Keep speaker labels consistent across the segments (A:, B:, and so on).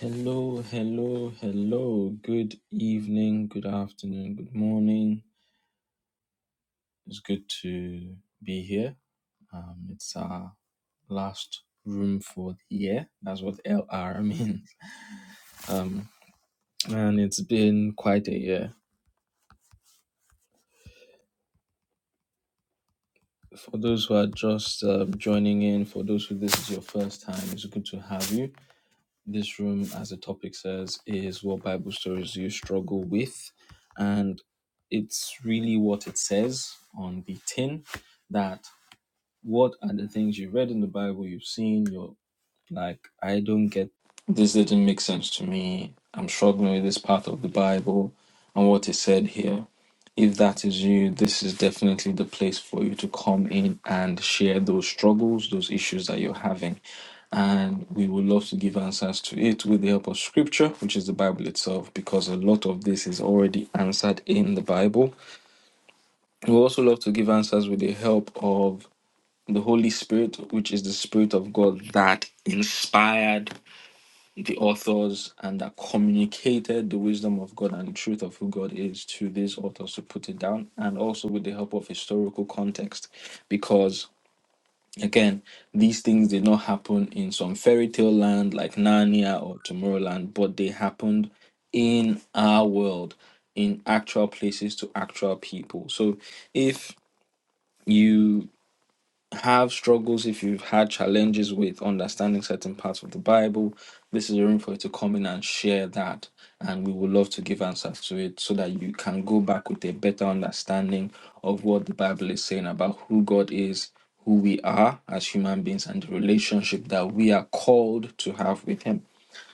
A: Hello, hello, hello. Good evening, good afternoon, good morning. It's good to be here. Um, it's our last room for the year. That's what LR means. Um, and it's been quite a year. For those who are just uh, joining in, for those who this is your first time, it's good to have you. This room, as the topic says, is what Bible stories you struggle with. And it's really what it says on the tin that what are the things you've read in the Bible, you've seen, you're like, I don't get this, didn't make sense to me. I'm struggling with this part of the Bible and what is said here. If that is you, this is definitely the place for you to come in and share those struggles, those issues that you're having. And we would love to give answers to it with the help of scripture, which is the Bible itself, because a lot of this is already answered in the Bible. We also love to give answers with the help of the Holy Spirit, which is the Spirit of God that inspired the authors and that communicated the wisdom of God and the truth of who God is to these authors to put it down, and also with the help of historical context, because again, these things did not happen in some fairy tale land like Narnia or Tomorrowland, but they happened in our world, in actual places to actual people. So if you have struggles, if you've had challenges with understanding certain parts of the Bible, this is a room for you to come in and share that. And we would love to give answers to it so that you can go back with a better understanding of what the Bible is saying about who God is, who we are as human beings, and the relationship that we are called to have with Him.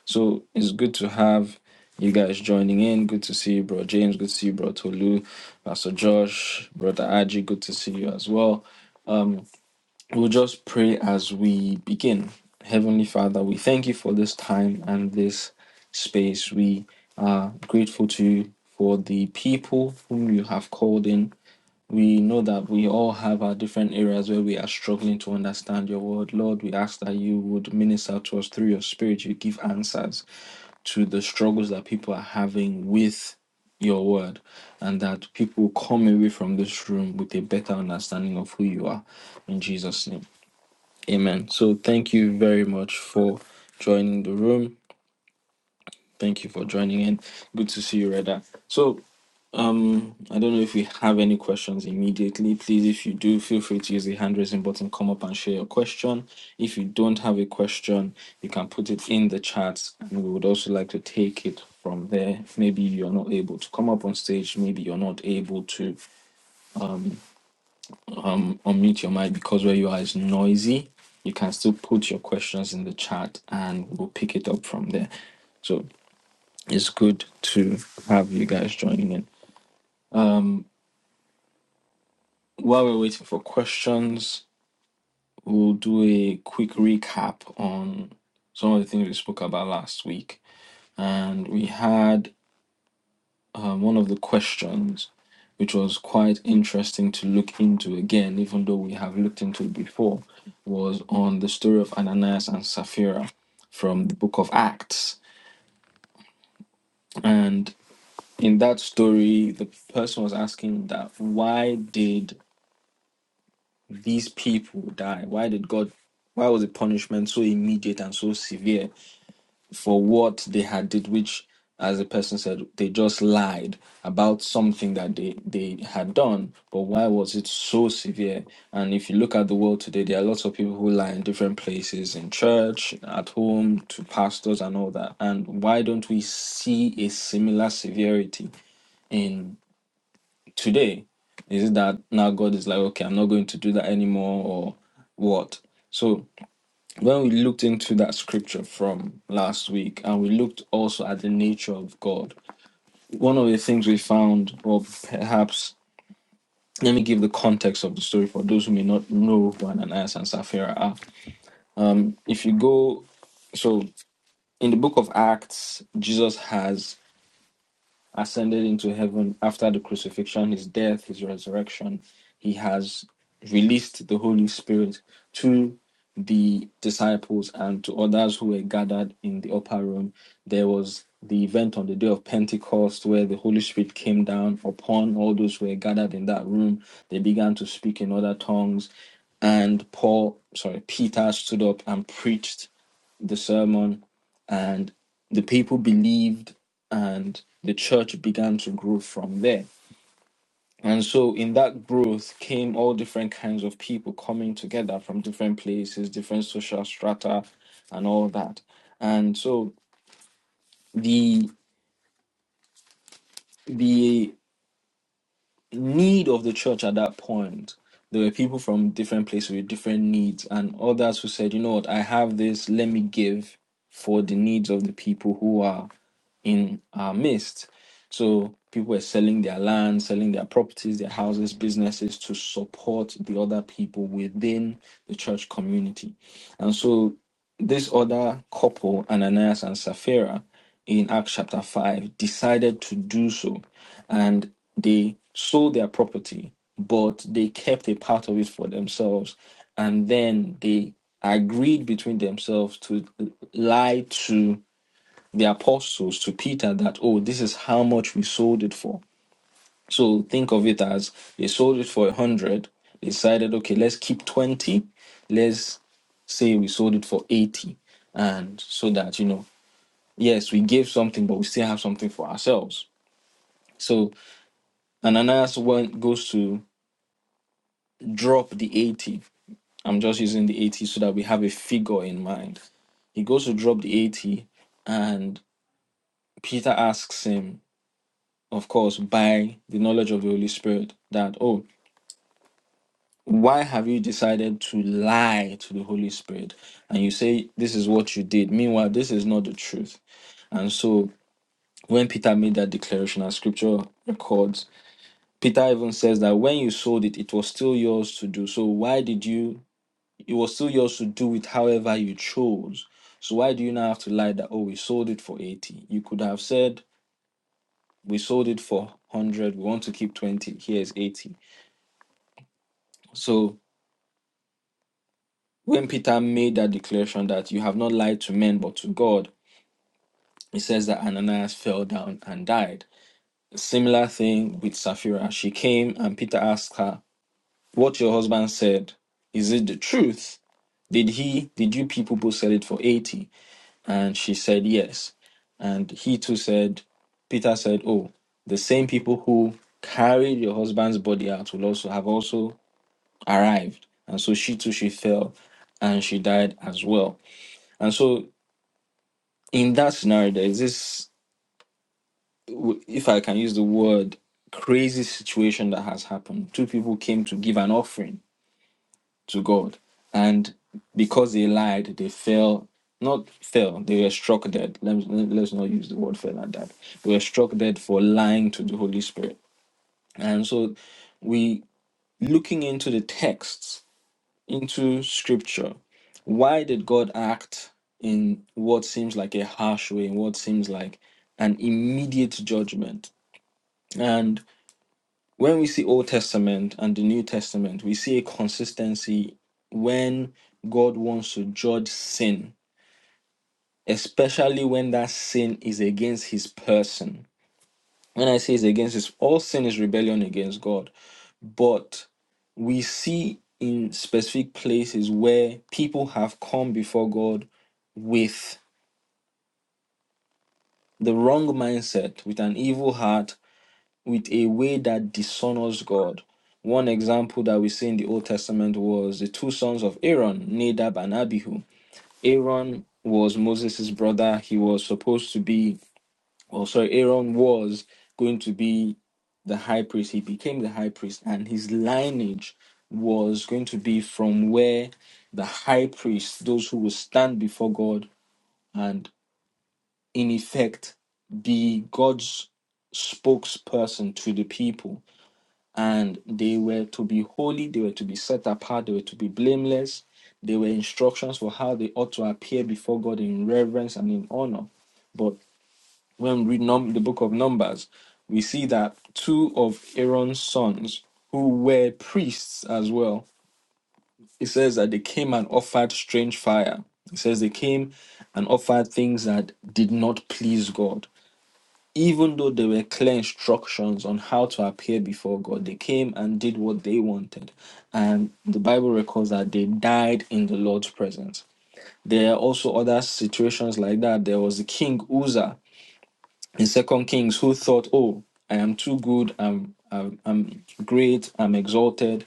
A: So it's good to have you guys joining in. Good to see you, bro James. Good to see you, bro Tolu, Pastor Josh, brother Aji. Good to see you as well. We'll just pray as we begin. Heavenly Father, we thank you for this time and this space. We are grateful to you for the people whom you have called in. We know that we all have our different areas where we are struggling to understand your word. Lord, we ask that you would minister to us through your spirit. You give answers to the struggles that people are having with your word, and that people come away from this room with a better understanding of who you are. In Jesus' name. Amen. So thank you very much for joining the room. Thank you for joining in. Good to see you, Reda. So um, I don't know if we have any questions immediately. Please, if you do, feel free to use the hand raising button. Come up and share your question. If you don't have a question, you can put it in the chat, and we would also like to take it from there. Maybe you're not able to come up on stage. Maybe you're not able to um, unmute your mic because where you are is noisy. You can still put your questions in the chat and we'll pick it up from there. So it's good to have you guys joining in. Um, while we're waiting for questions, we'll do a quick recap on some of the things we spoke about last week. And we had um, one of the questions, which was quite interesting to look into again, even though we have looked into it before, was on the story of Ananias and Sapphira from the book of Acts. And in that story, the person was asking that why did these people die? Why did God, why was the punishment so immediate and so severe? for what they had did, which, as the person said, they just lied about something that they, they had done. But why was it so severe? And if you look at the world today, there are lots of people who lie in different places, in church, at home, to pastors and all that. And why don't we see a similar severity in today? Is it that now God is like, okay, I'm not going to do that anymore or what? So when we looked into that scripture from last week and we looked also at the nature of God, one of the things we found, or perhaps let me give the context of the story for those who may not know who Ananias and Sapphira are. If you go, so in the book of Acts, Jesus has ascended into heaven after the crucifixion, his death, his resurrection. He has released the Holy Spirit to the disciples and to others who were gathered in the upper room. There was the event on the day of Pentecost where the Holy Spirit came down upon all those who were gathered in that room. They began to speak in other tongues. And Paul, sorry, Peter stood up and preached the sermon, and the people believed, and the church began to grow from there. And so, in that growth, came all different kinds of people coming together from different places, different social strata, and all that. And so, the the need of the church at that point. There were people from different places with different needs, and others who said, you know what, I have this, let me give for the needs of the people who are in our midst. So people were selling their land, selling their properties, their houses, businesses to support the other people within the church community. And so this other couple, Ananias and Sapphira, in Acts chapter 5, decided to do so. And they sold their property, but they kept a part of it for themselves. And then they agreed between themselves to lie to the apostles, to Peter, that, oh, this is how much we sold it for so think of it as they sold it for 100, decided, okay, let's keep 20, let's say we sold it for 80. And so that, you know, yes, we gave something, but we still have something for ourselves. So Ananias went, goes to drop the 80. I'm just using the 80 so that we have a figure in mind. He goes to drop the 80, and Peter asks him, of course, by the knowledge of the Holy Spirit, that, oh, why have you decided to lie to the Holy Spirit? And you say, this is what you did. Meanwhile, this is not the truth. And so when Peter made that declaration, as scripture records, Peter even says that when you sold it, it was still yours to do. So why did you, it was still yours to do it however you chose. So why do you now have to lie that, oh, we sold it for 80? You could have said, we sold it for 100, we want to keep 20, here's 80. So When Peter made that declaration that you have not lied to men but to God, it says that Ananias fell down and died. A Similar thing with Sapphira. She came and Peter asked her, What your husband said, is it the truth? Did he, did you people both sell it for 80? And she said, Yes. And he too said, Peter said, Oh, the same people who carried your husband's body out will also have also arrived. And so she too, she fell and she died as well. And so in that scenario, there is this, w- if I can use the word, crazy situation that has happened. Two people came to give an offering to God, and because they lied, they fell. Not fell, they were struck dead. Let, let- let's not use the word fell like that. They were struck dead for lying to the Holy Spirit. And so, we looking into the texts into scripture, why did God act in what seems like a harsh way, in what seems like an immediate judgment? And when we see Old Testament and the New Testament, we see a consistency when God wants to judge sin, especially when that sin is against his person. When I say it's against his, all sin is rebellion against God. But we see in specific places where people have come before God with the wrong mindset, with an evil heart, with a way that dishonors God. One example that we see in the Old Testament was the two sons of Aaron, Nadab and Abihu. Aaron was Moses' brother. He was supposed to be, or oh, sorry, Aaron was going to be the high priest. He became the high priest, and his lineage was going to be from where the high priest, those who will stand before God and in effect be God's spokesperson to the people. And they were to be holy, they were to be set apart, they were to be blameless. There were instructions for how they ought to appear before God in reverence and in honor. But when we read num- the book of Numbers, we see that two of Aaron's sons, who were priests as well, it says that they came and offered strange fire. It says they came and offered things that did not please God even though there were clear instructions on how to appear before God, they came and did what they wanted. And the Bible records that they died in the Lord's presence. There are also other situations like that. There was the king Uzzah in Second Kings who thought, "Oh, I am too good. I'm I'm, I'm great. I'm exalted.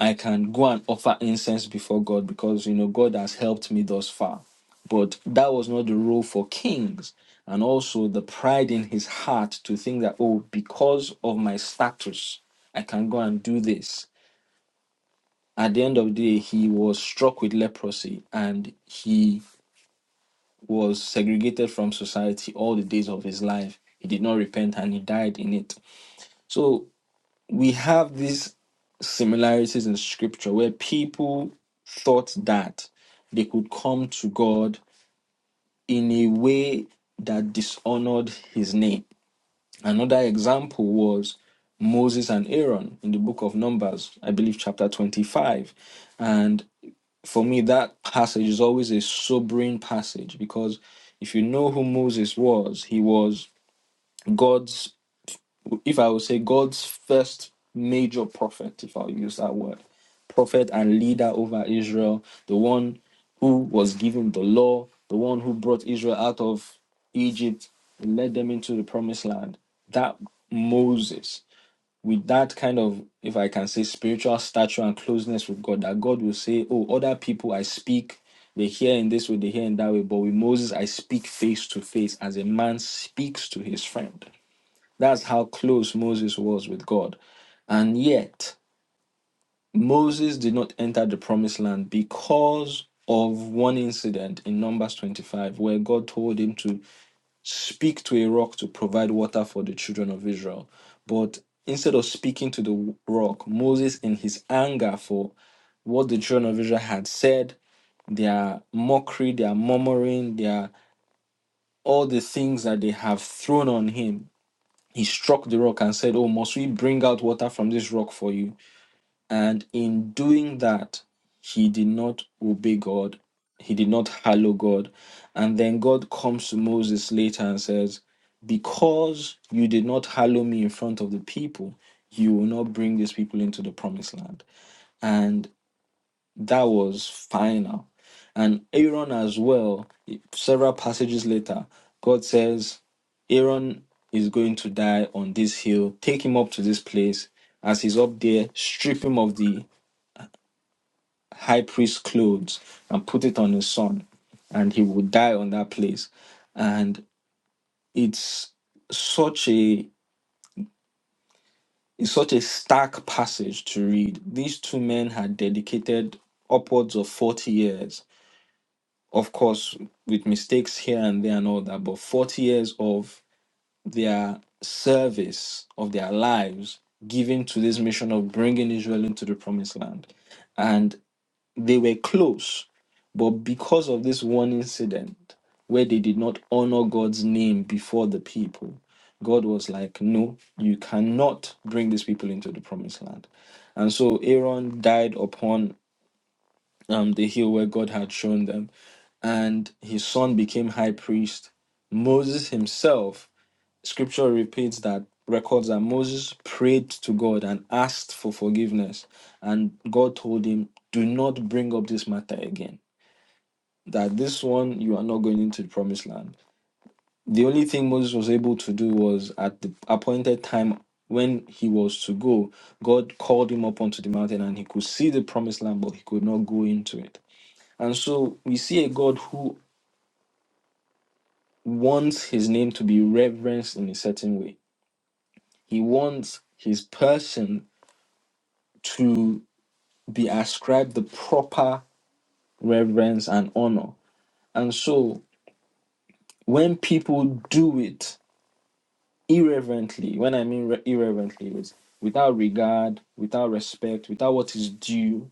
A: I can go and offer incense before God because you know God has helped me thus far. But that was not the role for kings, and also the pride in his heart to think that oh, because of my status, I can go and do this. At the end of the day, he was struck with leprosy and he was segregated from society all the days of his life. He did not repent and he died in it. So we have these similarities in scripture where people thought that they could come to God in a way that dishonored his name. Another example was Moses and Aaron in the book of Numbers, I believe chapter 25. And for me, that passage is always a sobering passage because if you know who Moses was, he was God's if I would say God's first major prophet, if I'll use that word, prophet and leader over Israel, the one who was given the law, the one who brought Israel out of Egypt and led them into the promised land, that Moses, with that kind of, if I can say, spiritual stature and closeness with God, that God will say, Oh, other people I speak, they hear in this way, they hear in that way, but with Moses I speak face to face as a man speaks to his friend that's how close Moses was with God. And yet, Moses did not enter the promised land because of one incident in Numbers 25, where God told him to speak to a rock to provide water for the children of Israel. But instead of speaking to the rock, Moses, in his anger for what the children of Israel had said, their mockery, their murmuring, their all the things that they have thrown on him, he struck the rock and said, Oh, must we bring out water from this rock for you? And in doing that, he did not obey God. He did not hallow God. And then God comes to Moses later and says, Because you did not hallow me in front of the people, you will not bring these people into the promised land. And that was final. And Aaron as well, several passages later, God says, Aaron is going to die on this hill. Take him up to this place. As he's up there, strip him of the high priest clothes and put it on his son. And he will die on that place. And it's such a it's such a stark passage to read. These two men had dedicated upwards of 40 years of course, with mistakes here and there and all that, but 40 years of their service, of their lives given to this mission of bringing Israel into the promised land. And they were close, but because of this one incident where they did not honor God's name before the people, God was like, No, you cannot bring these people into the promised land. And so Aaron died upon um, the hill where God had shown them. And his son became high priest. Moses himself, scripture repeats that, records that Moses prayed to God and asked for forgiveness. And God told him, Do not bring up this matter again, that this one you are not going into the promised land. The only thing Moses was able to do was at the appointed time when he was to go, God called him up onto the mountain and he could see the promised land, but he could not go into it and so we see a God who wants his name to be reverenced in a certain way. He wants his person to be ascribed the proper reverence and honor. And so when people do it irreverently, when I mean re- irreverently, is without regard, without respect, without what is due,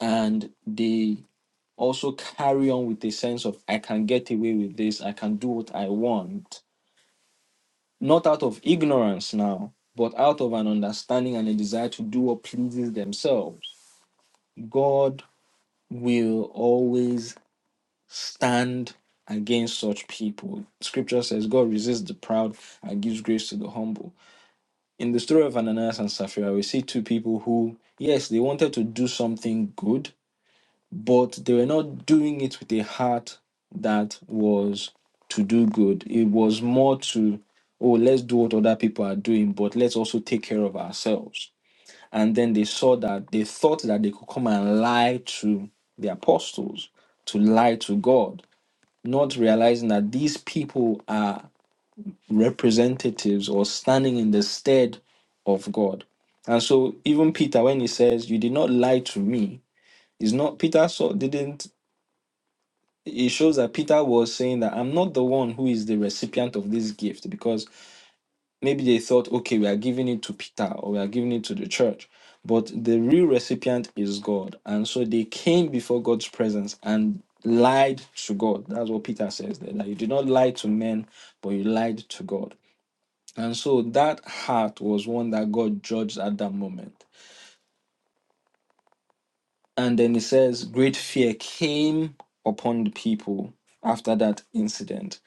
A: and they also carry on with a sense of I can get away with this, I can do what I want not out of ignorance now, but out of an understanding and a desire to do what pleases themselves. God will always stand against such people. Scripture says, God resists the proud and gives grace to the humble. In the story of Ananias and Sapphira, we see two people who, yes, they wanted to do something good, but they were not doing it with a heart that was to do good. It was more to, oh, let's do what other people are doing, but let's also take care of ourselves. And then they saw that they thought that they could come and lie to the apostles, to lie to God, not realizing that these people are representatives or standing in the stead of God. And so even Peter, when he says, You did not lie to me, is not Peter saw didn't it shows that Peter was saying that I'm not the one who is the recipient of this gift because maybe they thought, okay, we are giving it to Peter or we are giving it to the church. But the real recipient is God. And so they came before God's presence and lied to God. That's what Peter says there that you did not lie to men, but you lied to God. And so that heart was one that God judged at that moment. And then it says, great fear came upon the people after that incident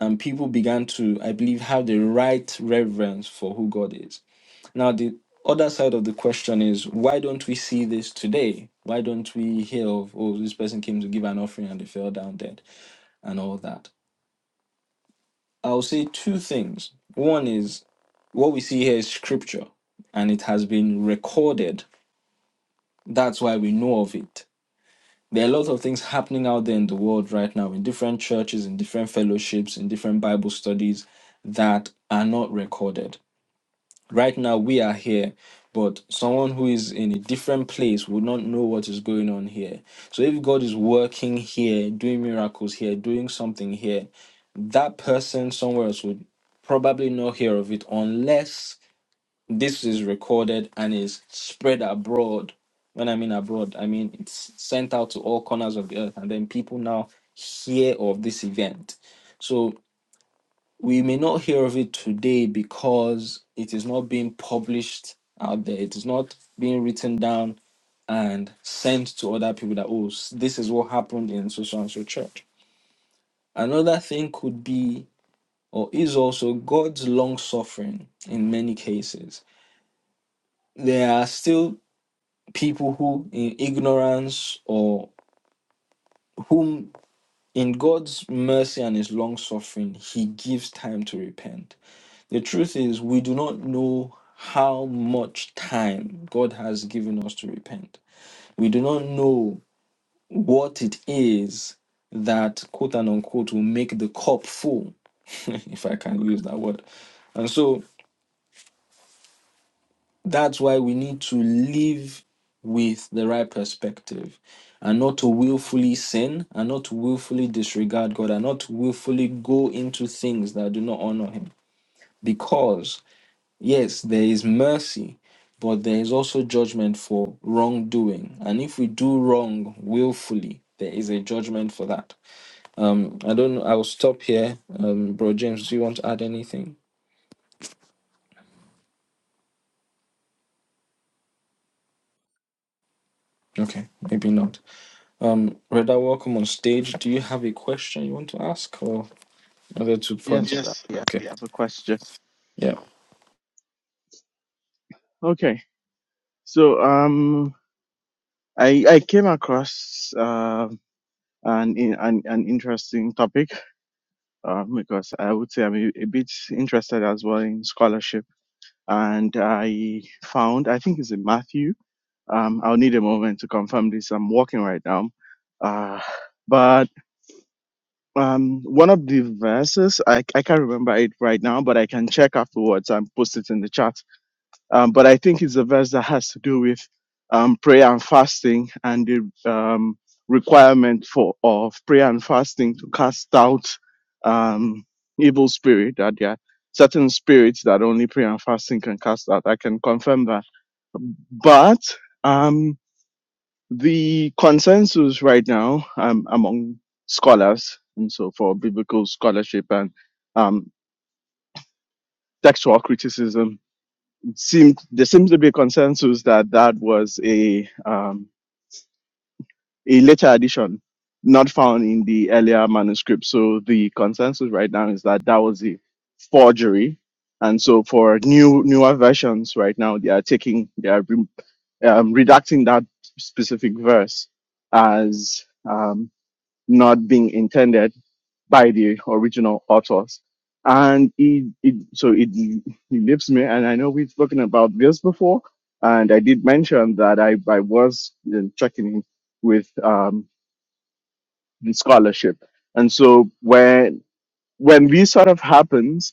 A: and people began to, I believe, have the right reverence for who God is. Now, the other side of the question is why don't we see this today? Why don't we hear of, oh, this person came to give an offering and they fell down dead and all that? I'll say two things. One is what we see here is scripture and it has been recorded. That's why we know of it. There are a lot of things happening out there in the world right now, in different churches, in different fellowships, in different Bible studies that are not recorded right now we are here but someone who is in a different place would not know what is going on here so if god is working here doing miracles here doing something here that person somewhere else would probably not hear of it unless this is recorded and is spread abroad when i mean abroad i mean it's sent out to all corners of the earth and then people now hear of this event so we may not hear of it today because it is not being published out there. It is not being written down and sent to other people that, oh, s- this is what happened in so so and so church. Another thing could be, or is also, God's long suffering in many cases. There are still people who, in ignorance or whom, in God's mercy and his long suffering, he gives time to repent The truth is, we do not know how much time God has given us to repent. We do not know what it is that, quote and unquote, will make the cup full, if I can use that word. And so that's why we need to live with the right perspective and not to willfully sin and not to willfully disregard God and not to willfully go into things that do not honor Him. Because Yes, there is mercy, but there is also judgment for wrongdoing. And if we do wrong willfully, there is a judgment for that. Um, I don't know. I'll stop here. Um, Bro James, do you want to add anything? Okay, maybe not. Um, Reda, welcome on stage. Do you have a question you want to ask or other two points?
B: Yes, uh, yeah,
A: Okay.
B: I have a question.
A: Yeah.
B: Okay, so um, I I came across um an in- an an interesting topic um because I would say I'm a, a bit interested as well in scholarship, and I found I think it's in Matthew. Um, I'll need a moment to confirm this. I'm walking right now. Uh, but um, one of the verses I I can't remember it right now, but I can check afterwards and post it in the chat Um, but I think it's a verse that has to do with um, prayer and fasting and the um, requirement for of prayer and fasting to cast out um, evil spirit. That there are certain spirits that only prayer and fasting can cast out. I can confirm that. But um, the consensus right now um, among scholars and so for biblical scholarship and um, textual criticism Seemed there seems to be a consensus that that was a um, a later addition, not found in the earlier manuscript. So the consensus right now is that that was a forgery, and so for new newer versions right now they are taking they are re- um, redacting that specific verse as um, not being intended by the original authors. And it, it so it, it leaves me, and I know we've spoken about this before, and I did mention that I, I was uh, checking in with um, the scholarship. And so when when this sort of happens,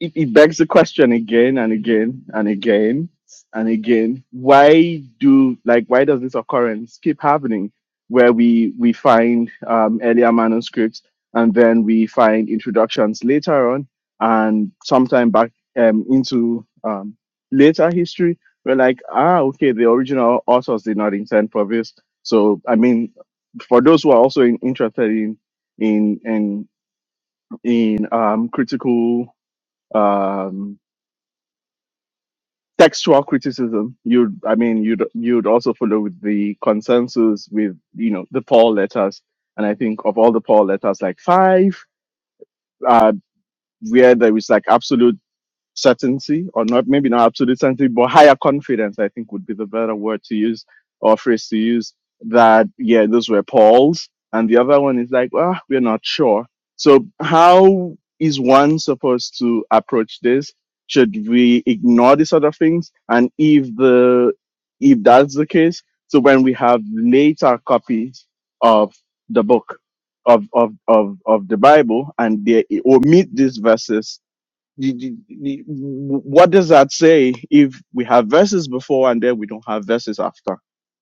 B: it, it begs the question again and again and again and again why do like why does this occurrence keep happening where we we find um, earlier manuscripts and then we find introductions later on and sometime back um, into um, later history we're like ah okay the original authors did not intend for this so i mean for those who are also in, interested in in in in um, critical um, textual criticism you'd i mean you'd you'd also follow with the consensus with you know the paul letters and i think of all the paul letters like five uh where there is like absolute certainty or not maybe not absolute certainty but higher confidence i think would be the better word to use or phrase to use that yeah those were paul's and the other one is like well we're not sure so how is one supposed to approach this should we ignore these other things and if the if that's the case so when we have later copies of the book of of of, of the bible and they omit these verses you- you- you- What does that say if we have verses before and then we don't have verses after?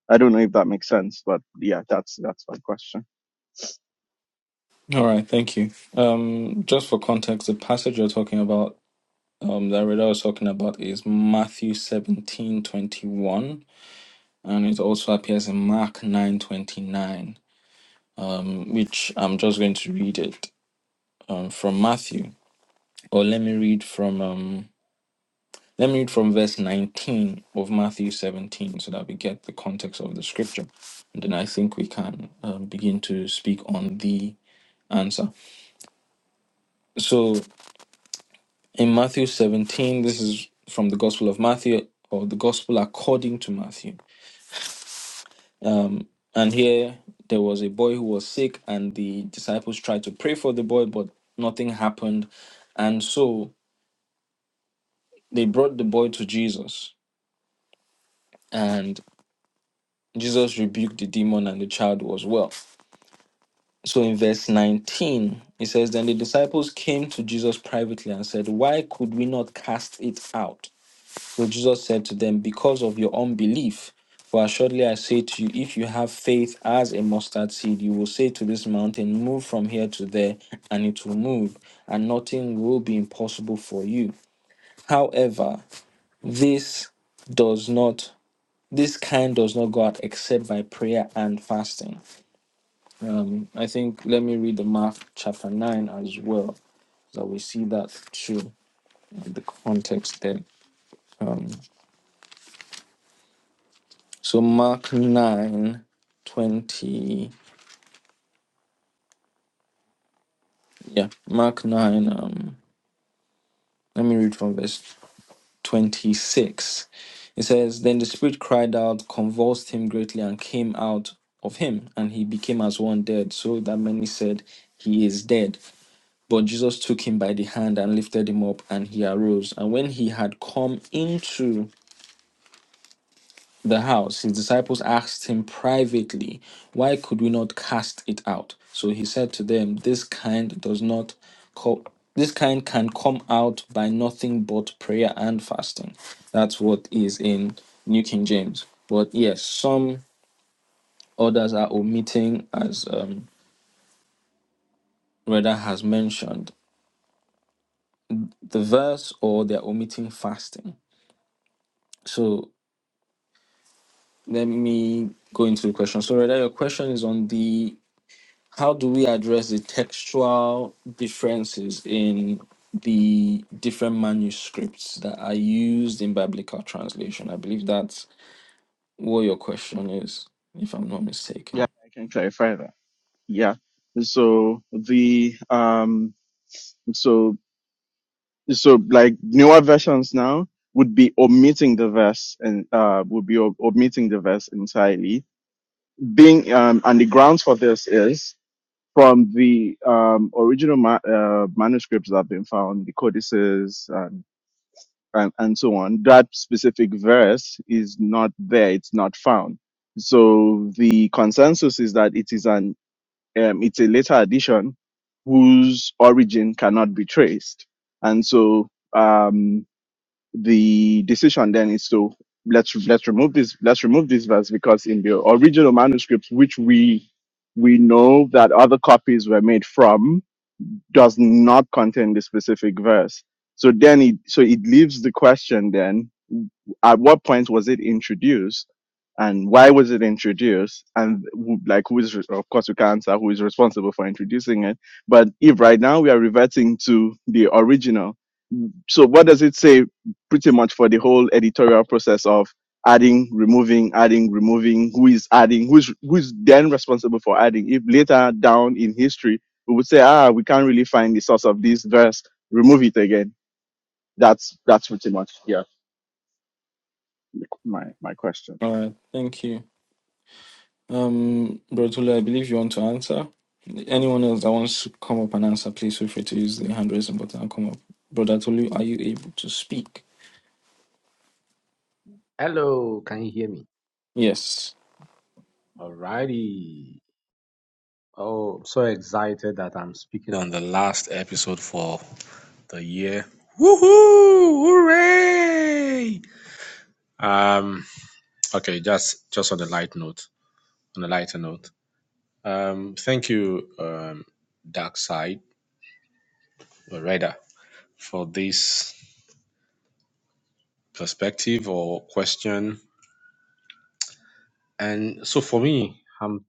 B: I don't know if that makes sense, but yeah, that's that's my question.
A: All right. Thank you. Um, just for context, the passage you're talking about, um, that Reda was talking about is Matthew seventeen twenty one and it also appears in Mark 9:29, um, which I'm just going to read it um, from Matthew. Or let me read from um, let me read from verse 19 of Matthew 17, so that we get the context of the scripture, and then I think we can um, begin to speak on the answer. So in Matthew 17, this is from the Gospel of Matthew or the Gospel according to Matthew. Um, and here there was a boy who was sick, and the disciples tried to pray for the boy, but nothing happened. And so they brought the boy to Jesus, and Jesus rebuked the demon, and the child was well. So in verse 19, it says, Then the disciples came to Jesus privately and said, Why could we not cast it out? So Jesus said to them, Because of your unbelief, for assuredly I say to you, if you have faith as a mustard seed, you will say to this mountain, Move from here to there, and it will move, and nothing will be impossible for you. However, this does not this kind does not go out except by prayer and fasting. Um, I think let me read the Mark chapter nine as well, so we see that too in the context there. Um, So Mark 9 20 Yeah, Mark 9. Um, let me read from verse 26. It says, Then the spirit cried out, convulsed him greatly, and came out of him, and he became as one dead, so that many said, He is dead. But Jesus took him by the hand and lifted him up, and he arose. And when he had come into the house, his disciples asked him privately, Why could we not cast it out? So he said to them, This kind does not co- this kind can come out by nothing but prayer and fasting. That's what is in New King James. But yes, some others are omitting, as um, Reda has mentioned, the verse or they're omitting fasting. So let me go into the question. So Reda, your question is on the how do we address the textual differences in the different manuscripts that are used in biblical translation? I believe that's what your question is, if I'm not
B: Yeah,
A: mistaken.
B: I can clarify that. Yeah. So the um so so like newer versions now would be omitting the verse and uh would be o- omitting the verse entirely. Being um and the grounds for this is from the um original ma- uh, manuscripts that have been found, the codices and, and so on, that specific verse is not there. It's not found. So the consensus is that it is an um, it's a later addition whose origin cannot be traced. And so um, the decision then is to let's let's remove this let's remove this verse because in the original manuscripts which we we know that other copies were made from does not contain the specific verse. So then it so it leaves the question then at what point was it introduced, and why was it introduced? And who- like, who is re- of course we can answer who is responsible for introducing it. But if right now we are reverting to the original, so what does it say? Pretty much for the whole editorial process of adding, removing, adding, removing. Who is adding? Who's who's then responsible for adding? If later down in history we would say, ah, we can't really find the source of this verse, remove it again. That's that's pretty much yeah my my question.
A: All right, thank you. Um, Brotula, I believe you want to answer. Anyone else that wants to come up and answer, please feel free to use the hand raising button and come up. Brother Tolu, are you able to speak?
C: Hello, can you hear me?
A: Yes.
C: Alrighty. Oh, I'm so excited that I'm speaking on the last episode for the year. Woohoo! Hooray! Um, okay, just just on a light note, on a lighter note. Um, thank you, um, Dark Side or Radar, for this perspective or question. And so for me, I'm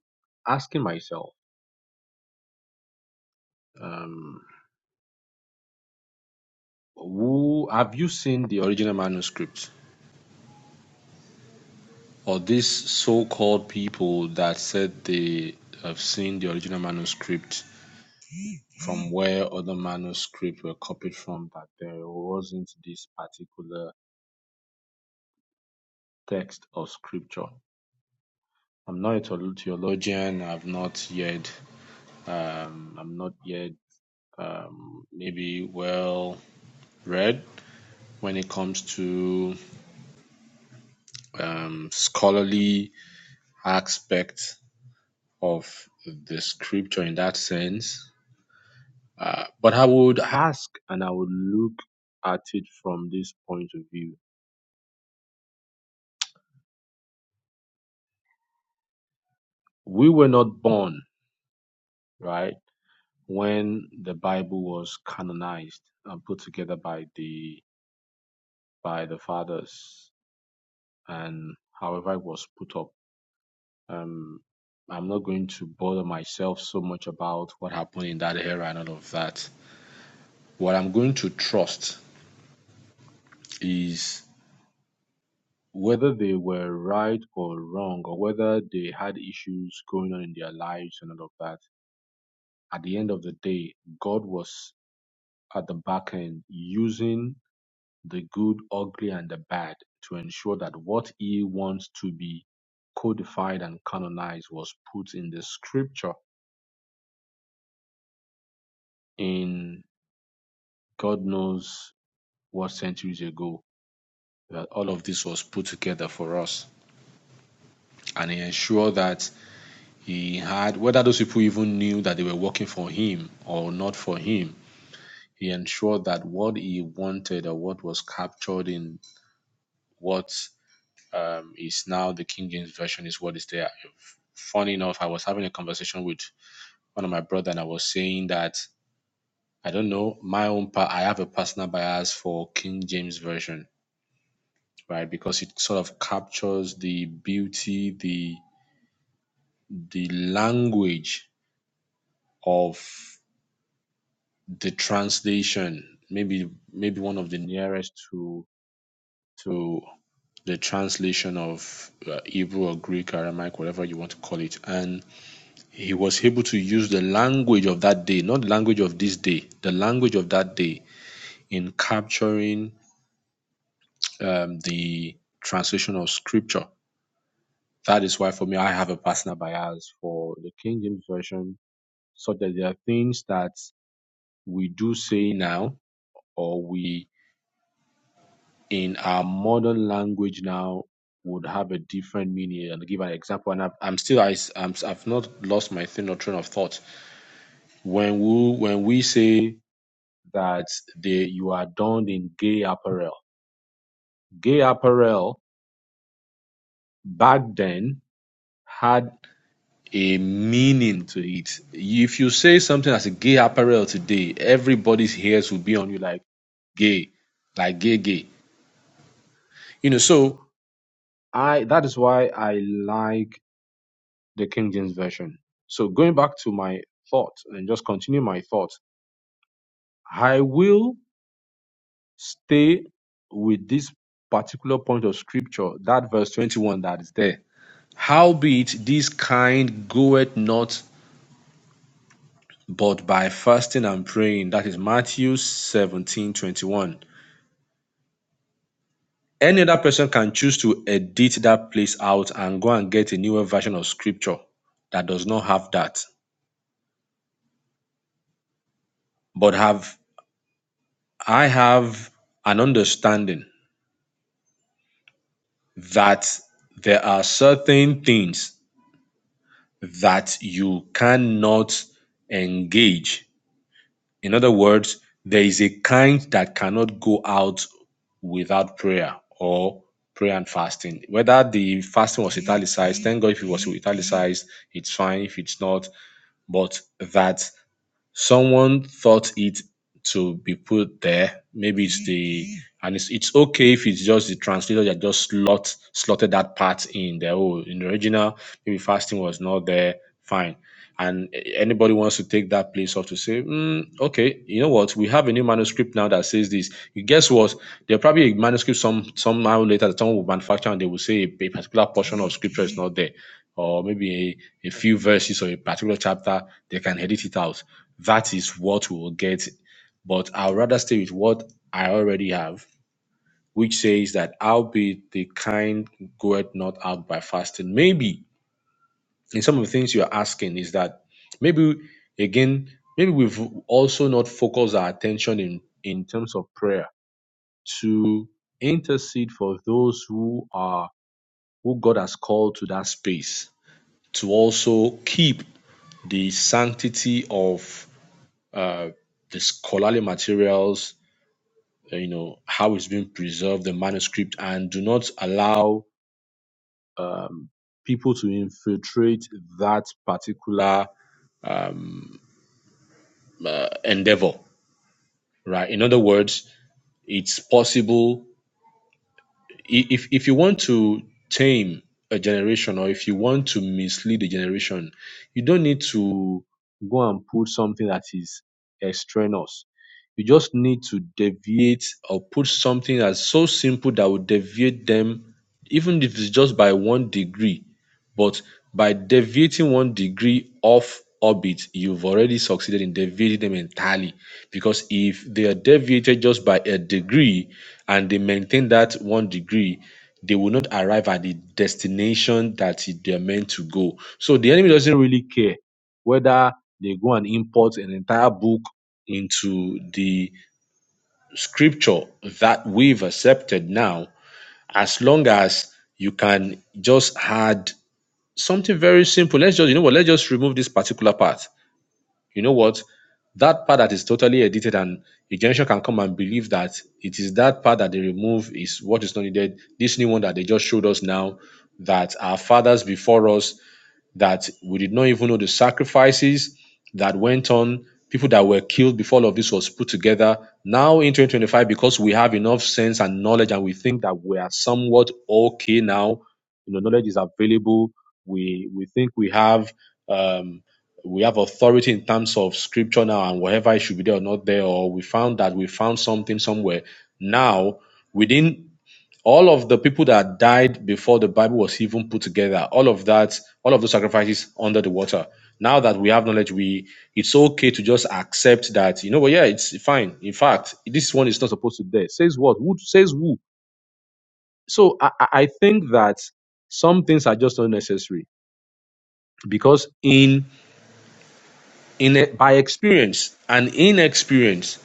C: asking myself, um, who have you seen the original manuscript? or these so-called people that said they have seen the original manuscript from where other manuscripts were copied from that there wasn't this particular text of scripture i'm not a theologian i've not yet um, i'm not yet um, maybe well read when it comes to um, scholarly aspects of the scripture in that sense Uh, but I would ask and I would look at it from this point of view. We were not born, right, when the Bible was canonized and put together by the by the fathers and however it was put up. Um, I'm not going to bother myself so much about what happened in that era and all of that. What I'm going to trust is whether they were right or wrong, or whether they had issues going on in their lives and all of that, at the end of the day, God was at the back end using the good, ugly, and the bad to ensure that what He wants to be codified and canonized was put in the scripture in God knows what centuries ago that all of this was put together for us. And He ensured that He had, whether those people even knew that they were working for him or not for him, he ensured that what he wanted or what was captured in what um, is now the King James Version is what is there. Funny enough, I was having a conversation with one of my brother and I was saying that I don't know my own part. I have a personal bias for King James Version, right? Because it sort of captures the beauty, the the language of the translation maybe maybe one of the nearest to to the translation of uh, hebrew or greek aramaic whatever you want to call it and he was able to use the language of that day not the language of this day the language of that day in capturing um, the translation of scripture that is why for me i have a personal bias for the king james version so that there are things that we do say now or we in our modern language now would have a different meaning. I'll give an example, and I've, I'm still I, am I've not lost my train or train of thought. When we when we say that they you are donned in gay apparel, gay apparel back then had a meaning to it. If you say something as a gay apparel today, everybody's ears will be on you like gay, like gay, gay. You know, so I that is why I like the King James Version. So going back to my thought and just continue my thought, I will stay with this particular point of scripture, that verse 21 that is there. Howbeit this kind goeth not but by fasting and praying. That is Matthew 17 21. Any other person can choose to edit that place out and go and get a newer version of scripture that does not have that. But have I have an understanding that there are certain things that you cannot engage. In other words, there is a kind that cannot go out without prayer or prayer and fasting. Whether the fasting was italicized, thank God if it was italicized, it's fine. If it's not, but that someone thought it to be put there. Maybe it's the and it's it's okay if it's just the translator that just slot slotted that part in there. Oh, in the original, maybe fasting was not there. Fine. And anybody wants to take that place off to say, "Hmm, okay, you know what? We have a new manuscript now that says this. You guess what? There'll probably a manuscript some somehow later that someone will manufacture and they will say a, a particular portion of scripture is not there, or maybe a, a few verses or a particular chapter. They can edit it out that is what we will get. But I'd rather stay with what I already have, which says that albeit the kind goeth not out by fasting. Maybe in some of the things you're asking is that maybe again, maybe we've also not focused our attention in, in terms of prayer to intercede for those who are who God has called to that space to also keep the sanctity of uh, the scholarly materials uh, you know how it's being preserved the manuscript and do not allow people to infiltrate that particular um, uh, endeavor right in other words it's possible if if you want to tame a generation or if you want to mislead a generation, you don't need to go and put something that is extraneous. You just need to deviate or put something that's so simple that would deviate them, even if it's just by one degree but by deviating one degree off orbit, you've already succeeded in deviating them entirely. Because if they are deviated just by a degree and they maintain that one degree, they will not arrive at the destination that it- they are meant to go. So the enemy doesn't really care whether they go and import an entire book into the scripture that we've accepted now, as long as you can just add something very simple. Let's just, you know what, let's just remove this particular part. You know what? That part that is totally edited and a generation can come and believe that it is that part that they remove is what is not needed. This new one that they just showed us now that our fathers before us that we did not even know the sacrifices that went on, people that were killed before all of this was put together. Now in 2025, because we have enough sense and knowledge and we think that we are somewhat okay now, you know, knowledge is available. We we think we have um we have authority in terms of scripture now and whatever it should be there or not there, or we found that we found something somewhere. Now, within all of the people that died before the Bible was even put together, all of that, all of those sacrifices under the water. Now that we have knowledge, we it's okay to just accept that, you know, well, yeah, it's fine. In fact, this one is not supposed to be there. Says what? Who says who? So I, I I think that some things are just unnecessary because in in by experience and inexperience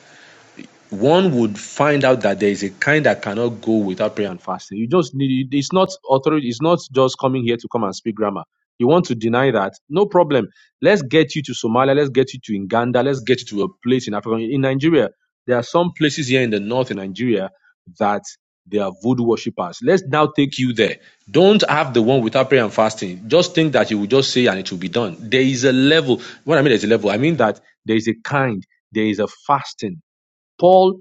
C: one would find out that there is a kind that cannot go without prayer and fasting. You just need it's not authority, it's not just coming here to come and speak grammar. You want to deny that? No problem. Let's get you to Somalia, let's get you to Uganda, let's get you to a place in Africa. In Nigeria, there are some places here in the north in Nigeria that they are voodoo worshippers. Let's now take you there. Don't have the one without prayer and fasting. Just think that you will just say and it will be done. There is a level. What I mean, there's a level. I mean that there is a kind, there is a fasting. Paul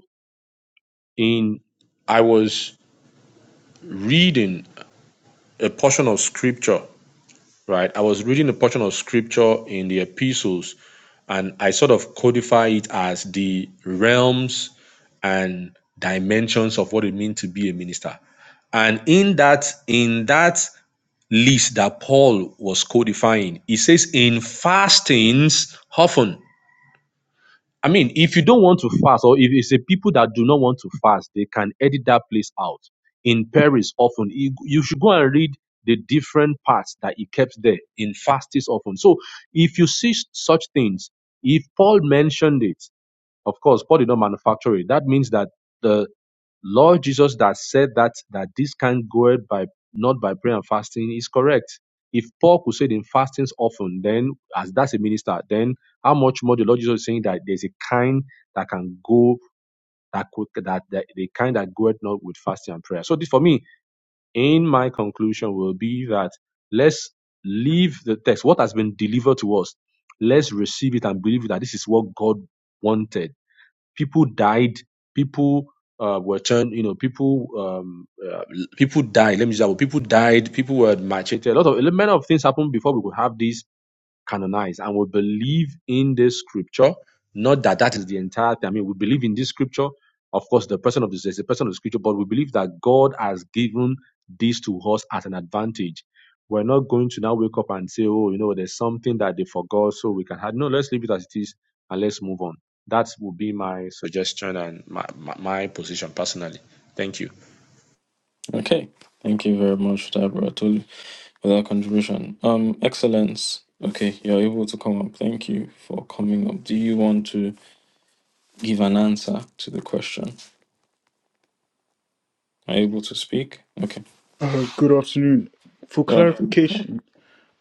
C: in I was reading a portion of scripture, right? I was reading a portion of scripture in the epistles, and I sort of codify it as the realms and dimensions of what it means to be a minister. And in that, in that list that Paul was codifying, he says, in fastings often. I mean, if you don't want to fast, or if it's a people that do not want to fast, they can edit that place out. In Paris, often you, you should go and read the different parts that he kept there in fastest often. So, if you see s- such things, if Paul mentioned it, of course, Paul did not manufacture it. That means that the. Lord Jesus that said that that this can go by not by prayer and fasting is correct. If Paul could say it in fastings often, then as that's a minister, then how much more the Lord Jesus is saying that there's a kind that can go that could that, that the kind that goeth not with fasting and prayer. So this for me, in my conclusion will be that let's leave the text. What has been delivered to us, let's receive it and believe that this is what God wanted people died people uh, were turned you know people um, uh, people died let me just say, people died people were macheted a lot of a lot of things happened before we could have this canonized. And we believe in this scripture, not that that is the entire thing. I mean, we believe in this scripture. Of course, the person of this is the person of the scripture, but we believe that God has given this to us as an advantage. We're not going to now wake up and say, oh, you know, there's something that they forgot, so we can have. No, let's leave it as it is and let's move on. That would be my suggestion and my, my, my position personally. Thank you.
A: Okay. Thank you very much, for that, Brother Tolu. without contribution. Um, Excellence. Okay, you're able to come up. Thank you for coming up. Do you want to give an answer to the question? Are you able to speak? Okay.
D: Uh, good afternoon. For
A: Yeah.
D: clarification,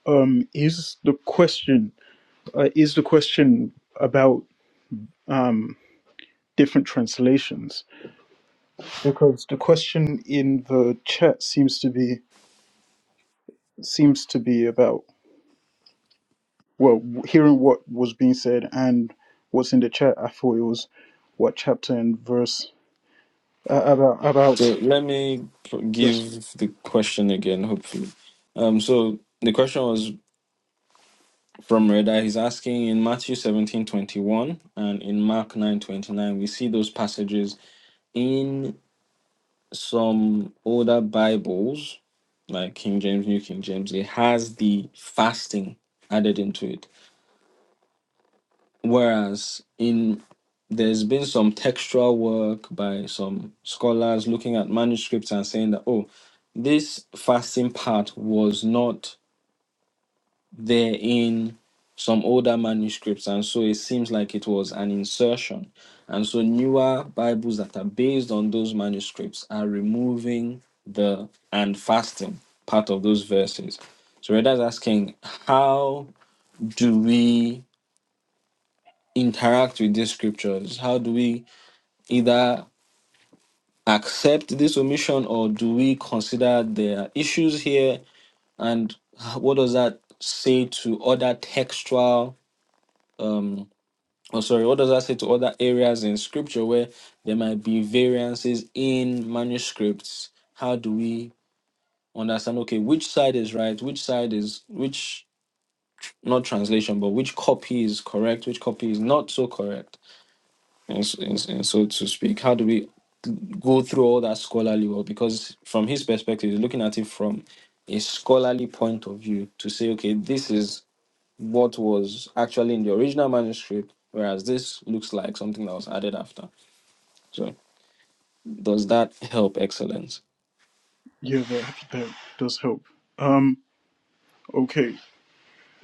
D: um, is the question uh, is the question about um, different translations? Because the question in the chat seems to be seems to be about well, hearing what was being said and what's in the chat. I thought it was what chapter and verse uh, about about
A: So let me
D: yes,
A: give the question again, hopefully. Um, so the question was from Reda. He's asking in Matthew seventeen twenty one and in Mark nine twenty nine. we see those passages in. some older Bibles, like King James, New King James, it has the fasting added into it. Whereas in there's been some textual work by some scholars looking at manuscripts and saying that oh, this fasting part was not They're in some older manuscripts, and so it seems like it was an insertion. And so newer Bibles that are based on those manuscripts are removing the and fasting part of those verses. So Reda's asking, how do we interact with these scriptures? How do we either accept this omission or do we consider there are issues here? And what does that say to other textual? um, oh sorry what does that say to other areas in scripture where there might be variances in manuscripts how do we understand okay which side is right which side is which not translation but which copy is correct which copy is not so correct and, s- and, s- and so to speak how do we go through all that scholarly work because from his perspective he's looking at it from a scholarly point of view to say okay this is what was actually in the original manuscript, whereas this looks like something that was added after. So does that help excellence?
D: yeah, that, that does help. Um, okay,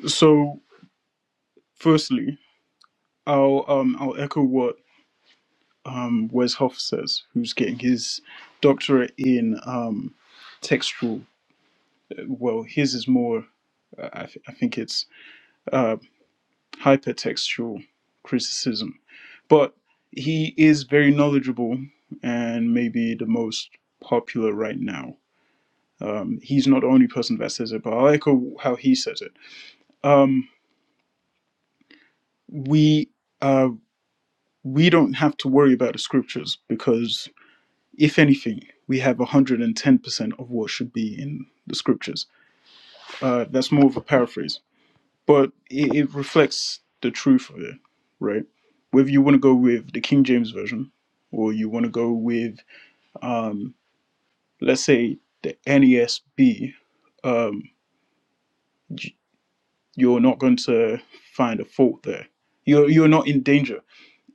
D: so firstly, I'll um I'll echo what um, Wes Hofstadter, who's getting his doctorate in um, textual. Well, his is more, uh, I, th- I think it's hypertextual criticism, but he is very knowledgeable and maybe the most popular right now. Um, he's not the only person that says it, but I like how how he says it. Um, we uh, we don't have to worry about the scriptures because, if anything, we have 110% of what should be in the scriptures Uh, that's more of a paraphrase, but it, it reflects the truth of it, right? Whether you want to go with the King James version, or you want to go with, um, let's say, the NESB, um, y- you're not going to find a fault there. You're you're not in danger.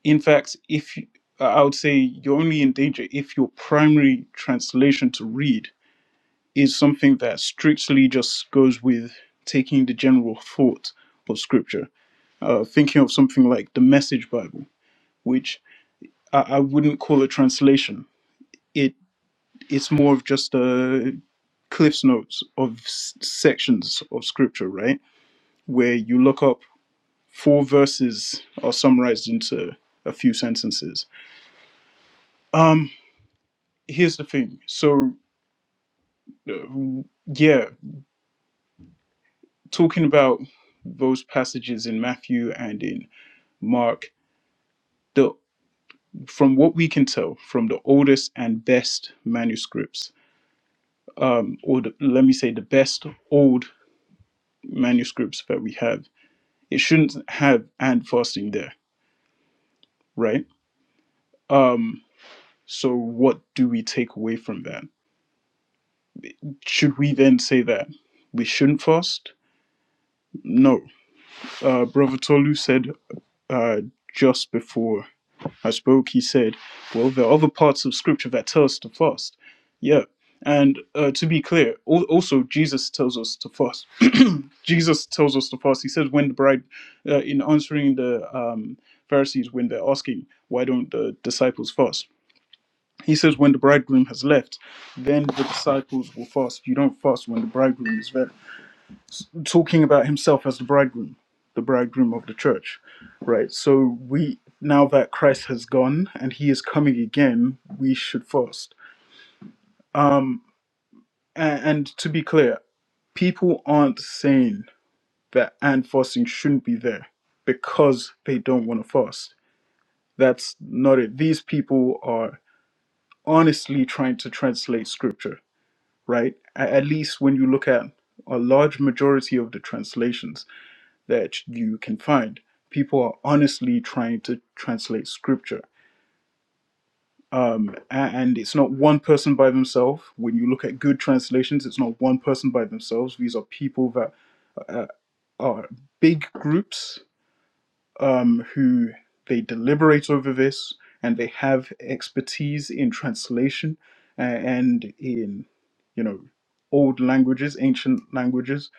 D: In fact, if you, I would say you're only in danger if your primary translation to read is something that strictly just goes with taking the general thought of Scripture uh, thinking of something like the Message Bible, which I, I wouldn't call a translation. It it's more of just a cliff's notes of s- sections of scripture, right? Where you look up four verses are summarized into a few sentences. Um, here's the thing. So, uh, yeah, talking about those passages in Matthew and in Mark, the from what we can tell from the oldest and best manuscripts um, or the, let me say the best old manuscripts that we have, it shouldn't have and fasting there, right? Um, so what do we take away from that? Should we then say that we shouldn't fast? No. Uh, Brother Tolu said uh, just before I spoke, he said, well, there are other parts of scripture that tell us to fast. Yeah. And uh, to be clear, al- also Jesus tells us to fast Jesus tells us to fast. He says, when the bride, uh, in answering the um, Pharisees, when they're asking, why don't the disciples fast? He says, when the bridegroom has left, then the disciples will fast. You don't fast when the bridegroom is there. Talking about himself as the bridegroom, the bridegroom of the church, right? So we, now that Christ has gone and he is coming again, we should fast. Um, and, and to be clear, people aren't sane that and fasting shouldn't be there because they don't want to fast. That's not it. These people are honestly trying to translate scripture, right? A- At least when you look at a large majority of the translations that you can find, people are honestly trying to translate scripture. Um, a- and it's not one person by themselves. When you look at good translations, it's not one person by themselves. These are people that uh, are big groups um, who they deliberate over this and they have expertise in translation and in you know old languages ancient languages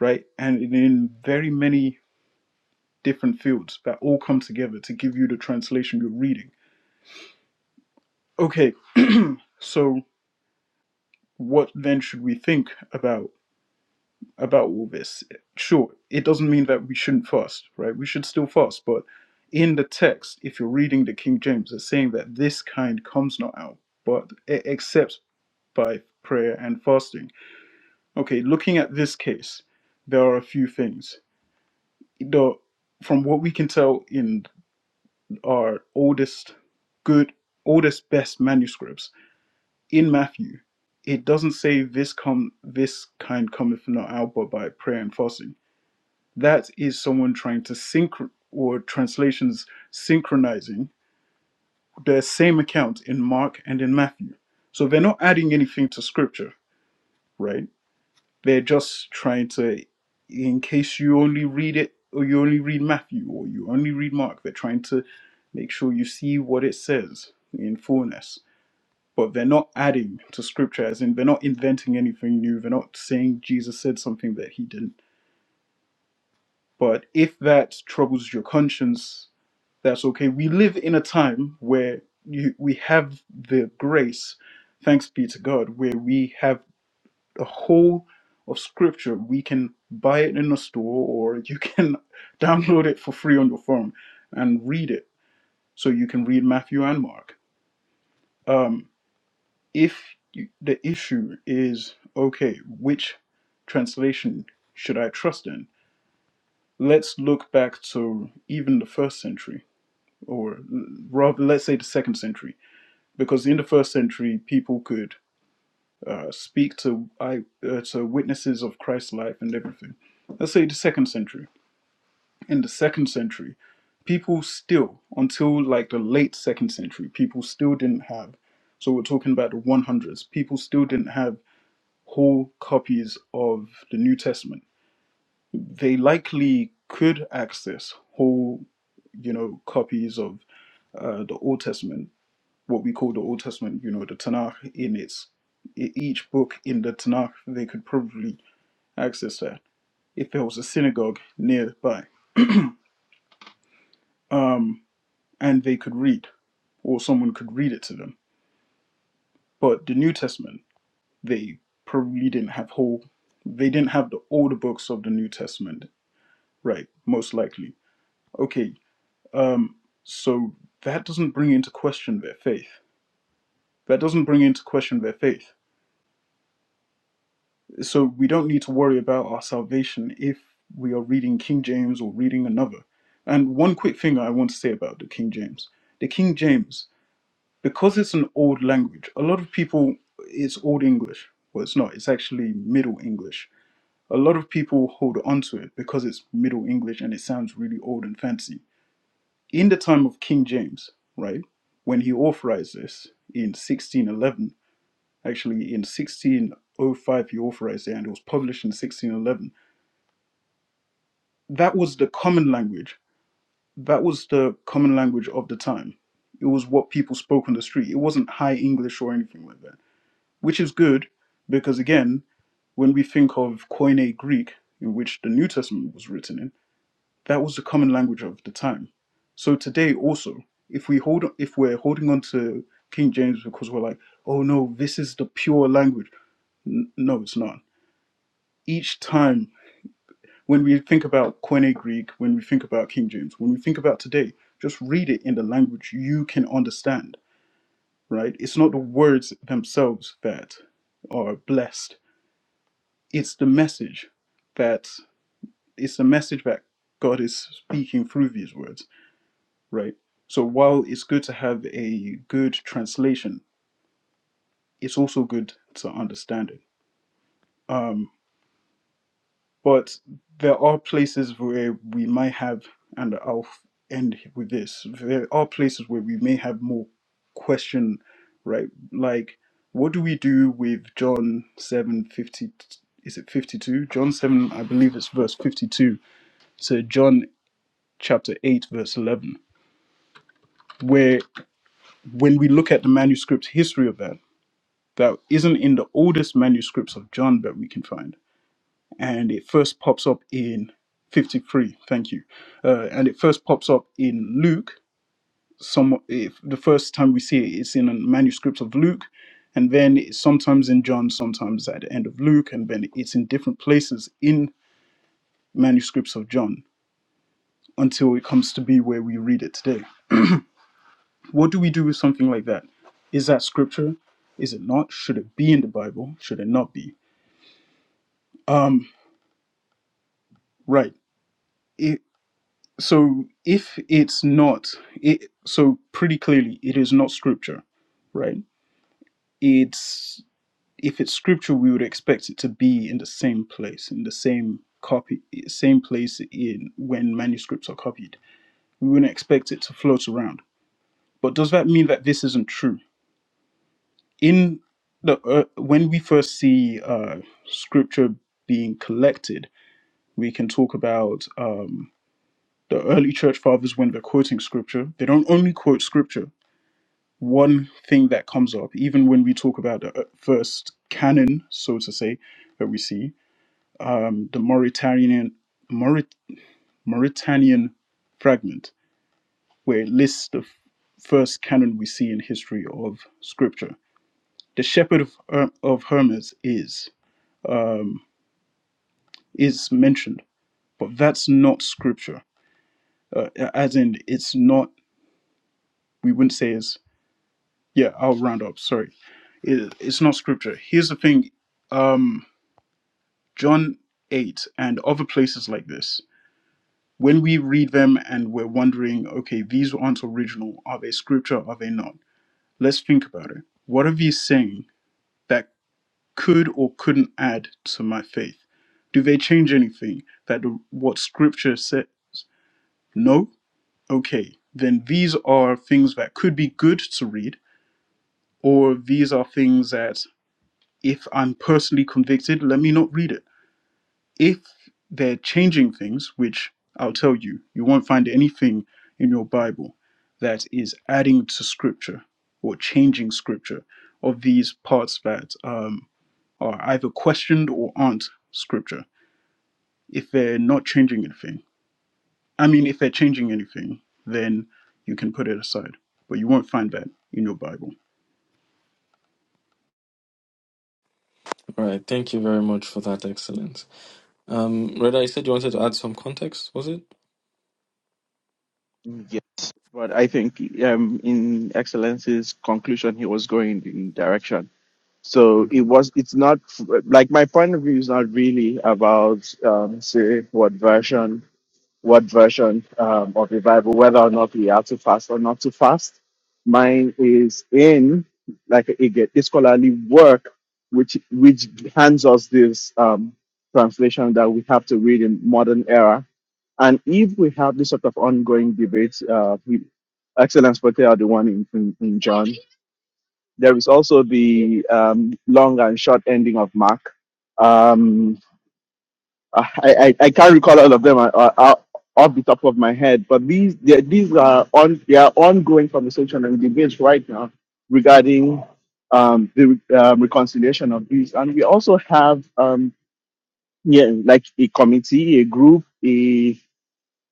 D: right and in very many different fields that all come together to give you the translation you're reading okay so what then should we think about about all this. Sure, it doesn't mean that we shouldn't fast, right? We should still fast, but in the text, if you're reading the King James, it's saying that this kind comes not out, but e- except by prayer and fasting. Okay, looking at this case, there are a few things. The from what we can tell in our oldest good oldest best manuscripts in Matthew, it doesn't say this come this kind cometh not out but by prayer and fasting that is someone trying to synch or translations synchronizing the same account in Mark and in Matthew. So they're not adding anything to scripture, right? They're just trying to in case you only read it or you only read Matthew or you only read Mark, they're trying to make sure you see what it says in fullness. But they're not adding to scripture, as in they're not inventing anything new. They're not saying Jesus said something that he didn't. But if that troubles your conscience, that's okay. We live in a time where you, we have the grace, thanks be to God, where we have a whole of scripture. We can buy it in a store or you can download it for free on your phone and read it. So you can read Matthew and Mark. Um, if you, the issue is, okay, which translation should I trust in? Let's look back to even the first century, or l- rather, let's say the second century because in the first century people could uh, speak to I, uh, to witnesses of Christ's life and everything. Let's say the second century. In the second century, people still until like the late second century, people still didn't have. So we're talking about the 100s. People still didn't have whole copies of the New Testament. They likely could access whole, you know, copies of uh, the Old Testament what we call the Old Testament, you know, the Tanakh in its e- each book in the Tanakh, they could probably access that if there was a synagogue nearby, um, and they could read, or someone could read it to them. But the New Testament, they probably didn't have whole, they didn't have the older books of the New Testament, right? Most likely. Okay, um, so that doesn't bring into question their faith. That doesn't bring into question their faith So we don't need to worry about our salvation if we are reading King James or reading another. And one quick thing I want to say about the King James. The King James, because it's an old language, a lot of people, it's Old English. Well, it's not, it's actually Middle English. A lot of people hold on to it because it's Middle English and it sounds really old and fancy. In the time of King James, right, when he authorized this in 1611, actually in 1605, he authorized it and it was published in 1611 that was the common language. That was the common language of the time. It was what people spoke on the street. It wasn't high English or anything like that, which is good because, again, when we think of Koine Greek, in which the New Testament was written in, that was the common language of the time. So today, also, if we hold, if we're holding on to King James because we're like, oh no, this is the pure language. N- no, it's not. Each time When we think about Koine Greek, when we think about King James, when we think about today, just read it in the language you can understand, right? It's not the words themselves that are blessed, it's the message that it's the message that God is speaking through these words, right? So while it's good to have a good translation, it's also good to understand it. Um, But there are places where we might have, and I'll end with this there are places where we may have more question, right? Like, what do we do with John 7 50? Is it 52? John 7, I believe it's verse 52. So, John chapter 8, verse 11, where when we look at the manuscript history of that, that isn't in the oldest manuscripts of John that we can find and it first pops up in 53 thank you uh, and it first pops up in luke some if the first time we see it it's in a manuscript of luke and then it's sometimes in john sometimes at the end of luke and then it's in different places in manuscripts of john until it comes to be where we read it today what do we do with something like that is that scripture is it not should it be in the bible should it not be um right so if it's not it so pretty clearly it is not scripture right it's if it's scripture we would expect it to be in the same place in the same copy same place in when manuscripts are copied we wouldn't expect it to float around but does that mean that this isn't true in the uh, when we first see uh scripture being collected we can talk about um the early church fathers when they're quoting scripture they don't only quote scripture one thing that comes up, even when we talk about the uh, first canon, so to say, that we see, um, the Mauritanian Maurit- Mauritanian fragment, where it lists the f- first canon we see in history of Scripture. The shepherd of, Her- of Hermes is um, is mentioned, but that's not Scripture. Uh, as in, it's not. We wouldn't say is yeah. I'll round up. Sorry, it, it's not Scripture. Here's the thing. Um, John 8, and other places like this, when we read them and we're wondering, okay, these aren't original, are they scripture, are they not? Let's think about it. What are these saying that could or couldn't add to my faith? Do they change anything that the, what scripture says? No? Okay, then these are things that could be good to read, or these are things that if I'm personally convicted, let me not read it if they're changing things, which I'll tell you, you won't find anything in your Bible that is adding to scripture or changing scripture of these parts that um, are either questioned or aren't scripture. If they're not changing anything, I mean, if they're changing anything, then you can put it aside, but you won't find that in your Bible.
A: All right. Thank you very much for that excellence. Um, Reda, you said you wanted to add some context, was it?
B: Yes, but I think um, in Excellency's conclusion, he was going in direction. So it was. It's not like my point of view is not really about um, say what version what version um, of the Bible, whether or not we are to fast or not to fast. Mine is in like a, a scholarly work, which which hands us this um, translation that we have to read in modern era. And if we have this sort of ongoing debate, uh, we, Excellence Potter, the one in, in, in John, there is also the um, long and short ending of Mark. Um, I, I, I can't recall all of them uh, uh, uh, off the top of my head, but these they- these are on they are ongoing conversation and debates right now regarding um, the um, reconciliation of these, and we also have um, yeah like a committee, a group, a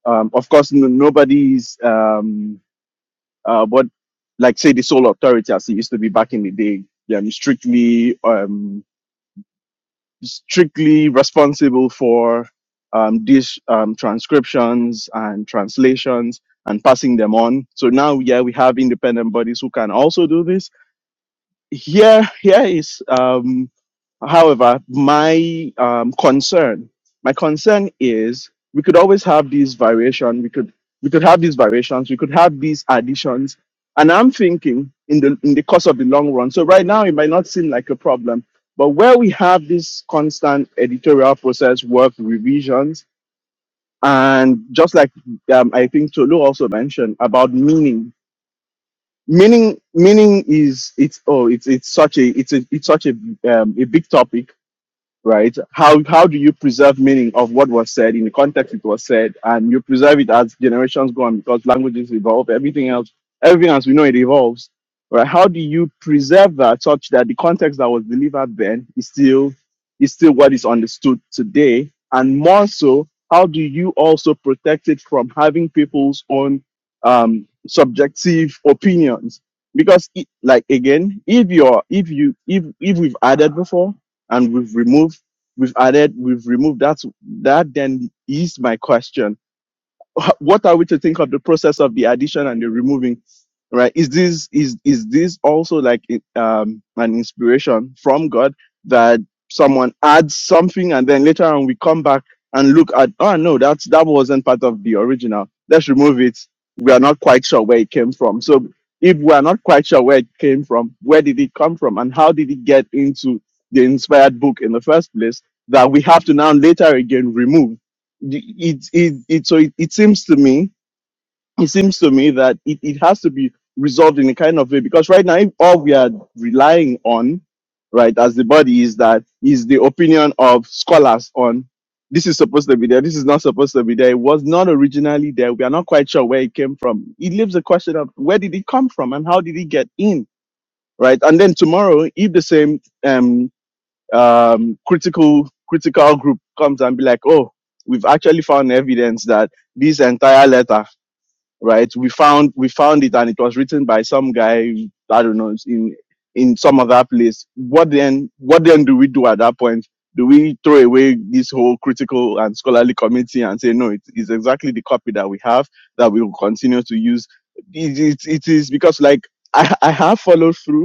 B: um, of course no, nobody's um, uh, what like say the sole authority as it used to be back in the day, um, strictly. Um, strictly responsible for um, these um, transcriptions and translations and passing them on. So now, yeah, we have independent bodies who can also do this. Here, here is. um, However, my um, concern, my concern is we could always have these variation. We could we could have these variations. We could have these additions. And I'm thinking in the in the course of the long run. So right now it might not seem like a problem, but where we have this constant editorial process, work revisions, and just like um, I think Tolu also mentioned about meaning. Meaning, meaning is it's oh it's it's such a it's a it's such a um, a big topic right? How how do you preserve meaning of what was said in the context it was said, and you preserve it as generations go on because languages evolve, everything else, everything as we know it evolves, right? How do you preserve that such that the context that was delivered then is still is still what is understood today, and more so, how do you also protect it from having people's own um, subjective opinions? Because, it, like again, if you're if you if if we've added before and we've removed, we've added, we've removed that. That then is my question what are we to think of the process of the addition and the removing right is this is is this also like um an inspiration from god that someone adds something and then later on we come back and look at oh no that's that wasn't part of the original let's remove it we are not quite sure where it came from so if we are not quite sure where it came from where did it come from and how did it get into the inspired book in the first place that we have to now later again remove it it, it so it, it seems to me it seems to me that it, it has to be resolved in a kind of way because right now if all we are relying on right as the body is that is the opinion of scholars on this is supposed to be there this is not supposed to be there it was not originally there we are not quite sure where it came from it leaves the question of where did it come from and how did it get in right and then tomorrow if the same um um, critical critical group comes and be like, oh, we've actually found evidence that this entire letter, right? We found we found it and it was written by some guy I don't know in in some other place. What then? What then do we do at that point? Do we throw away this whole critical and scholarly committee and say no? It is exactly the copy that we have that we will continue to use. It, it, it is because like I, I have followed through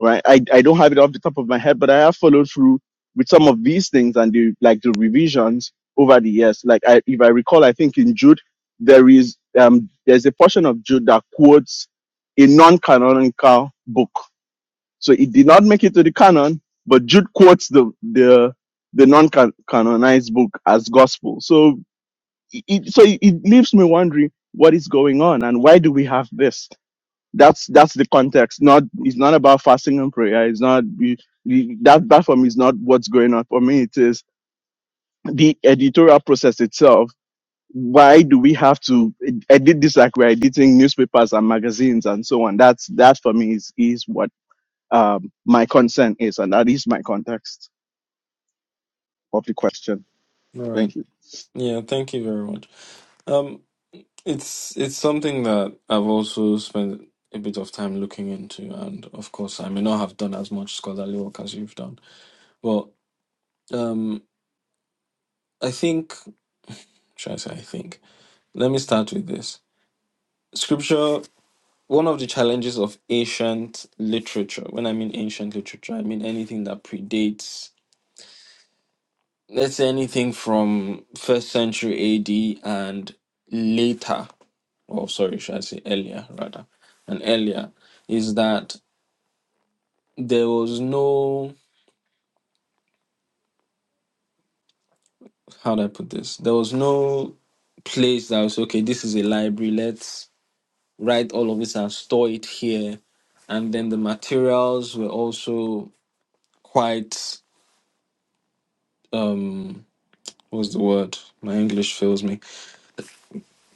B: right? I, I don't have it off the top of my head, but I have followed through with some of these things and the like the revisions over the years. Like I, if I recall, I think in Jude there is um there's a portion of Jude that quotes a non-canonical book, so it did not make it to the canon, but Jude quotes the the the non-canonized book as gospel. So it, so it leaves me wondering what is going on and why do we have this? that's that's the context not it's not about fasting and prayer it's not you- you- that that for me is not what's going on for me it is the editorial process itself why do we have to ed- edit this like we're editing newspapers and magazines and so on that's that for me is is what um my concern is and that is my context of the question
A: All right.
B: thank you
A: Yeah. Thank you very much. Um, it's it's something that I've also spent a bit of time looking into, and of course, I may not have done as much scholarly work as you've done, but um, I think. Should I say I think? Let me start with this. Scripture One of the challenges of ancient literature, when I mean ancient literature, I mean anything that predates, let's say anything from first century AD and later, or sorry, should I say earlier rather, and earlier, is that there was no, how do I put this? There was no place that was, okay, this is a library, let's write all of this and store it here. And then the materials were also quite, um, what's the word? My English fails me.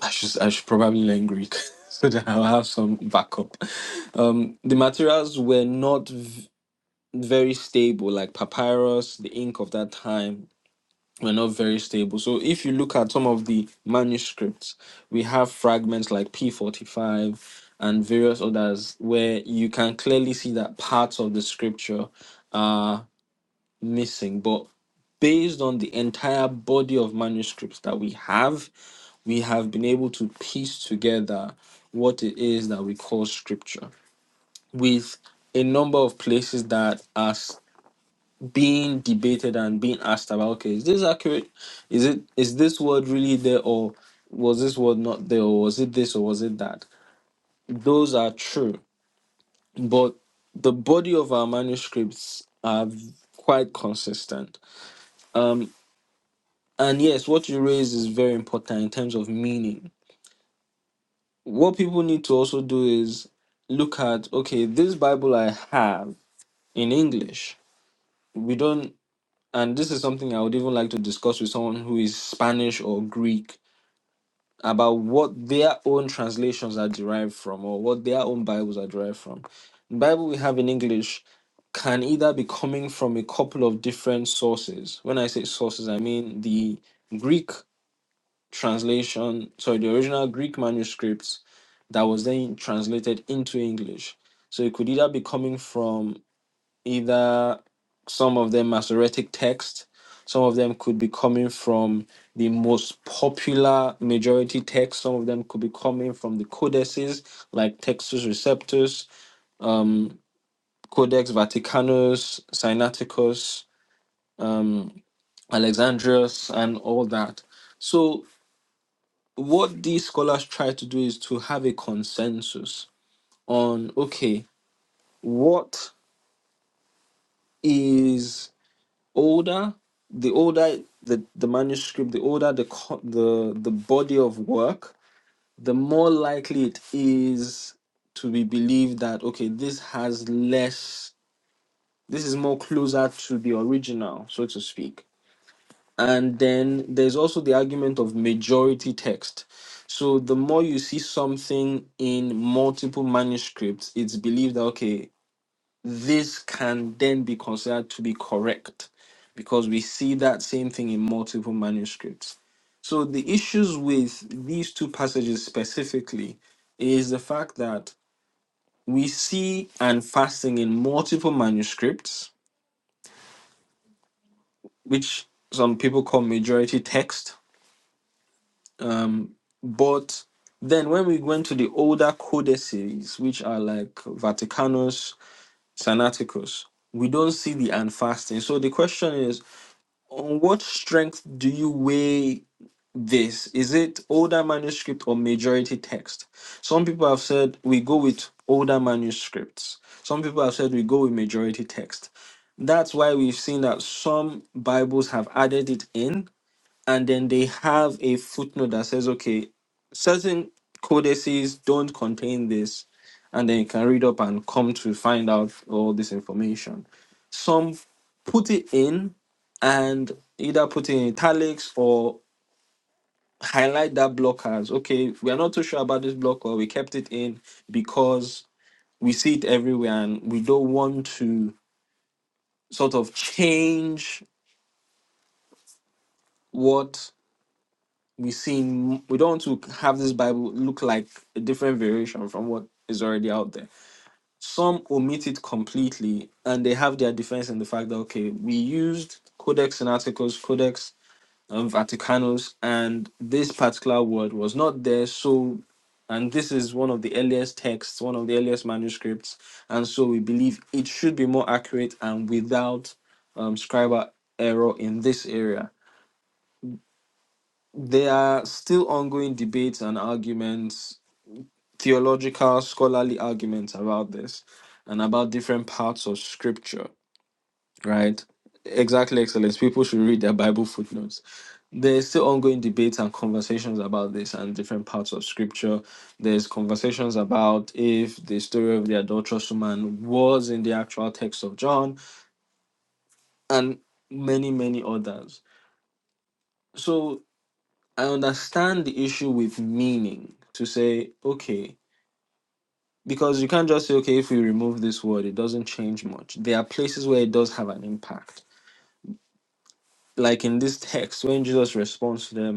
A: I should I should probably learn Greek so that I'll have some backup. Um, the materials were not v- very stable, like papyrus, the ink of that time were not very stable. So if you look at some of the manuscripts, we have fragments like P45 and various others where you can clearly see that parts of the scripture are missing, but based on the entire body of manuscripts that we have, we have been able to piece together what it is that we call scripture with a number of places that are s- being debated and being asked about okay is this accurate is it is this word really there or was this word not there or was it this or was it that those are true but the body of our manuscripts are v- quite consistent Um. And yes, what you raise is very important in terms of meaning. What people need to also do is look at okay, this Bible I have in English, we don't, and this is something I would even like to discuss with someone who is Spanish or Greek about what their own translations are derived from or what their own Bibles are derived from. The Bible we have in English can either be coming from a couple of different sources. When I say sources, I mean the Greek translation, sorry, the original Greek manuscript that was then translated into English. So it could either be coming from either some of them Masoretic text, some of them could be coming from the most popular majority text, some of them could be coming from the codices like Textus Receptus, um, Codex Vaticanus, Sinaiticus, um, Alexandrius, and all that. So what these scholars try to do is to have a consensus on okay what is older the older the, the manuscript the older the co- the the body of work the more likely it is to be believed that okay this has less this is more closer to the original so to speak And then there's also the argument of majority text. So the more you see something in multiple manuscripts, it's believed that, okay, this can then be considered to be correct because we see that same thing in multiple manuscripts. So the issues with these two passages specifically is the fact that we see and fasting in multiple manuscripts, which some people call majority text Um, but then when we went to the older codices, which are like Vaticanus, Sinaiticus, we don't see the unfasting. So the question is, on what strength do you weigh this? Is it older manuscript or majority text? Some people have said we go with older manuscripts. Some people have said we go with majority text. That's why we've seen that some Bibles have added it in and then they have a footnote that says, okay, certain codices don't contain this, and then you can read up and come to find out all this information. Some put it in and either put it in italics or highlight that block as okay, we are not too sure about this block, or we kept it in because we see it everywhere and we don't want to sort of change what we see we don't want to have this bible look like a different variation from what is already out there some omit it completely and they have their defense in the fact that okay we used codex and articles codex and vaticanus and this particular word was not there so and this is one of the earliest texts one of the earliest manuscripts and so we believe it should be more accurate and without um, scribal error in this area there are still ongoing debates and arguments, theological, scholarly arguments about this and about different parts of scripture, right? Exactly, excellence. People should read their Bible footnotes. There's still ongoing debates and conversations about this and different parts of scripture. There's conversations about if the story of the adulterous woman was in the actual text of John and many, many others. So I understand the issue with meaning to say, okay, because you can't just say okay if we remove this word it doesn't change much there are places where it does have an impact like in this text when jesus responds to them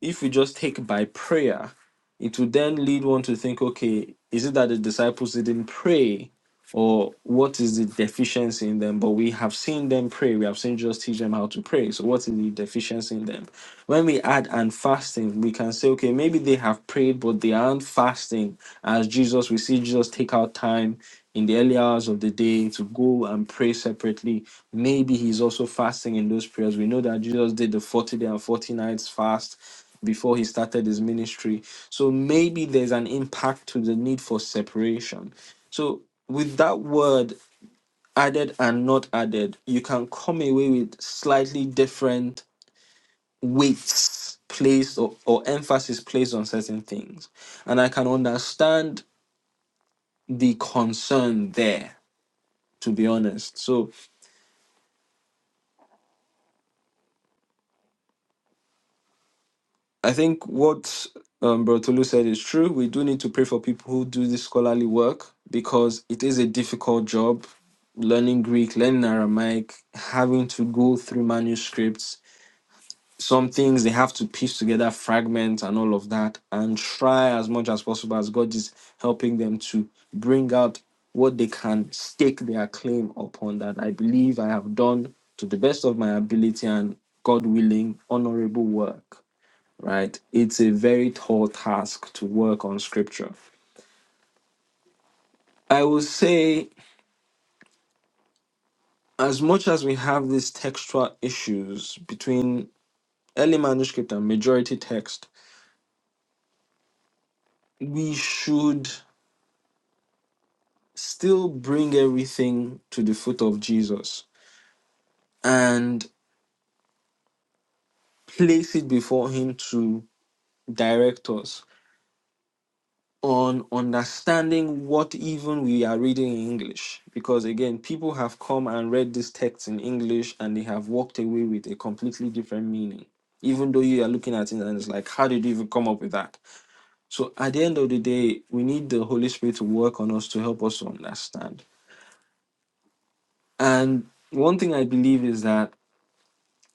A: if we just take by prayer, it would then lead one to think, okay, is it that the disciples didn't pray? Or what is the deficiency in them? But we have seen them pray. We have seen Jesus teach them how to pray. So what is the deficiency in them? When we add and fasting, we can say, okay, maybe they have prayed, but they aren't fasting. As Jesus, we see Jesus take out time in the early hours of the day to go and pray separately. Maybe he's also fasting in those prayers. We know that Jesus did the 40 day and 40 nights fast before he started his ministry. So maybe there's an impact to the need for separation. So with that word added and not added, you can come away with slightly different weights placed or, or emphasis placed on certain things. And I can understand the concern there, to be honest. So I think what um, Bertolu said is true. We do need to pray for people who do this scholarly work because it is a difficult job. Learning Greek, learning Aramaic, having to go through manuscripts, some things they have to piece together fragments and all of that, and try as much as possible as God is helping them to bring out what they can stake their claim upon. That I believe I have done to the best of my ability and God willing, honorable work right? It's a very tall task to work on scripture. I will say, as much as we have these textual issues between early manuscript and majority text, we should still bring everything to the foot of Jesus and place it before Him to direct us on understanding what even we are reading in English. Because again, people have come and read this text in English and they have walked away with a completely different meaning. Even though you are looking at it and it's like, how did you even come up with that? So at the end of the day, we need the Holy Spirit to work on us to help us to understand. And one thing I believe is that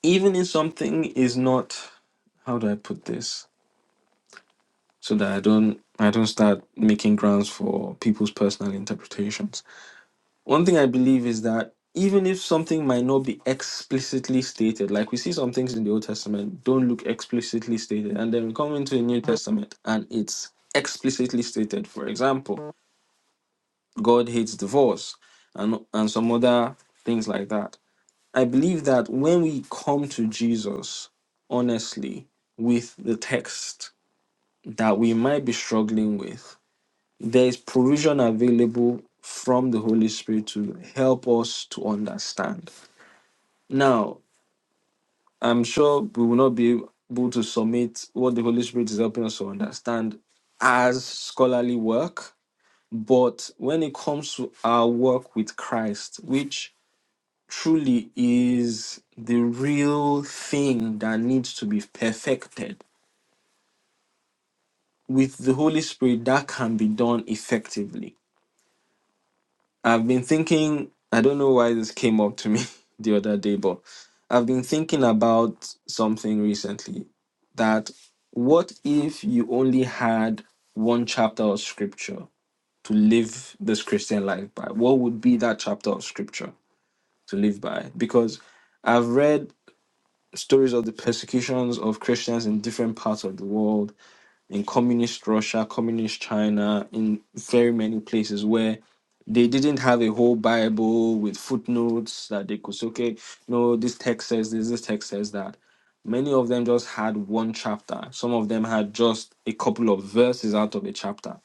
A: even if something is not, how do I put this? So that I don't I don't start making grounds for people's personal interpretations One thing I believe is that even if something might not be explicitly stated, like we see some things in the Old Testament don't look explicitly stated, and then we come into the New Testament and it's explicitly stated. For example, God hates divorce and and some other things like that. I believe that when we come to Jesus honestly with the text that we might be struggling with, there is provision available from the Holy Spirit to help us to understand. Now, I'm sure we will not be able to submit what the Holy Spirit is helping us to understand as scholarly work, but when it comes to our work with Christ, which truly is the real thing that needs to be perfected, with the Holy Spirit, that can be done effectively I've been thinking, I don't know why this came up to me the other day, but I've been thinking about something recently that what if you only had one chapter of scripture to live this Christian life by? What would be that chapter of scripture to live by? Because I've read stories of the persecutions of Christians in different parts of the world in communist Russia, communist China, in very many places where they didn't have a whole Bible with footnotes that they could say, okay, no, this text says this, this text says that. Many of them just had one chapter. Some of them had just a couple of verses out of a chapter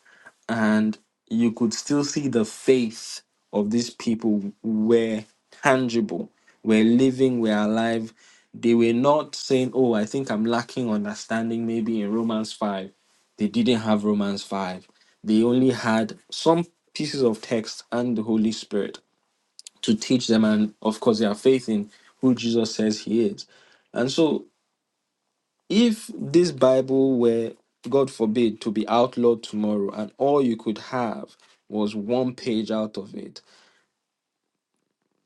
A: and you could still see the faith of these people were tangible, were living, were alive. They were not saying, Oh, I think I'm lacking understanding maybe in Romans 5. They didn't have Romans 5. They only had some pieces of text and the Holy Spirit to teach them, and of course, their faith in who Jesus says he is. And so if this Bible were, God forbid, to be outlawed tomorrow and all you could have was one page out of it,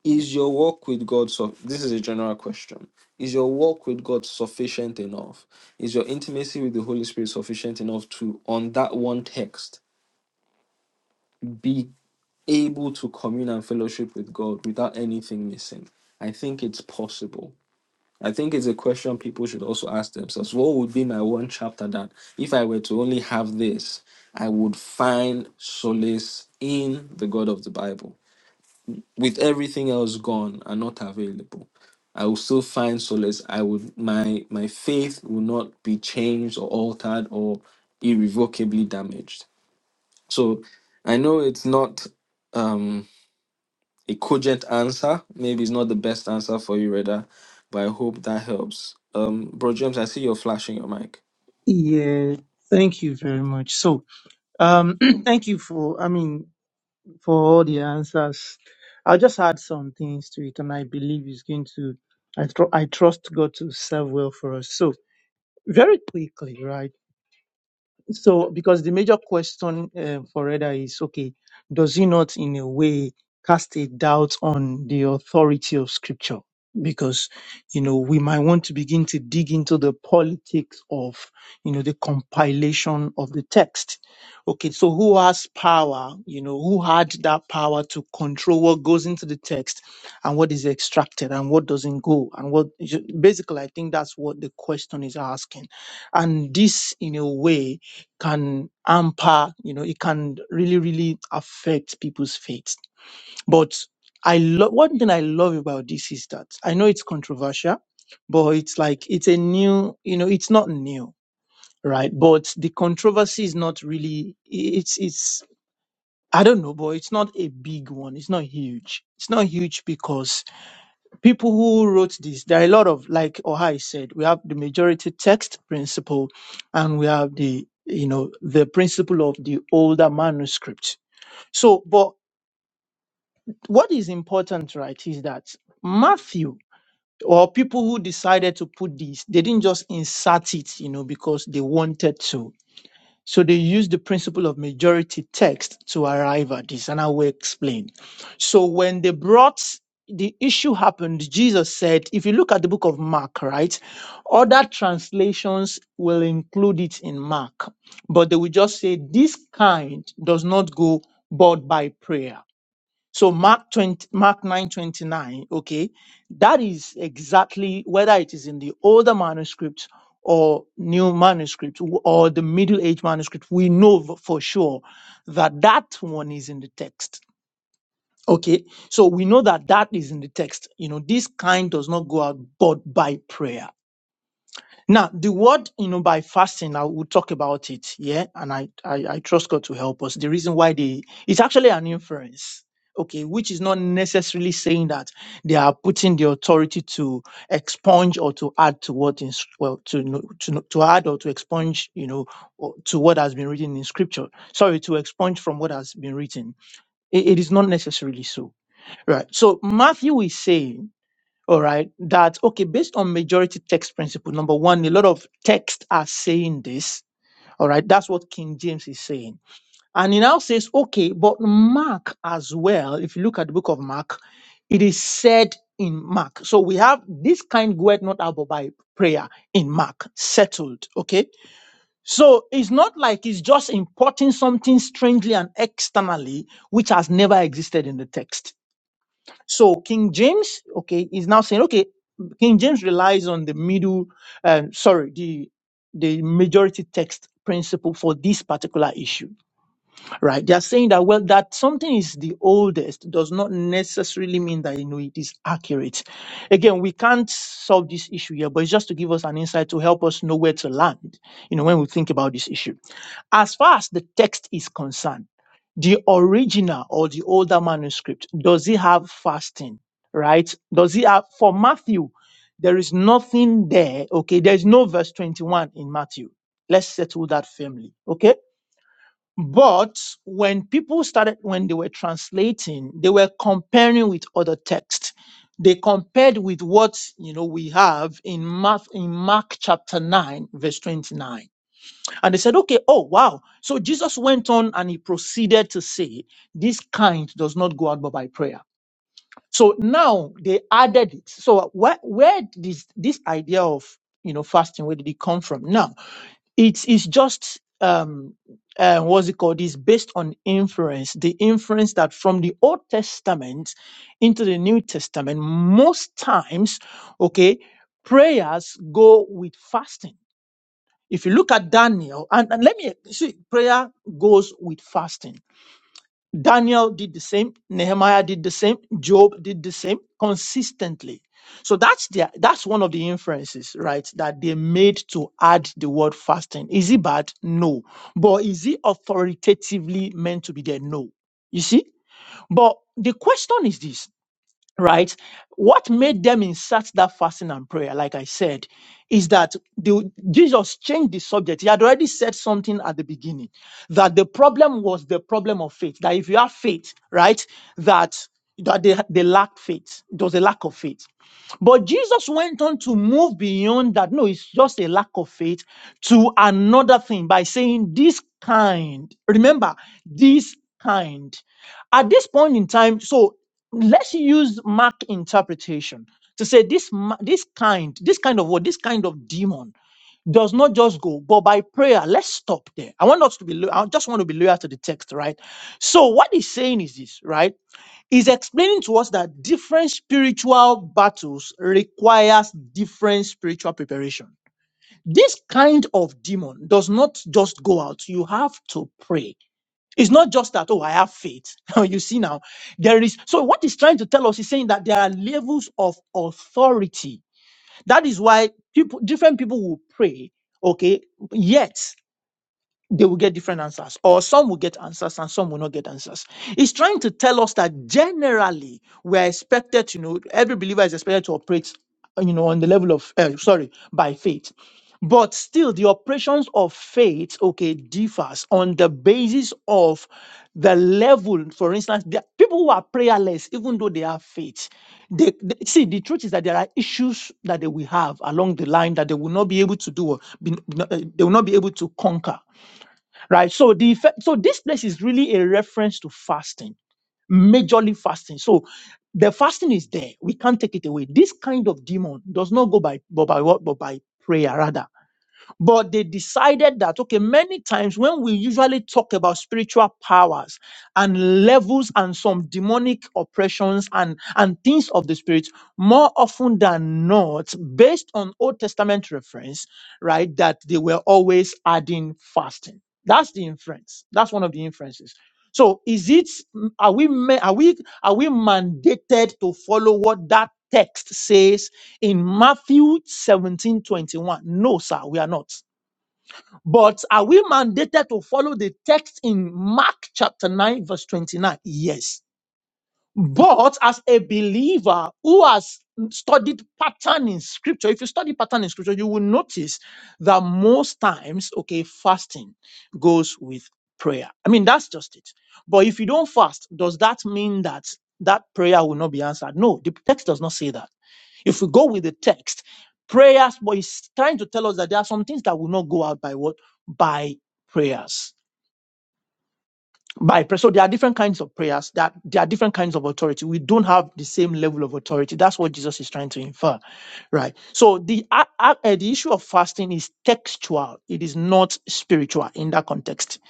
A: is your walk with God so this is a general question. Is your walk with God sufficient enough? Is your intimacy with the Holy Spirit sufficient enough to on that one text be able to commune and fellowship with God without anything missing? I think it's possible. I think it's a question people should also ask themselves. What would be my one chapter that, if I were to only have this, I would find solace in the God of the Bible? With everything else gone and not available, I will still find solace. I would my my faith will not be changed or altered or irrevocably damaged. So I know it's not. um a cogent answer. Maybe it's not the best answer for you, Reda, but I hope that helps. Um, Bro James, I see you're flashing your mic.
E: Yeah, thank you very much. So, um, thank you for, I mean, for all the answers. I'll just add some things to it, and I believe it's going to, I, tr- I trust God to serve well for us. So, very quickly, right? So, because the major question uh, for Reda is okay, does he not, in a way, cast a doubt on the authority of Scripture? Because, you know, we might want to begin to dig into the politics of, you know, the compilation of the text. Okay, so who has power? You know, who had that power to control what goes into the text and what is extracted and what doesn't go? And what, basically, I think that's what the question is asking. And this, in a way, can hamper, you know, it can really, really affect people's faith. But I love one thing I love about this is that I know it's controversial, but it's like it's a new, you know, it's not new, right? But the controversy is not really it's it's I don't know, but it's not a big one. It's not huge. It's not huge because people who wrote this, there are a lot of, like Ohai said, we have the majority text principle and we have the, you know, the principle of the older manuscript. So, but what is important, right, is that Matthew or people who decided to put this, they didn't just insert it, you know, because they wanted to so they use the principle of majority text to arrive at this, and I will explain. So when they brought the issue happened, Jesus said, if you look at the book of Mark, right, other translations will include it in Mark, but they will just say this kind does not go but by prayer. So Mark 20, Mark 9:29, okay, that is exactly whether it is in the older manuscript or new manuscript w- or the middle age manuscript, we know v- for sure that that one is in the text. Okay, so we know that that is in the text. You know, this kind does not go out but by prayer now, the word, you know, by fasting, I will talk about it. Yeah. And I, I, I trust God to help us. The reason why they, it's actually an inference. Okay. Which is not necessarily saying that they are putting the authority to expunge or to add to what in, well, to, no- to, no- to add or to expunge, you know, or to what has been written in scripture. Sorry, to expunge from what has been written. it it is not necessarily so. Right. So Matthew is saying, all right, that, okay, based on majority text principle, number one, a lot of texts are saying this, all right, that's what King James is saying. And he now says, okay, but Mark as well, if you look at the book of Mark, it is said in Mark. So we have this kind word not out by prayer in Mark, settled, okay? So it's not like it's just importing something strangely and externally, which has never existed in the text. So King James, okay, is now saying, okay, King James relies on the middle, um, sorry, the the majority text principle for this particular issue, right? They are saying that well, that something is the oldest does not necessarily mean that you know it is accurate. Again, we can't solve this issue here, but it's just to give us an insight to help us know where to land, you know, when we think about this issue. As far as the text is concerned, the original or the older manuscript, does it have fasting? Right? Does it have, for Matthew, there is nothing there. Okay. There's no verse 21 in Matthew. Let's settle that firmly. Okay. But when people started, when they were translating, they were comparing with other texts. They compared with what, you know, we have in Mark, in Mark chapter 9, verse 29 and they said, okay, oh, wow. So Jesus went on and he proceeded to say, this kind does not go out but by prayer. So now they added it. So where, where did this, this idea of, you know, fasting, where did it come from? Now, it is just, um, uh, what's it called? It's based on inference, the inference that from the Old Testament into the New Testament, most times, okay, prayers go with fasting if you look at Daniel, and, and let me you see, prayer goes with fasting. Daniel did the same, Nehemiah did the same, Job did the same consistently. So that's the that's one of the inferences, right? That they made to add the word fasting. Is it bad? No. But is it authoritatively meant to be there? No. You see? But the question is this right? What made them insert that fasting and prayer, like I said, is that the, Jesus changed the subject. He had already said something at the beginning that the problem was the problem of faith. That if you have faith, right, that that they, they lack faith. It was a lack of faith. But Jesus went on to move beyond that. No, it's just a lack of faith to another thing by saying this kind. Remember, this kind. At this point in time, so let's use Mark interpretation to say this ma- this kind, this kind of what, this kind of demon does not just go, but by prayer, let's stop there. I want us to be, lo- I just want to be loyal to the text, right? So what he's saying is this, right? is explaining to us that different spiritual battles requires different spiritual preparation. This kind of demon does not just go out. You have to pray. It's not just that, oh, I have faith. Now you see now, there is, so what he's trying to tell us is saying that there are levels of authority. That is why people, different people will pray. Okay. Yet they will get different answers, or some will get answers and some will not get answers. It's trying to tell us that generally we are expected to know every believer is expected to operate, uh, you know, on the level of uh, sorry by faith, but still the operations of faith okay differs on the basis of the level. For instance, there are people who are prayerless, even though they have faith, they, they- see the truth is that there are issues that they will have along the line that they will not be able to do, or be, be not- uh, they will not be able to conquer right? So the fe- so this place is really a reference to fasting, majorly fasting. So the fasting is there; we can't take it away. This kind of demon does not go by but by what but by prayer rather but they decided that, okay, many times when we usually talk about spiritual powers and levels and some demonic oppressions and, and things of the spirit, more often than not, based on Old Testament reference, right, that they were always adding fasting. That's the inference. That's one of the inferences. So is it are we ma- are we are we mandated to follow what that text says in Matthew 17:21, No, sir, we are not. But are we mandated to follow the text in Mark chapter 9, verse 29? Yes. But as a believer who has studied pattern in scripture, if you study pattern in scripture, you will notice that most times, okay, fasting goes with prayer. I mean, that's just it. But if you don't fast, does that mean that that prayer will not be answered? No, the text does not say that. If we go with the text, prayers, but it's trying to tell us that there are some things that will not go out by what? By prayers by prayer. So there are different kinds of prayers. That there are different kinds of authority. We don't have the same level of authority. That's what Jesus is trying to infer, right? So the uh, uh, uh, the issue of fasting is textual. It is not spiritual in that context.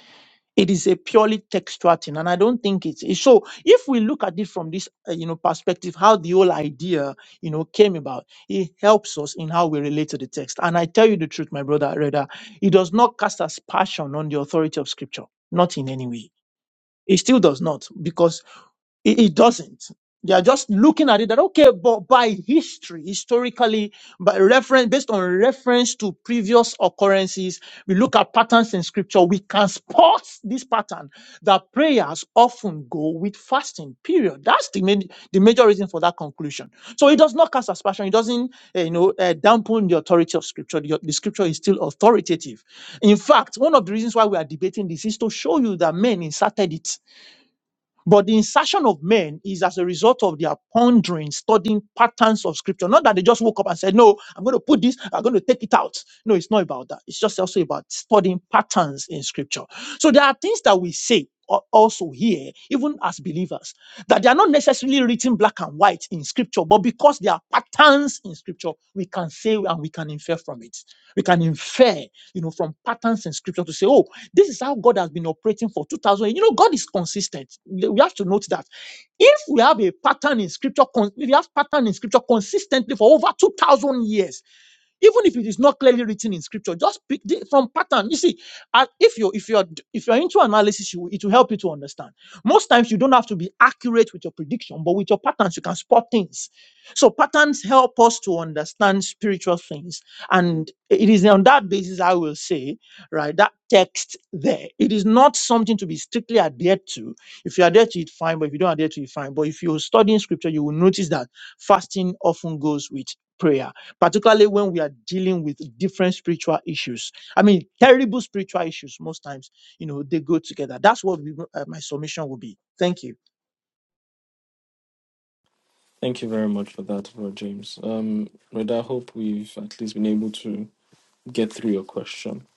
E: It is a purely textual thing, and I don't think it's it's- so. If we look at it from this uh, you know perspective, how the whole idea you know came about, it helps us in how we relate to the text. And I tell you the truth, my brother, rather, it does not cast aspersion on the authority of Scripture, not in any way it still does not because it, it doesn't. They are just looking at it that okay, but by history, historically, by reference, based on reference to previous occurrences, we look at patterns in scripture. We can spot this pattern that prayers often go with fasting. Period. That's the main, the major reason for that conclusion. So it does not cast aspersion. It doesn't, eh, you know, uh, dampen the authority of scripture. The, the scripture is still authoritative. In fact, one of the reasons why we are debating this is to show you that men inserted it but the insertion of men is as a result of their pondering, studying patterns of scripture. Not that they just woke up and said, No, I'm going to put this, I'm going to take it out. No, it's not about that. It's just also about studying patterns in scripture. So there are things that we say al- also here, even as believers, that they are not necessarily written black and white in scripture, but because there are patterns in scripture, we can say and we can infer from it. We can infer, you know, from patterns in scripture to say, Oh, this is how God has been operating for 2000 years. You know, God is consistent. We have to note that. If we have a pattern in scripture, con- if we have pattern in scripture consistently for over 2000 years, even if it is not clearly written in scripture just pick the, from pattern you see uh, if you if you're if you're into analysis you, it will help you to understand most times you don't have to be accurate with your prediction but with your patterns you can spot things so patterns help us to understand spiritual things and it is on that basis i will say right that text there it is not something to be strictly adhered to if you adhere to it fine but if you don't adhere to it fine but if you're studying scripture you will notice that fasting often goes with prayer particularly when we are dealing with different spiritual issues. I mean, terrible spiritual issues, most times, you know, they go together. That's what we, uh, my submission will be. Thank you.
A: Thank you very much for that, Bro James. Um, Reda, I hope we've at least been able to get through your question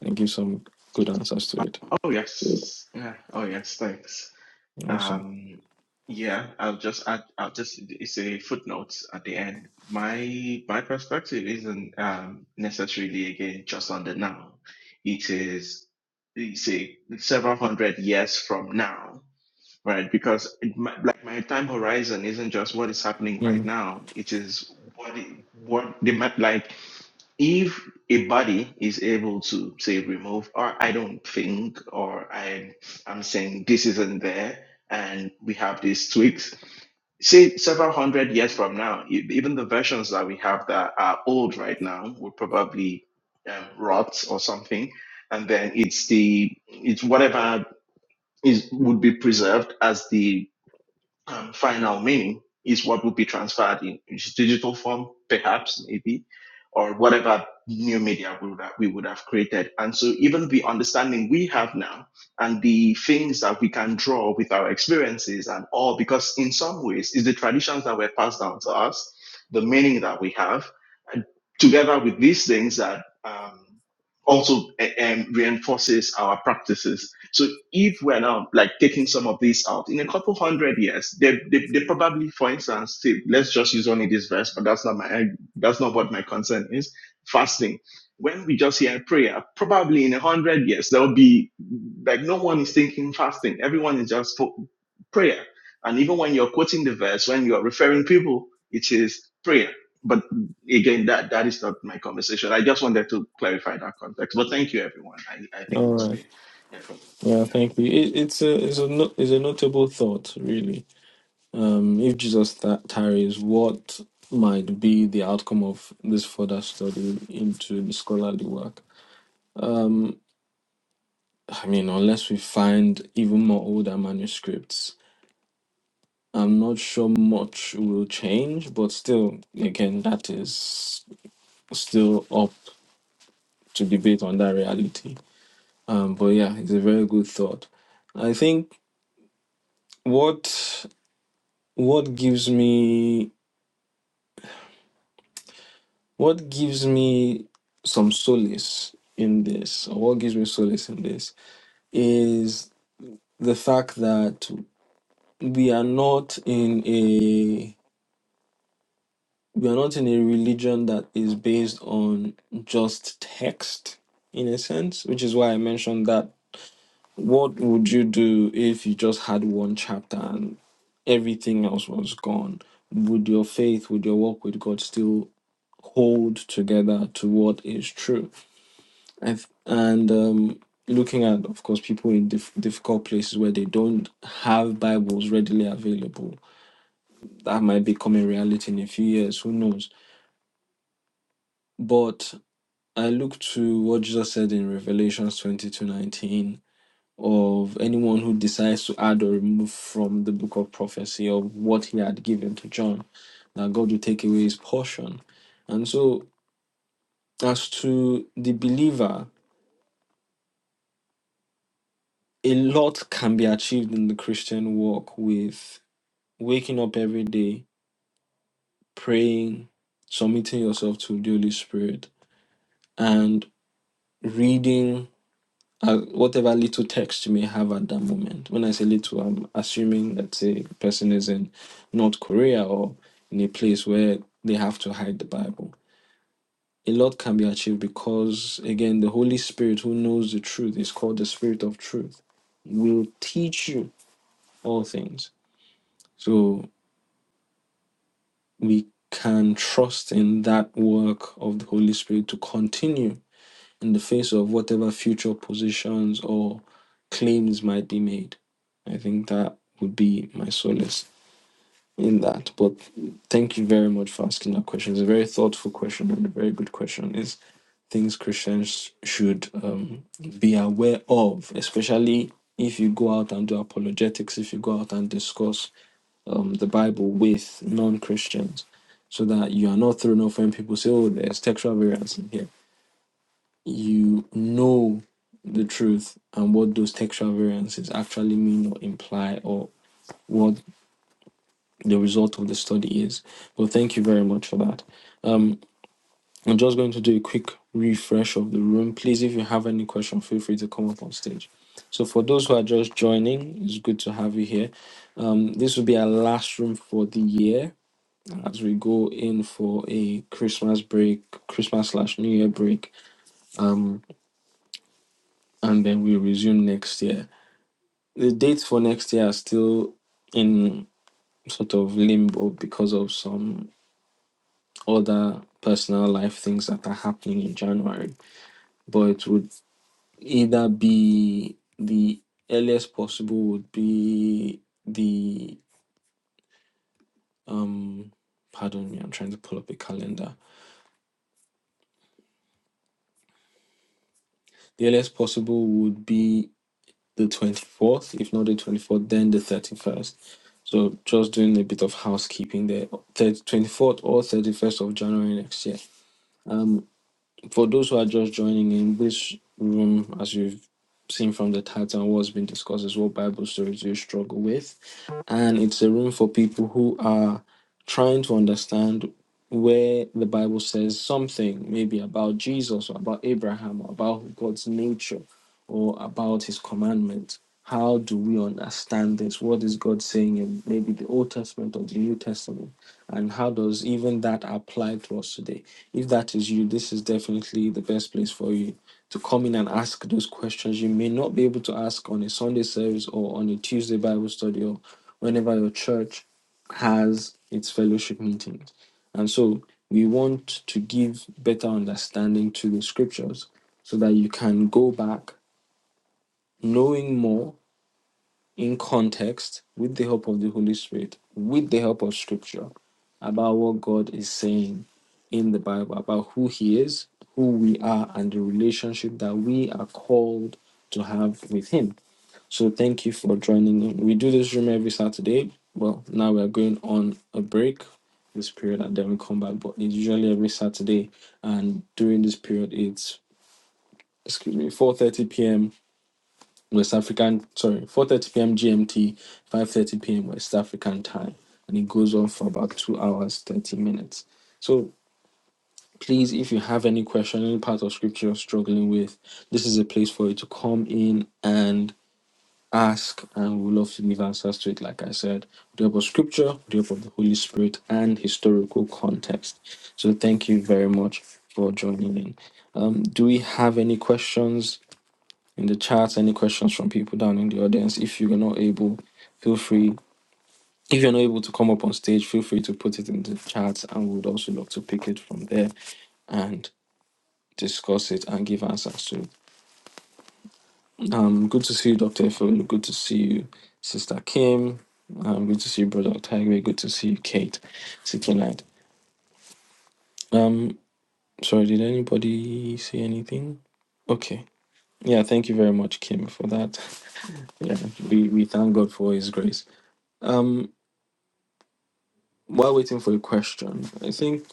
A: and give some good answers to it.
B: Oh yes. Yeah. Oh yes. Thanks.
A: Awesome.
B: Um, yeah, I'll just add, I'll just, it's a footnote at the end. My, my perspective isn't um, necessarily again just on the now. It is, it's a several hundred years from now, right? Because it, my, like my time horizon isn't just what is happening right
A: Mm.
B: now. It is what, it, what the map like if a body is able to say remove or i don't think or i i'm saying this isn't there and we have these tweaks say several hundred years from now e- even the versions that we have that are old right now would probably um, rot or something and then it's the it's whatever is would be preserved as the um, final meaning is what will be transferred in its digital form, perhaps, maybe, or whatever new media we would, have, we would have created. And so, even the understanding we have now and the things that we can draw with our experiences and all, because in some ways, it's the traditions that were passed down to us, the meaning that we have, and together with these things that um, also eh, em, reinforces our practices so if we're now like taking some of these out in a couple hundred years, they, they, they probably, for instance, say, let's just use only this verse, but that's not my, that's not what my concern is. Fasting. When we just hear prayer, probably in a hundred years, there'll be like no one is thinking fasting. Everyone is just fo- prayer. And even when you're quoting the verse, when you're referring people, it is prayer. But again, that, that is not my conversation. I just wanted to clarify that context. But thank you, everyone. I, I think
A: All
B: it's
A: right.
B: been informative.
A: Yeah,
B: All
A: thank you. It, it's a it's a no, it's a notable thought, really. Um, if Jesus th- tarries, what might be the outcome of this further study into the scholarly work? Um, I mean, unless we find even more older manuscripts, I'm not sure much will change, but still, again, that is still up to debate on that reality. Um, but yeah, it's a very good thought. I think what what gives me what gives me some solace in this, or what gives me solace in this, is the fact that we are not in a we are not in a religion that is based on just text in a sense which is why i mentioned that what would you do if you just had one chapter and everything else was gone would your faith would your walk with god still hold together to what is true I've, and um looking at of course people in dif- difficult places where they don't have bibles readily available that might become a reality in a few years who knows but I look to what Jesus said in Revelations 22 19 of anyone who decides to add or remove from the book of prophecy of what he had given to John, that God will take away his portion. And so, as to the believer, a lot can be achieved in the Christian walk with waking up every day, praying, submitting yourself to the Holy Spirit, and reading uh, whatever little text you may have at that moment. When I say little, I'm assuming that say the person is in North Korea or in a place where they have to hide the Bible. A lot can be achieved because, again, the Holy Spirit who knows the truth is called the Spirit of Truth, will teach you all things. So we can trust in that work of the Holy Spirit to continue in the face of whatever future positions or claims might be made. I think that would be my solace in that. But thank you very much for asking that question. It's a very thoughtful question and a very good question. Is things Christians should um, be aware of, especially if you go out and do apologetics, if you go out and discuss um, the Bible with non Christians, so that you are not thrown off when people say, oh, there's textual variance in here you know the truth and what those textual variances actually mean or imply or what the result of the study is. Well, thank you very much for that. Um, I'm just going to do a quick refresh of the room. Please, if you have any question, feel free to come up on stage. So, for those who are just joining, it's good to have you here. Um, this will be our last room for the year as we go in for a Christmas break, Christmas slash New Year break, um, and then we resume next year. the dates for next year are still in sort of limbo because of some other personal life things that are happening in January. But it would either be the earliest possible would be the um pardon me, I'm trying to pull up a calendar. The earliest possible would be the 24th, if not the 24th, then the 31st. So just doing a bit of housekeeping there. Thirty twenty fourth or 31st of January next year. Um. For those who are just joining in this room, as you've seen from the title, what's been discussed is what Bible stories do you struggle with. And it's a room for people who are trying to understand where the Bible says something, maybe about Jesus or about Abraham or about God's nature or about his commandments. How do we understand this? What is God saying in maybe the Old Testament or the New Testament? And how does even that apply to us today? if that is you, this is definitely the best place for you to come in and ask those questions you may not be able to ask on a Sunday service or on a Tuesday Bible study or whenever your church has its fellowship meetings. And so we want to give better understanding to the scriptures so that you can go back knowing more in context with the help of the Holy Spirit, with the help of Scripture, about what God is saying in the Bible, about who He is, who we are, and the relationship that we are called to have with Him. So thank you for joining in. We do this room every Saturday. Well, now we are going on a break this period and then we come back, but it's usually every Saturday and during this period it's excuse me 4 30 p.m West African, sorry, 4.30 p.m. GMT, 5.30 p.m. West African time. And it goes on for about two hours, 30 minutes. So please, if you have any question, any part of scripture you're struggling with, this is a place for you to come in and ask. And we'd love to give answers to it, like I said, with the help of scripture, with the help of the Holy Spirit, and historical context. So thank you very much for joining in. Um, do we have any questions? in the chat any questions from people down in the audience. If you're not able, feel free. If you're not able to come up on stage, feel free to put it in the chat, and we would also look to pick it from there and discuss it and give answers to it. Um, good to see you, Doctor Efeolu. Good to see you, Sister Kim. Um, good to see you, Brother Tiger. Good to see you, Kate. Seeking light. Um, sorry, did anybody say anything? Okay. Yeah, thank you very much, Kim, for that. Yeah, we, we thank God for His grace. Um. while waiting for a question, I think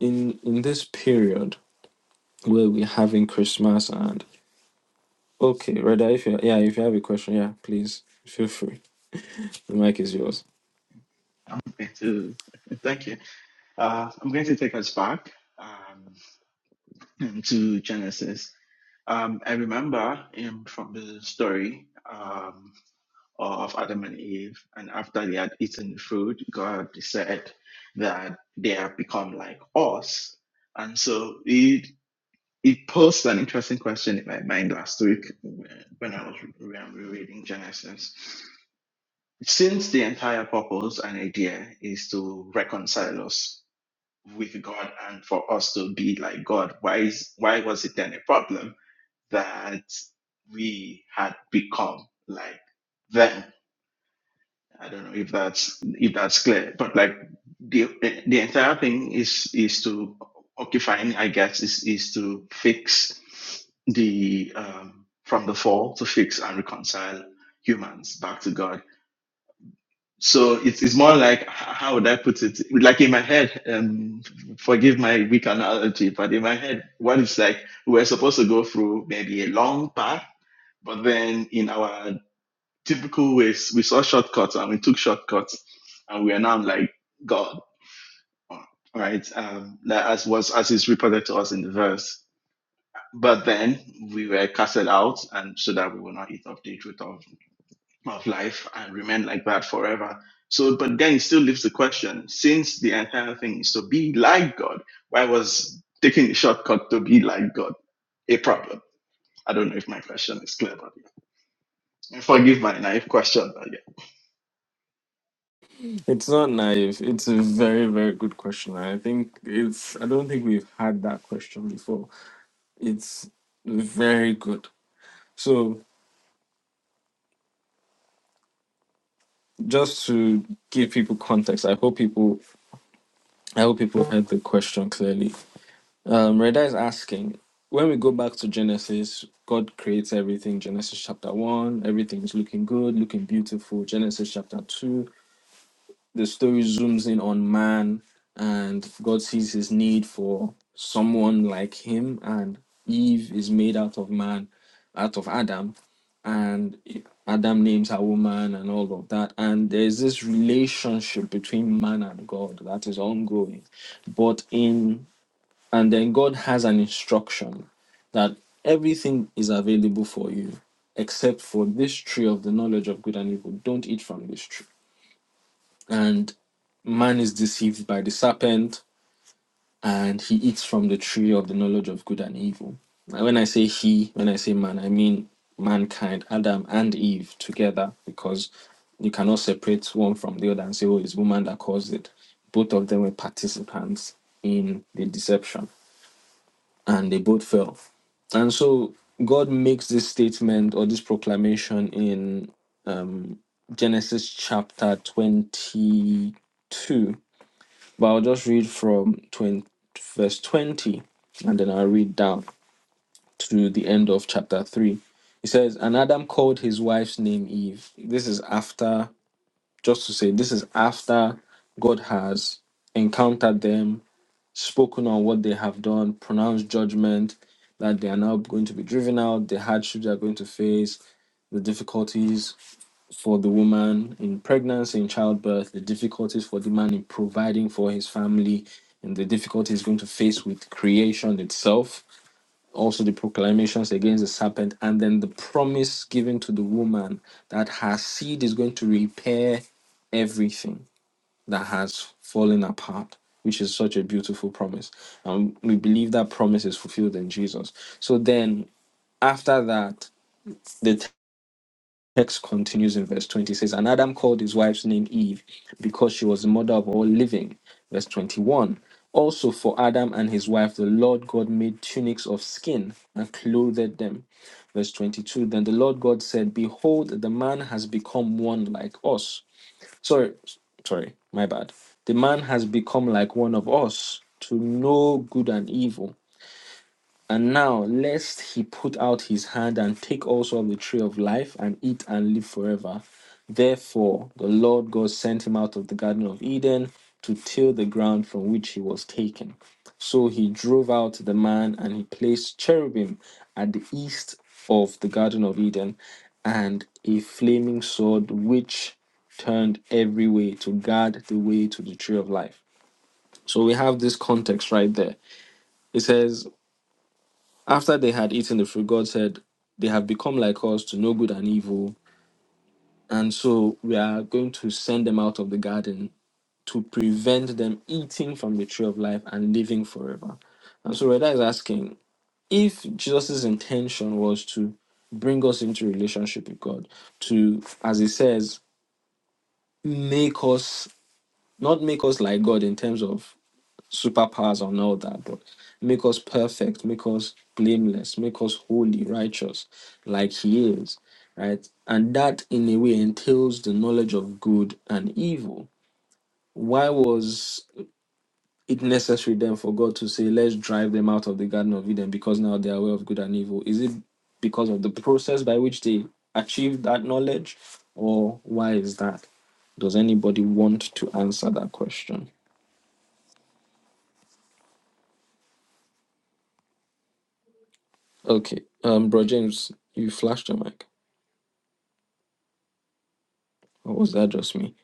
A: in in this period where we're having Christmas and okay, rather if you yeah, if you have a question, yeah, please feel free. The mic is yours. It's not naive. It's a very very good question. I think it's. I don't think we've had that question before. It's very good. So just to give people context, I hope people. I hope people heard the question clearly. Um, Reda is asking, when we go back to Genesis, God creates everything. Genesis chapter one, everything's looking good, looking beautiful. Genesis chapter two, the story zooms in on man, and God sees his need for someone like him, and Eve is made out of man, out of Adam, and Adam names her woman and all of that. And there's this relationship between man and God that is ongoing. But in and then God has an instruction that everything is available for you except for this tree of the knowledge of good and evil. Don't eat from this tree. And man is deceived by the serpent and he eats from the tree of the knowledge of good and evil. And when I say he, when I say man, I mean mankind, Adam and Eve together, because you cannot separate one from the other and say, oh, it's woman that caused it. Both of them were participants in the deception and they both fell. And so God makes this statement or this proclamation in um, Genesis chapter 22. But I'll just read from 20, verse 20 and then I'll read down to the end of chapter 3. It says, And Adam called his wife's name Eve. This is after, just to say, this is after God has encountered them spoken on what they have done, pronounced judgment, that they are now going to be driven out, the hardships they are going to face, the difficulties for the woman in pregnancy, in childbirth, the difficulties for the man in providing for his family, and the difficulties he's going to face with creation itself. Also, the proclamations against the serpent, and then the promise given to the woman that her seed is going to repair everything that has fallen apart, which is such a beautiful promise. And we believe that promise is fulfilled in Jesus. So then, after that, the text continues in verse 20 It says, And Adam called his wife's name Eve because she was the mother of all living. Verse 21 Also, for Adam and his wife, the Lord God made tunics of skin and clothed them. Verse 22 Then the Lord God said, Behold, the man has become one like us Sorry, sorry, my bad. The man has become like one of us to know good and evil. And now, lest he put out his hand and take also of the tree of life and eat and live forever. Therefore, the Lord God sent him out of the Garden of Eden to till the ground from which he was taken. So he drove out the man and he placed cherubim at the east of the Garden of Eden and a flaming sword which turned every way to guard the way to the tree of life. So we have this context right there. It says, after they had eaten the fruit, God said, They have become like us to know good and evil. And so we are going to send them out of the garden to prevent them eating from the tree of life and living forever. And so Reda is asking if Jesus' intention was to bring us into relationship with God, to, as he says, make us, not make us like God in terms of superpowers and all that, but make us perfect, make us blameless, make us holy, righteous, like He is, right? And that, in a way, entails the knowledge of good and evil. Why was it necessary then for God to say, let's drive them out of the Garden of Eden because now they are aware of good and evil? Is it because of the process by which they achieved that knowledge, or why is that? Does anybody want to answer that question? Okay, um, Bro James, you flashed your mic. Or was that just me?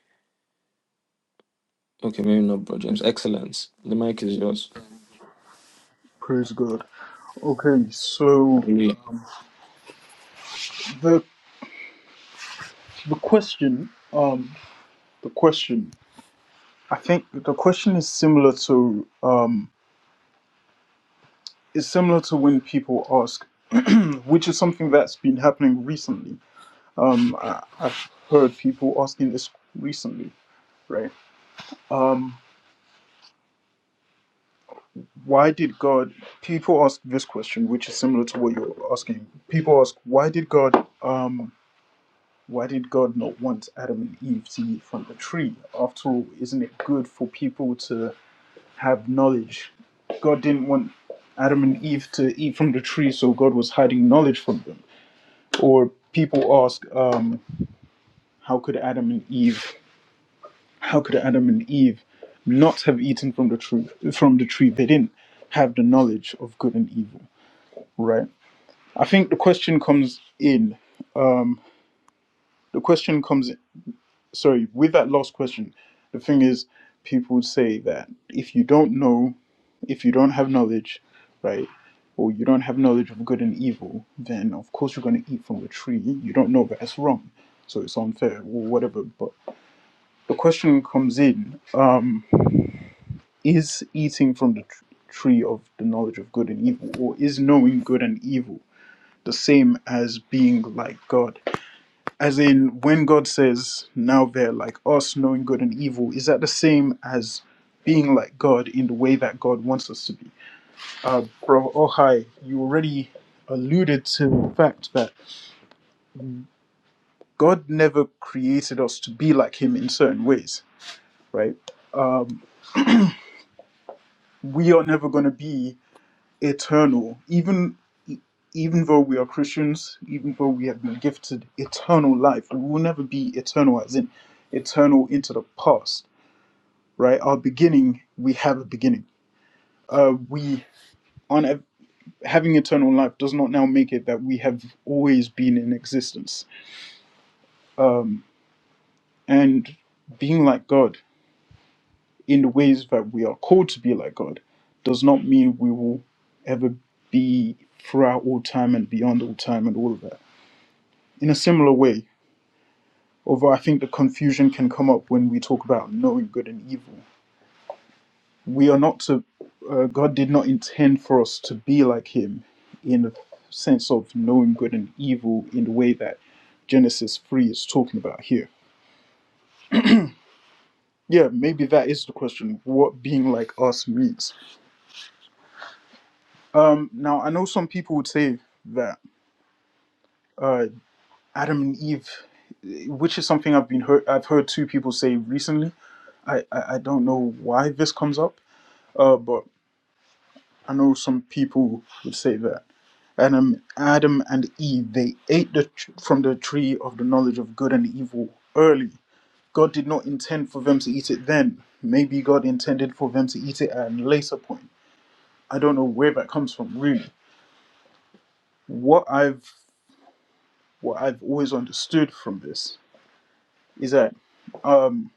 A: Okay, maybe not, Bro James. Excellence. The mic is yours.
D: Praise God. Okay, so
A: Hallelujah.
D: the the question, um, the question. I think the question is similar to um, is similar to when people ask, which is something that's been happening recently. Um, I, I've heard people asking this recently, right? Um, why did God? People ask this question, which is similar to what you're asking. People ask, why did God? Um, why did God not want Adam and Eve to eat from the tree? After all, isn't it good for people to have knowledge. God didn't want Adam and Eve to eat from the tree, so God was hiding knowledge from them. Or people ask, um, how could Adam and Eve, how could Adam and Eve not have eaten from the tree? From the tree, they didn't have the knowledge of good and evil, right? I think the question comes in. Um, the question comes. Sorry, with that last question, the thing is, people would say that if you don't know if you don't have knowledge, right, or you don't have knowledge of good and evil, then of course you're going to eat from the tree. You don't know that it's wrong, so it's unfair or whatever. But the question comes in: um, Is eating from the tr- tree of the knowledge of good and evil, or is knowing good and evil the same as being like God? As in, when God says, "Now they're like us, knowing good and evil," is that the same as being like God in the way that God wants us to be? Uh, bro, oh hi, you already alluded to the fact that God never created us to be like Him in certain ways, right? Um, we are never going to be eternal, even even though we are Christians, even though we have been gifted eternal life, we will never be eternal, as in eternal into the past, right? Our beginning, we have a beginning. Uh, we on ev- having eternal life does not now make it that we have always been in existence Um, And being like God in the ways that we are called to be like God does not mean we will ever be throughout all time and beyond all time and all of that. In a similar way, although I think the confusion can come up when we talk about knowing good and evil, we are not to, uh, God did not intend for us to be like Him in the sense of knowing good and evil in the way that Genesis 3 is talking about here. Yeah, maybe that is the question what being like us means Um, now, I know some people would say that uh, Adam and Eve, which is something I've been heard, I've heard two people say recently. I, I, I don't know why this comes up, uh, but I know some people would say that Adam, Adam and Eve, they ate the tr- from the tree of the knowledge of good and evil early. God did not intend for them to eat it then. Maybe God intended for them to eat it at a later point. I don't know where that comes from, really. What I've what I've always understood from this is that um,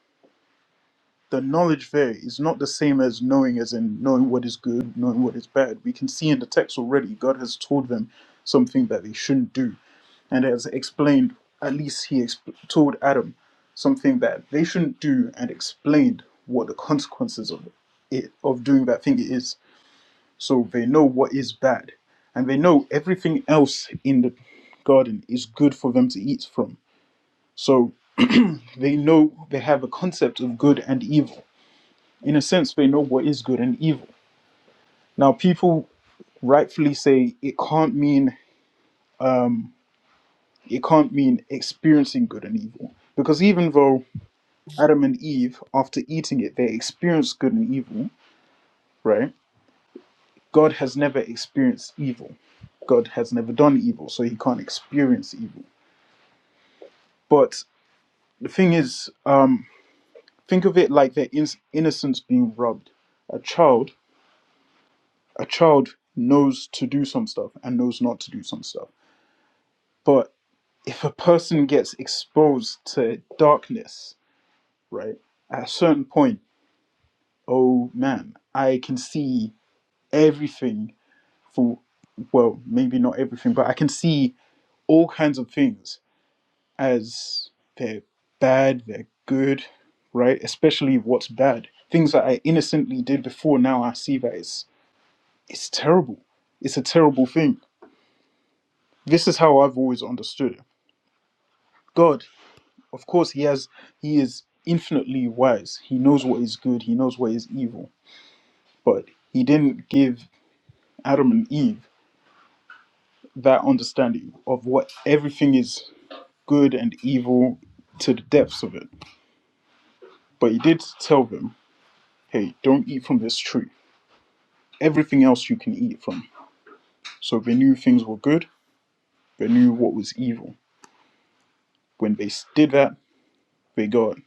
D: the knowledge there is not the same as knowing, as in knowing what is good, knowing what is bad. We can see in the text already, God has told them something that they shouldn't do, and has explained, at least He exp- told Adam something that they shouldn't do, and explained what the consequences of it of doing that thing is. So they know what is bad, and they know everything else in the garden is good for them to eat from. So they know they have a concept of good and evil in a sense, they know what is good and evil. Now, people rightfully say it can't mean um, it can't mean experiencing good and evil because even though Adam and Eve, after eating it, they experienced good and evil, right? God has never experienced evil. God has never done evil, so he can't experience evil. But the thing is, um, think of it like their in- innocence being robbed. A child, a child knows to do some stuff and knows not to do some stuff. But if a person gets exposed to darkness, right, at a certain point, oh man, I can see everything for, well, maybe not everything, but I can see all kinds of things as they're bad, they're good, right? Especially what's bad. Things that I innocently did before, now I see that it's, it's terrible. It's a terrible thing. This is how I've always understood it. God Of course, he has he is infinitely wise. He knows what is good. He knows what is evil. But he didn't give Adam and Eve that understanding of what everything is good and evil to the depths of it. But he did tell them, "Hey, don't eat from this tree. Everything else you can eat from." So they knew things were good. They knew what was evil. When they did that, they got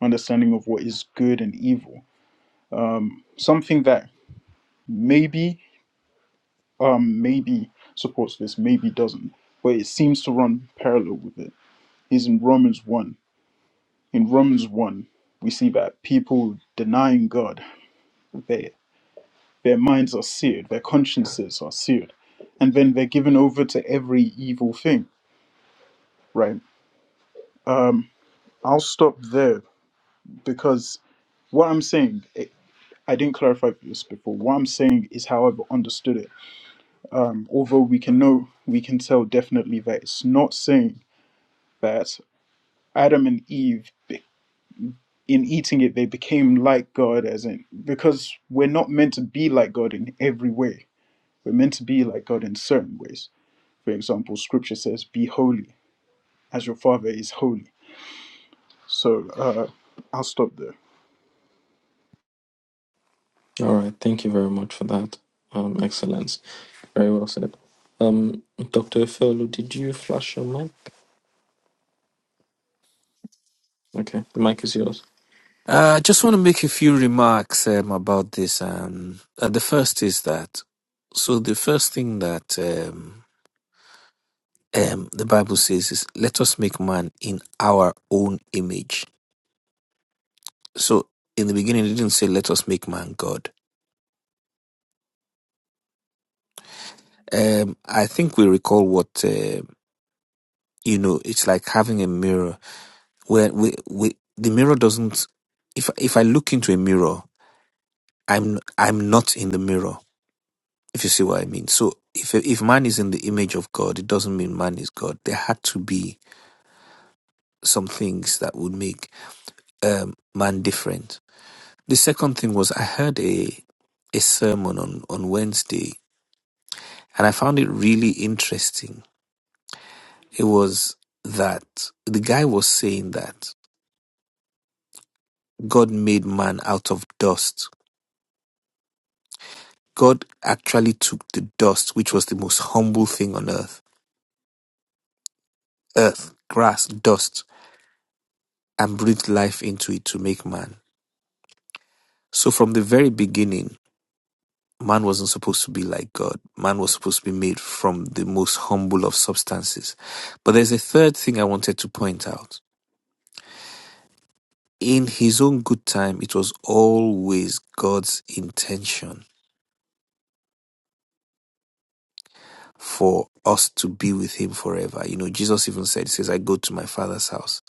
D: understanding of what is good and evil. Something that maybe um, maybe supports this, maybe doesn't, but it seems to run parallel with it. Is in Romans 1. In Romans 1, we see that people denying God, their, their minds are seared, their consciences are seared, and then they're given over to every evil thing, right? Um, I'll stop there because what I'm saying, it, I didn't clarify this before. What I'm saying is how I've understood it. Um, although we can know, we can tell definitely that it's not saying that Adam and Eve, be- in eating it, they became like God, as in, because we're not meant to be like God in every way. We're meant to be like God in certain ways. For example, scripture says, Be holy as your Father is holy. So uh, I'll stop there.
A: All right. Thank you very much for that. Um, excellence. Very well said. Um, Dr. Efeolu, did you flash your mic? Okay, the mic is yours.
F: Uh, I just want to make a few remarks um, about this. Um, uh, the first is that, so the first thing that um, um, the Bible says is, let us make man in our own image. So in the beginning, it didn't say, let us make man God. Um, I think we recall what, uh, you know, it's like having a mirror where we, we, the mirror doesn't, if, if I look into a mirror, I'm, I'm not in the mirror if you see what I mean. So if if man is in the image of God, it doesn't mean man is God. There had to be some things that would make um, man different. The second thing was I heard a a sermon on on Wednesday, and I found it really interesting. It was that the guy was saying that God made man out of dust. God actually took the dust, which was the most humble thing on earth, earth, grass, dust, and breathed life into it to make man So from the very beginning, man wasn't supposed to be like God. Man was supposed to be made from the most humble of substances. But there's a third thing I wanted to point out. In his own good time, it was always God's intention for us to be with him forever. You know, Jesus even said, He says, I go to my father's house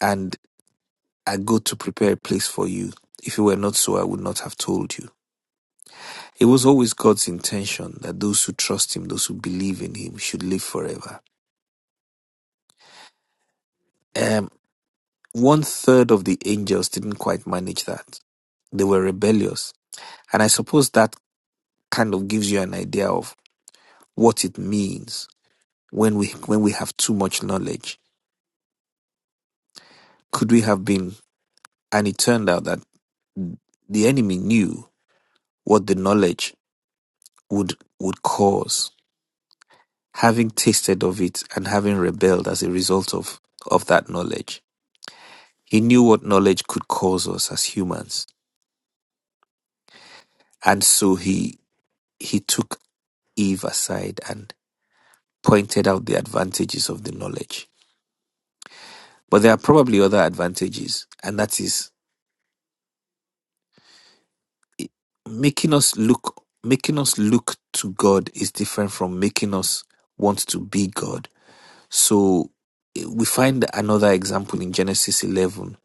F: and I go to prepare a place for you. If it were not so, I would not have told you. It was always God's intention that those who trust him, those who believe in him, should live forever. Um, one third of the angels didn't quite manage that. They were rebellious. And I suppose that kind of gives you an idea of what it means when we when we have too much knowledge. Could we have been and it turned out that the enemy knew what the knowledge would would cause, having tasted of it and having rebelled as a result of, of that knowledge. He knew what knowledge could cause us as humans. And so he he took Eve aside and pointed out the advantages of the knowledge. But there are probably other advantages, and that is making us look making us look to God is different from making us want to be God. So eh, we find another example in Genesis 11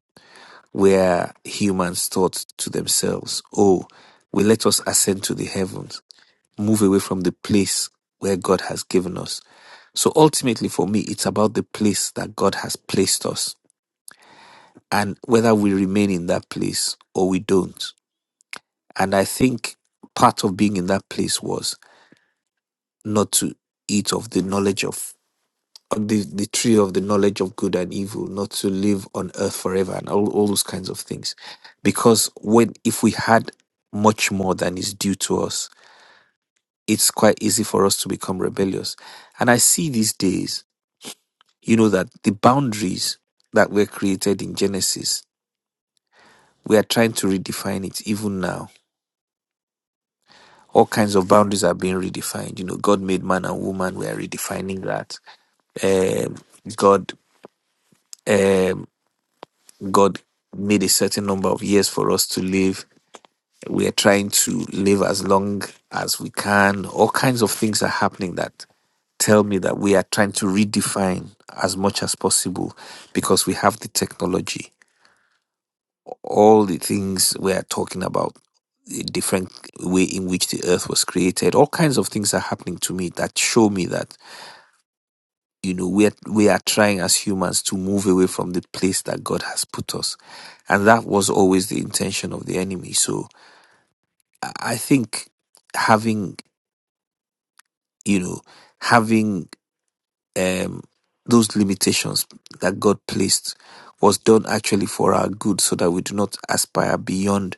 F: where humans thought to themselves, "Oh, we let us ascend to the heavens, move away from the place where God has given us." So ultimately for me, it's about the place that God has placed us and whether we remain in that place or we don't. And I think part of being in that place was not to eat of the knowledge of of the, the tree of the knowledge of good and evil, not to live on earth forever and all, all those kinds of things. Because when if we had much more than is due to us, it's quite easy for us to become rebellious. And I see these days, you know, that the boundaries that were created in Genesis, we are trying to redefine it even now all kinds of boundaries are being redefined. You know, God made man and woman. We are redefining that. Um, God, um, God made a certain number of years for us to live. We are trying to live as long as we can. All kinds of things are happening that tell me that we are trying to redefine as much as possible because we have the technology. All the things we are talking about the different way in which the earth was created all kinds of things are happening to me that show me that you know we are, we are trying as humans to move away from the place that god has put us and that was always the intention of the enemy so i I think having you know having um those limitations that god placed was done actually for our good so that we do not aspire beyond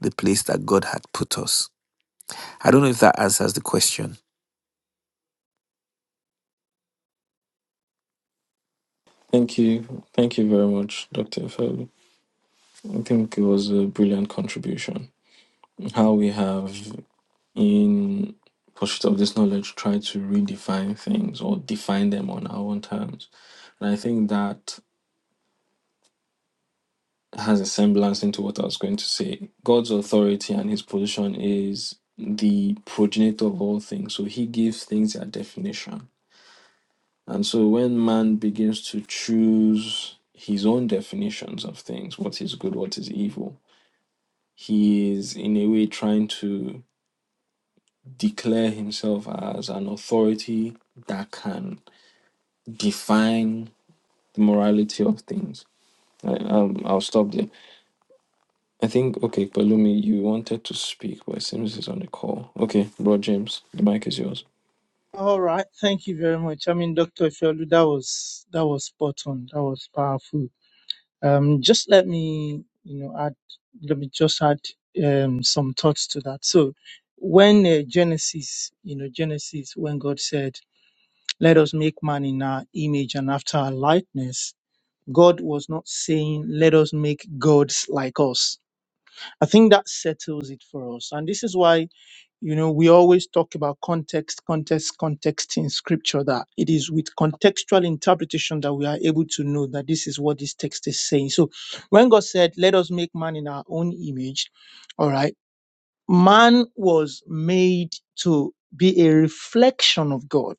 F: the place that god had put us i don't know if that answers the question
A: Thank you. Thank you very much, Dr. Efeolu. I think it was a brilliant contribution. How we have, in pursuit of this knowledge, tried to redefine things or define them on our own terms. And I think that has a semblance into what I was going to say. God's authority and his position is the progenitor of all things. So he gives things their definition. And so when man begins to choose his own definitions of things, what is good, what is evil, he is in a way trying to declare himself as an authority that can define the morality of things. I, um, I'll stop there. I think okay, Palumi, you wanted to speak, but it seems he's on the call. Okay, bro James, the mic is yours.
E: All right, thank you very much. I mean, Dr. Ifeolu, that was that was spot on. That was powerful. Um, just let me, you know, add. Let me just add um, some thoughts to that. So, when uh, Genesis, you know, Genesis, when God said, "Let us make man in our image and after our likeness," God was not saying, let us make gods like us. I think that settles it for us. And this is why, you know, we always talk about context, context, context in scripture, that it is with contextual interpretation that we are able to know that this is what this text is saying. So when God said, let us make man in our own image, all right, man was made to be a reflection of God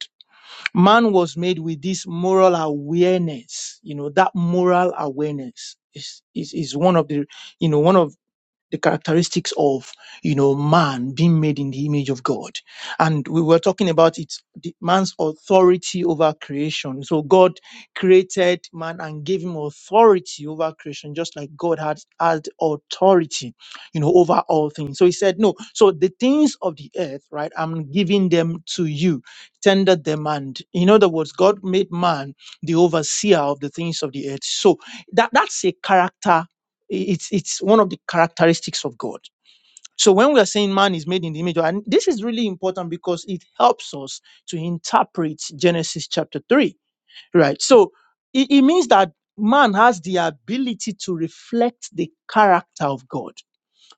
E: Man was made with this moral awareness. You know, that moral awareness is, is, is one of the, you know, one of the characteristics of you know man being made in the image of god and we were talking about it the man's authority over creation so god created man and gave him authority over creation just like god had had authority you know over all things so he said no so the things of the earth right i'm giving them to you tender them and in other words god made man the overseer of the things of the earth so that that's a character it's, it's one of the characteristics of God. So when we are saying man is made in the image, of- and this is really important because it helps us to interpret Genesis chapter 3, right? So it, it means that man has the ability to reflect the character of God.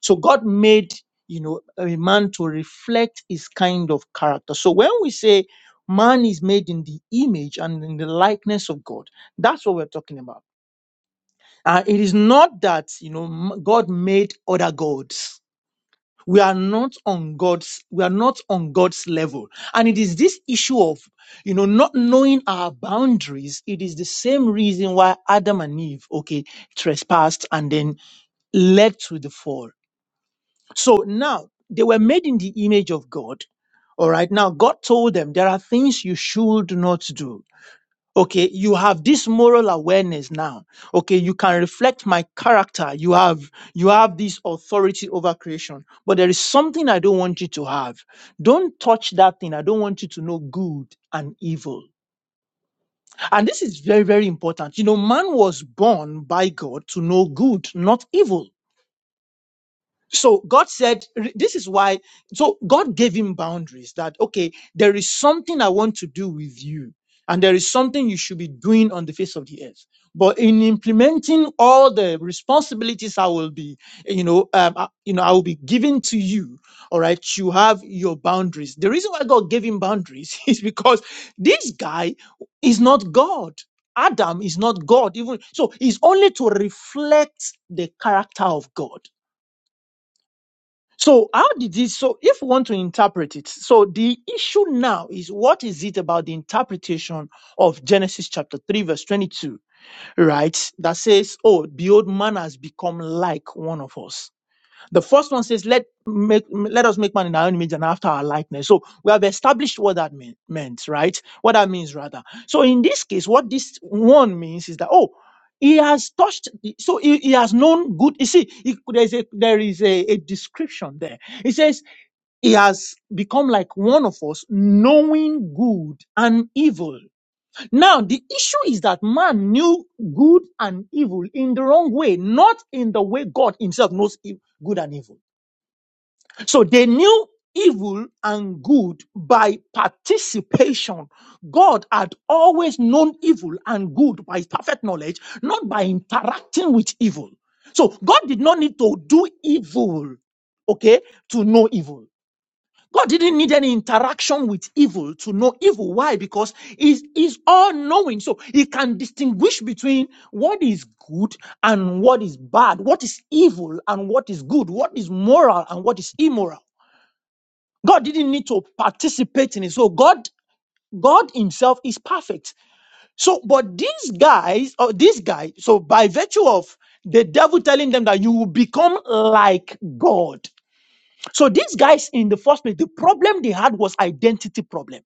E: So God made, you know, a man to reflect his kind of character. So when we say man is made in the image and in the likeness of God, that's what we're talking about. Uh, it is not that you know m- God made other gods. We are not on God's. We are not on God's level, and it is this issue of you know not knowing our boundaries. It is the same reason why Adam and Eve okay trespassed and then led to the fall. So now they were made in the image of God. All right. Now God told them there are things you should not do Okay, you have this moral awareness now. Okay, you can reflect my character. You have you have this authority over creation. But there is something I don't want you to have. Don't touch that thing. I don't want you to know good and evil. And this is very very important. You know, man was born by God to know good, not evil so God said, this is why, so God gave him boundaries that, okay, there is something I want to do with you, and there is something you should be doing on the face of the earth. But in implementing all the responsibilities I will be, you know, um, I- you know, I will be giving to you. All right, you have your boundaries. The reason why God gave him boundaries is because this guy is not God. Adam is not God, even so. it's only to reflect the character of God. So how did this, so if we want to interpret it, so the issue now is what is it about the interpretation of Genesis chapter 3 verse 22, right? That says, oh, the old man has become like one of us. The first one says, let, make, let us make man in our own image and after our likeness. So we have established what that mean, meant, right? What that means, rather. So in this case, what this one means is that, oh, he has touched, the- so he, he has known good. You see, he- there is, a, there is a, a description there. He says, he has become like one of us, knowing good and evil. Now, the issue is that man knew good and evil in the wrong way, not in the way God himself knows e- good and evil. So they knew evil and good by participation. God had always known evil and good by his perfect knowledge, not by interacting with evil. So God did not need to do evil, okay, to know evil. God didn't need any interaction with evil to know evil. Why? Because he's, he's all knowing. So he can distinguish between what is good and what is bad, what is evil and what is good, what is moral and what is immoral. God didn't need to participate in it. So God, God Himself is perfect. So, but these guys, or this guy, so by virtue of the devil telling them that you will become like God. So these guys in the first place, the problem they had was identity problem.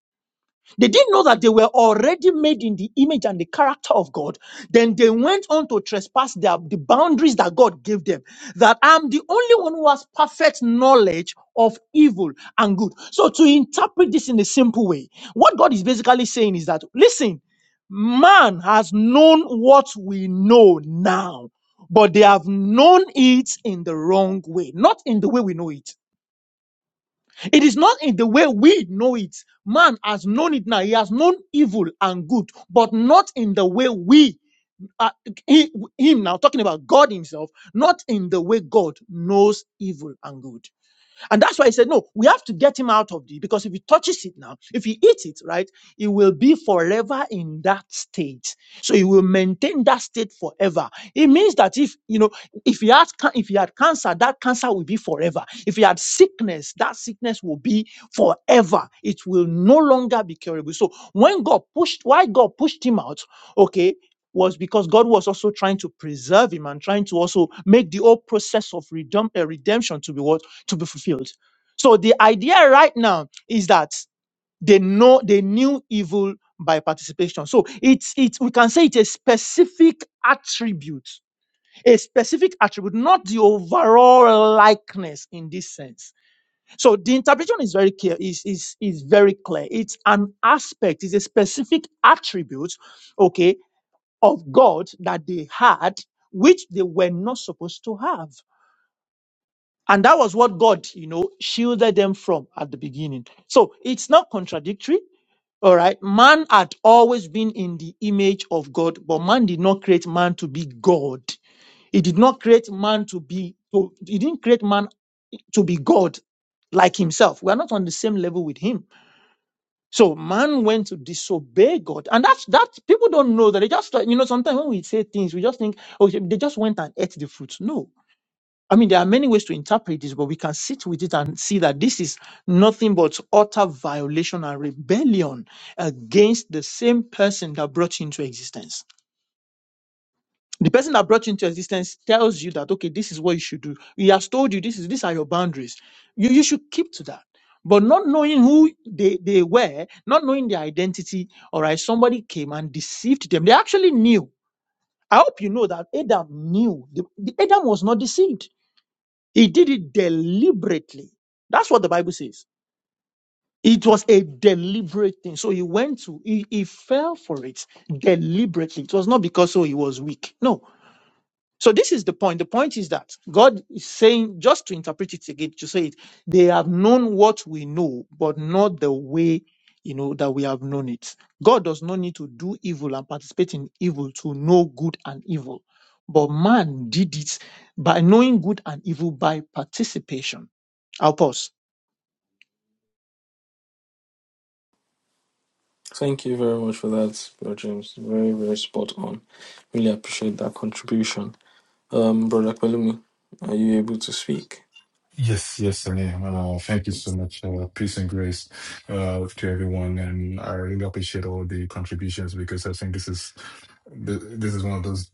E: They didn't know that they were already made in the image and the character of God. Then they went on to trespass their, the boundaries that God gave them. That I'm the only one who has perfect knowledge of evil and good. So to interpret this in a simple way, what God is basically saying is that, listen, man has known what we know now, but they have known it in the wrong way, not in the way we know it. It is not in the way we know it. Man has known it now. He has known evil and good, but not in the way we, uh, he, him now, talking about God himself, not in the way God knows evil and good. And that's why he said, no, we have to get him out of the, because if he touches it now, if he eats it, right, he will be forever in that state. So he will maintain that state forever. It means that if, you know, if he had, ca- if he had cancer, that cancer will be forever. If he had sickness, that sickness will be forever. It will no longer be curable. So when God pushed, why God pushed him out, okay, was because God was also trying to preserve him and trying to also make the whole process of redem- uh, redemption to be what? to be fulfilled. So the idea right now is that they know they knew evil by participation. So it's it's we can say it's a specific attribute, a specific attribute, not the overall likeness in this sense. So the interpretation is very clear, is is is very clear. It's an aspect, it's a specific attribute, okay, of God that they had, which they were not supposed to have. And that was what God, you know, shielded them from at the beginning. So it's not contradictory. All right. Man had always been in the image of God, but man did not create man to be God. He did not create man to be, to, he didn't create man to be God like himself. We're not on the same level with him. So man went to disobey God. And that's, that people don't know that they just, you know, sometimes when we say things, we just think, oh, they just went and ate the fruit. No I mean, there are many ways to interpret this, but we can sit with it and see that this is nothing but utter violation and rebellion against the same person that brought you into existence. The person that brought you into existence tells you that, okay, this is what you should do. He has told you this is these are your boundaries. You, you should keep to that. But not knowing who they, they were, not knowing their identity, all right, somebody came and deceived them. They actually knew. I hope you know that Adam knew. The- the- Adam was not deceived he did it deliberately. That's what the Bible says. It was a deliberate thing. So he went to, he, he fell for it deliberately. It was not because so he was weak. No, so this is the point. The point is that God is saying, just to interpret it again, to say it, they have known what we know, but not the way you know that we have known it. God does not need to do evil and participate in evil to know good and evil. But man did it by knowing good and evil by participation. I'll pause.
A: Thank you very much for that, bro James. Very, very spot on. Really appreciate that contribution. Um, brother Palumi, are you able to speak?
G: Yes, yes, I am. Uh, thank you so much. Uh, peace and grace uh, to everyone, and I really appreciate all the contributions because I think this is th- this is one of those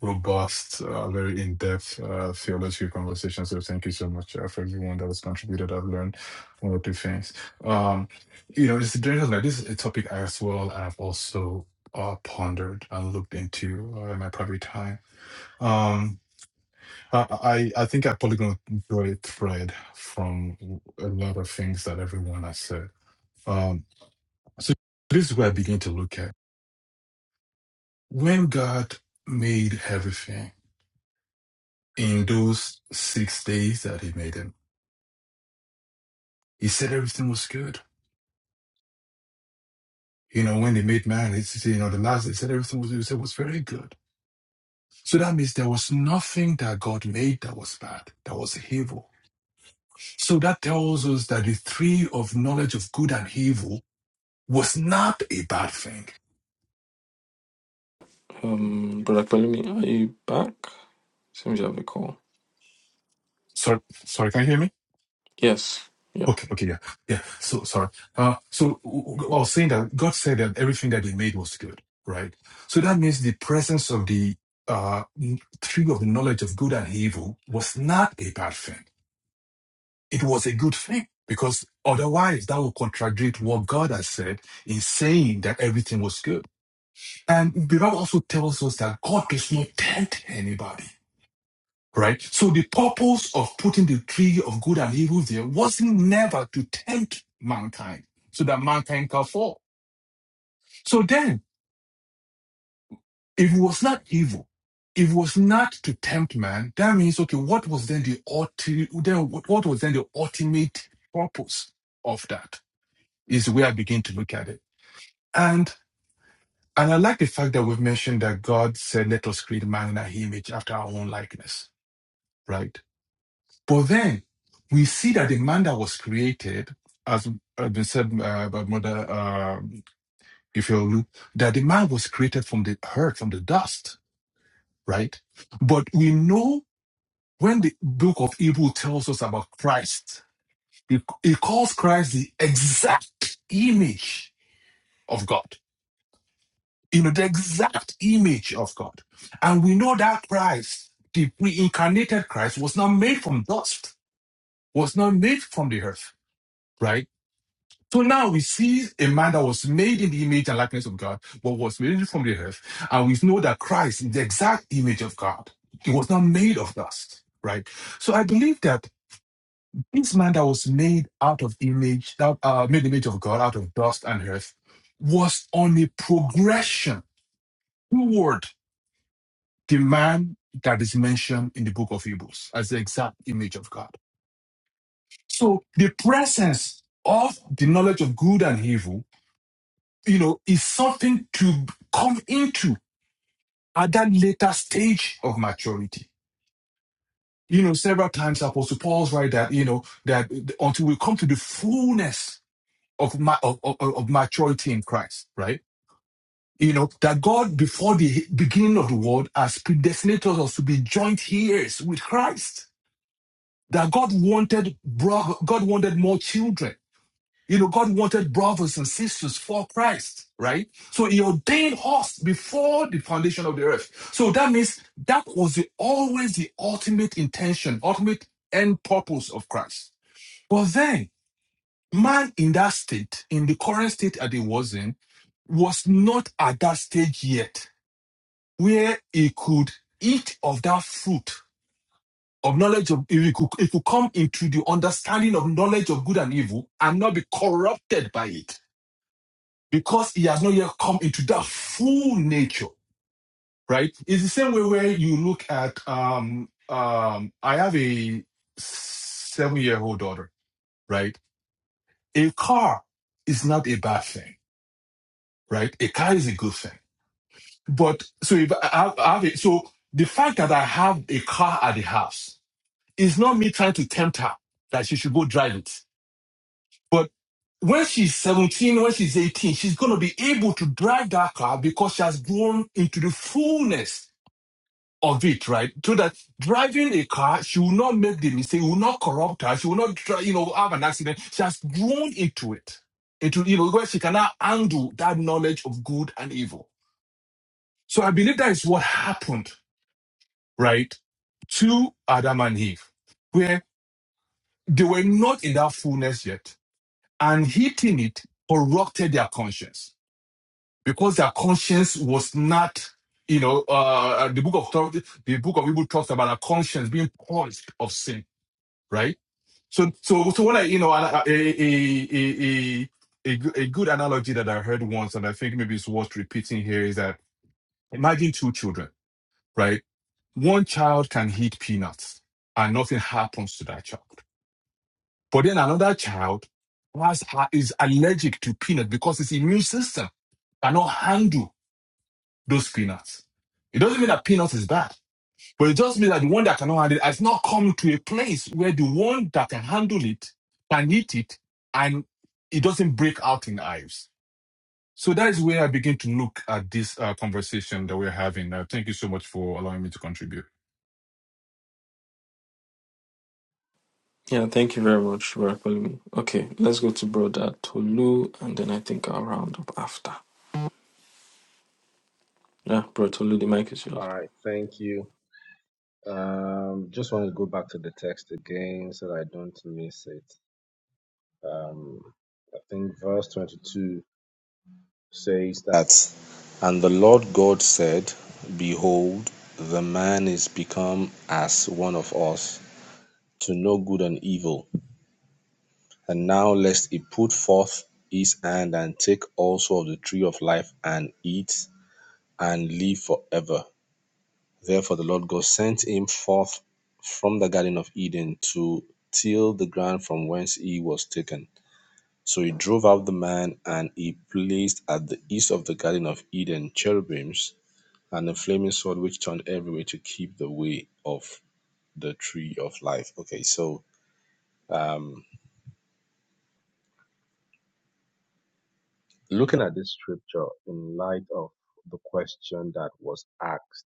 G: robust, uh, very in-depth uh, theological conversations. So thank you so much uh, for everyone that has contributed. I've learned one or two things. Um, you know, it's interesting. Like this is a topic I as well I've also uh, pondered and looked into uh, in my private time. Um, I, I I think I probably going to draw a thread from a lot of things that everyone has said. Um, so this is where I begin to look at when God made everything in those six days that He made them. He said everything was good. You know, when they made man, it's you know the last they said everything was he said was very good. So that means there was nothing that God made that was bad, that was evil. So that tells us that the tree of knowledge of good and evil was not a bad thing
A: Um, brother Palumi, are you back? Seems you have a call.
G: Sorry, sorry, can you hear me?
A: Yes. Yeah.
G: Okay, okay, yeah, yeah. So sorry. Uh, so w- w- I was saying that God said that everything that He made was good, right? So that means the presence of the uh, n- tree of the knowledge of good and evil was not a bad thing. It was a good thing because otherwise that would contradict what God has said in saying that everything was good. And the Bible also tells us that God does not tempt anybody. right? So the purpose of putting the tree of good and evil there wasn't never to tempt mankind so that mankind can fall. So then, if it was not evil, if it was not to tempt man, that means okay, what was then the ulti- then what what was then the ultimate purpose of that? Is where I begin to look at it. And and I like the fact that we've mentioned that God said, Let us create man in our image after our own likeness, right? But then we see that the man that was created, as has been said uh, by Mother uh, Ifeolu, that the man was created from the earth, from the dust, right? But we know when the book of Hebrew tells us about Christ, it, it calls Christ the exact image of God. You know, the exact image of God. And we know that Christ, the pre incarnated Christ, was not made from dust, was not made from the earth, right? So now we see a man that was made in the image and likeness of God, but was made from the earth. And we know that Christ is the exact image of God. He was not made of dust, right? So I believe that this man that was made out of image, that uh, made in the image of God out of dust and earth, was on a progression toward the man that is mentioned in the book of Hebrews as the exact image of God. So the presence of the knowledge of good and evil you know, is something to come into at that later stage of maturity. You know, several times Apostle Paul's right that, you know, that until we come to the fullness of, ma- of, of, of maturity in Christ, right? You know, that God before the beginning of the world has predestinated us to be joint heirs with Christ. That God wanted, God wanted more children You know, God wanted brothers and sisters for Christ, right? So he ordained us before the foundation of the earth. So that means that was the, always the ultimate intention, ultimate end purpose of Christ. But then man in that state, in the current state that he was in, was not at that stage yet where he could eat of that fruit of knowledge of he could, he could come into the understanding of knowledge of good and evil and not be corrupted by it. because he has not yet come into that full nature, right? It's the same way where you look at um um I have a seven year old daughter, right? A car is not a bad thing, right? A car is a good thing. But so if I have, I have a, so the fact that I have a car at the house is not me trying to tempt her that she should go drive it. But when she's 17, when she's 18, she's going to be able to drive that car because she has grown into the fullness of it, right? So that driving a car, she will not make the mistake, will not corrupt her, she will not, try, you know, have an accident. She has grown into it, into, you know, where she can now handle that knowledge of good and evil. So I believe that is what happened, right, to Adam and Eve, where they were not in that fullness yet. And hitting it corrupted their conscience because their conscience was not you know, uh, the book of Thor- the book of Hebrew talks about a conscience being purged of sin right? So, so, so what I, you know, a, a, a, a, a, good analogy that I heard once, and I think maybe it's worth repeating here is that imagine two children, right? One child can eat peanuts and nothing happens to that child. But then another child has, is allergic to peanuts because his immune system cannot handle those peanuts. It doesn't mean that peanuts is bad But it just means that the one that cannot handle it has not come to a place where the one that can handle it can eat it and it doesn't break out in hives. So that is where I begin to look at this uh, conversation that we're having. Uh, thank you so much for allowing me to contribute.
A: Yeah. Thank you very much, brother Palumi. Okay, let's go to brother Tolu, and then I think I'll round up after. Yeah, brother Tolu, the mic is yours.
C: All right, thank you. Um, just want to go back to the text again so that I don't miss it. think verse 22 says that, And the Lord God said, Behold, the man is become as one of us, to know good and evil. And now lest he put forth his hand and take also of the tree of life and eat and live forever. Therefore the Lord God sent him forth from the Garden of Eden to till the ground from whence he was taken. So he drove out the man, and he placed at the east of the Garden of Eden cherubims and a flaming sword which turned every way to keep the way of the tree of life. Okay, so looking at this scripture in light of the question that was asked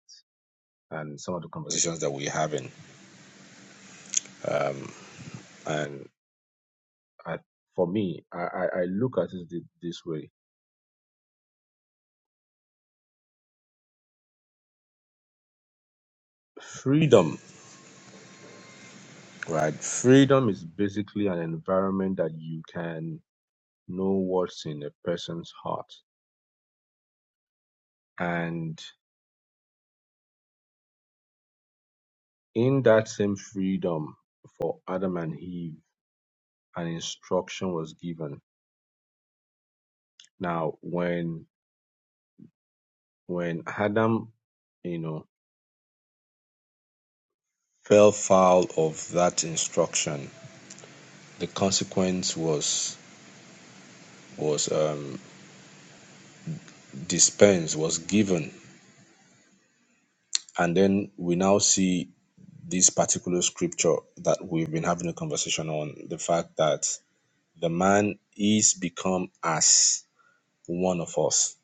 C: and some of the conversations that we're having, um, and I, for me, I, I, I look at it thi- this way freedom, right? Freedom is basically an environment that you can know what's in a person's heart. And in that same freedom for Adam and Eve, an instruction was given. Now, when when Adam, you know, fell foul of that instruction, the consequence was was um, dispensed, was given, and then we now see this particular scripture that we've been having a conversation on the fact that the man is become as one of us.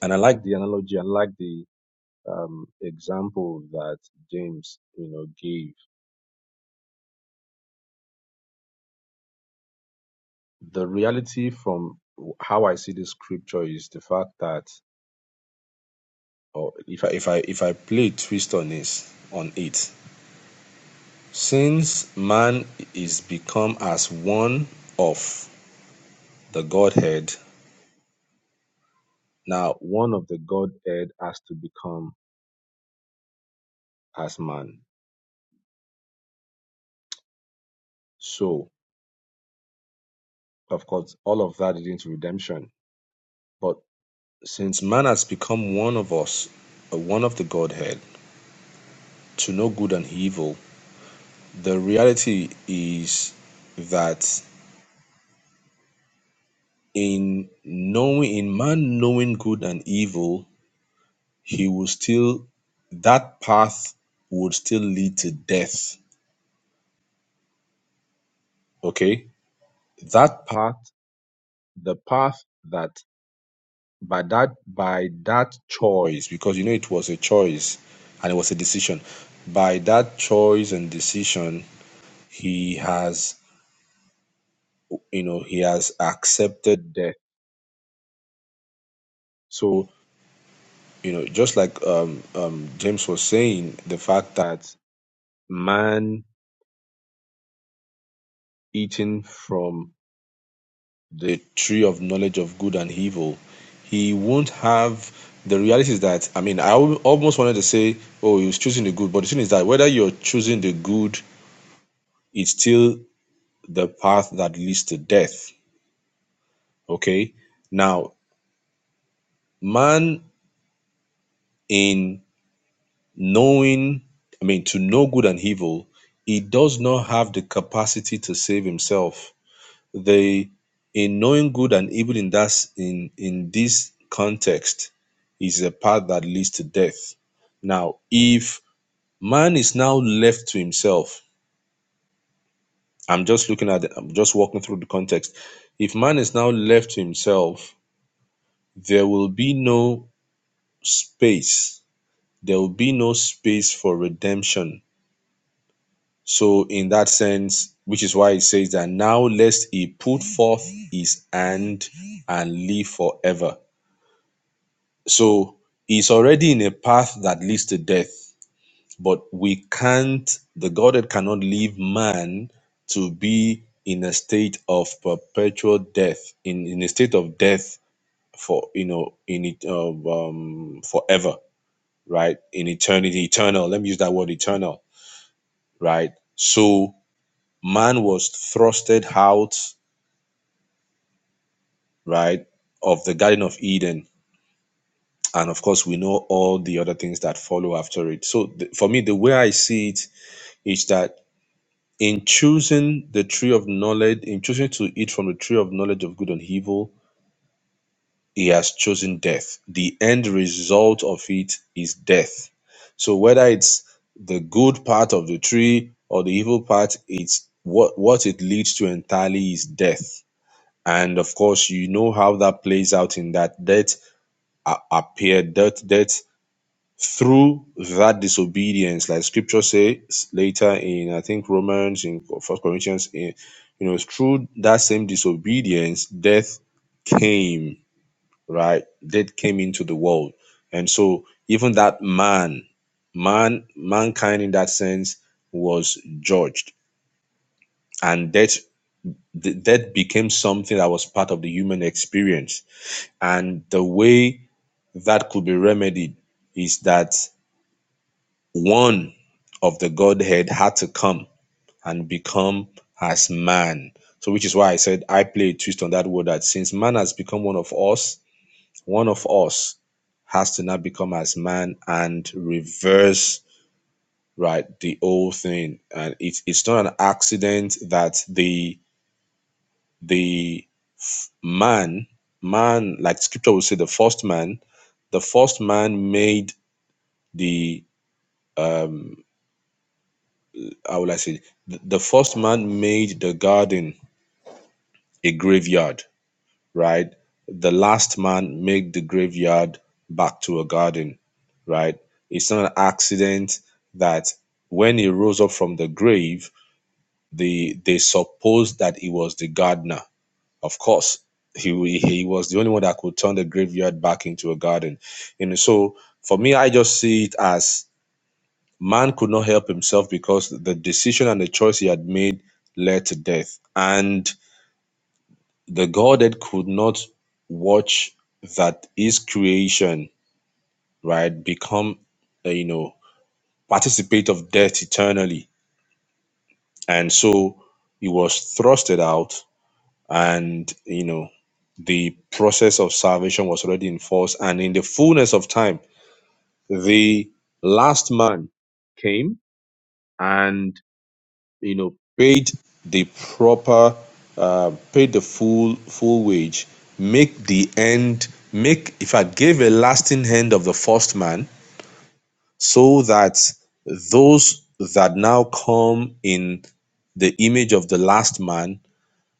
C: And I like the analogy, I like the um, example that James, you know, gave. The reality from how I see this scripture is the fact that, or if I if I if I play twist on this on it, since man is become as one of the Godhead, now one of the Godhead has to become as man. So of course, all of that leads to redemption. but. Since man has become one of us, uh, one of the Godhead, to know good and evil, the reality is that in knowing, in man knowing good and evil, he will still, that path would still lead to death. Okay? That path, the path that by that by that choice because you know it was a choice and it was a decision by that choice and decision he has you know he has accepted death so you know just like um, um james was saying the fact that man eating from the tree of knowledge of good and evil he won't have the reality is that i mean i al- almost wanted to say oh he was choosing the good but the thing is that whether you're choosing the good it's still the path that leads to death okay now man in knowing, I mean, to know good and evil, he does not have the capacity to save himself. The in knowing good and evil in that in in this context is a path that leads to death. Now, if man is now left to himself, I'm just looking at, I'm just walking through the context. If man is now left to himself, there will be no space. There will be no space for redemption So, in that sense, which is why it says that now lest he put forth his hand and live forever. So, he's already in a path that leads to death, but we can't, the Godhead cannot leave man to be in a state of perpetual death, in, in a state of death for, you know, in it, um, um, forever, right? In eternity, eternal. Let me use that word eternal, right? So, man was thrusted out right of the garden of eden and of course we know all the other things that follow after it so th- for me the way i see it is that in choosing the tree of knowledge in choosing to eat from the tree of knowledge of good and evil he has chosen death the end result of it is death so whether it's the good part of the tree or the evil part it's what what it leads to entirely is death And of course, you know how that plays out in that death a- appeared, death, death through that disobedience, like Scripture says later in I think Romans in First Corinthians, in you know, through that same disobedience, death came, right? Death came into the world, and so even that man, man, mankind in that sense was judged, and death, the, death became something that was part of the human experience And the way that could be remedied is that one of the Godhead had to come and become as man. So, which is why I said I play a twist on that word that since man has become one of us, one of us has to now become as man and reverse right the old thing. And it's it's not an accident that the the man man like scripture will say the first man the first man made the how will I say the, the first man made the garden a graveyard, right? The last man made the graveyard back to a garden, right? It's not an accident that when he rose up from the grave, the they supposed that he was the gardener. Of course, he he was the only one that could turn the graveyard back into a garden. And so for me, I just see it as Man could not help himself because the decision and the choice he had made led to death. And the Godhead could not watch that his creation, right, become, uh, you know, participate of death eternally. And so he was thrusted out, and, you know, the process of salvation was already in force. And in the fullness of time, the last man came, and. you know paid the proper uh, paid the full full wage make the end make if i gave a lasting hand of the first man so that those that now come in the image of the last man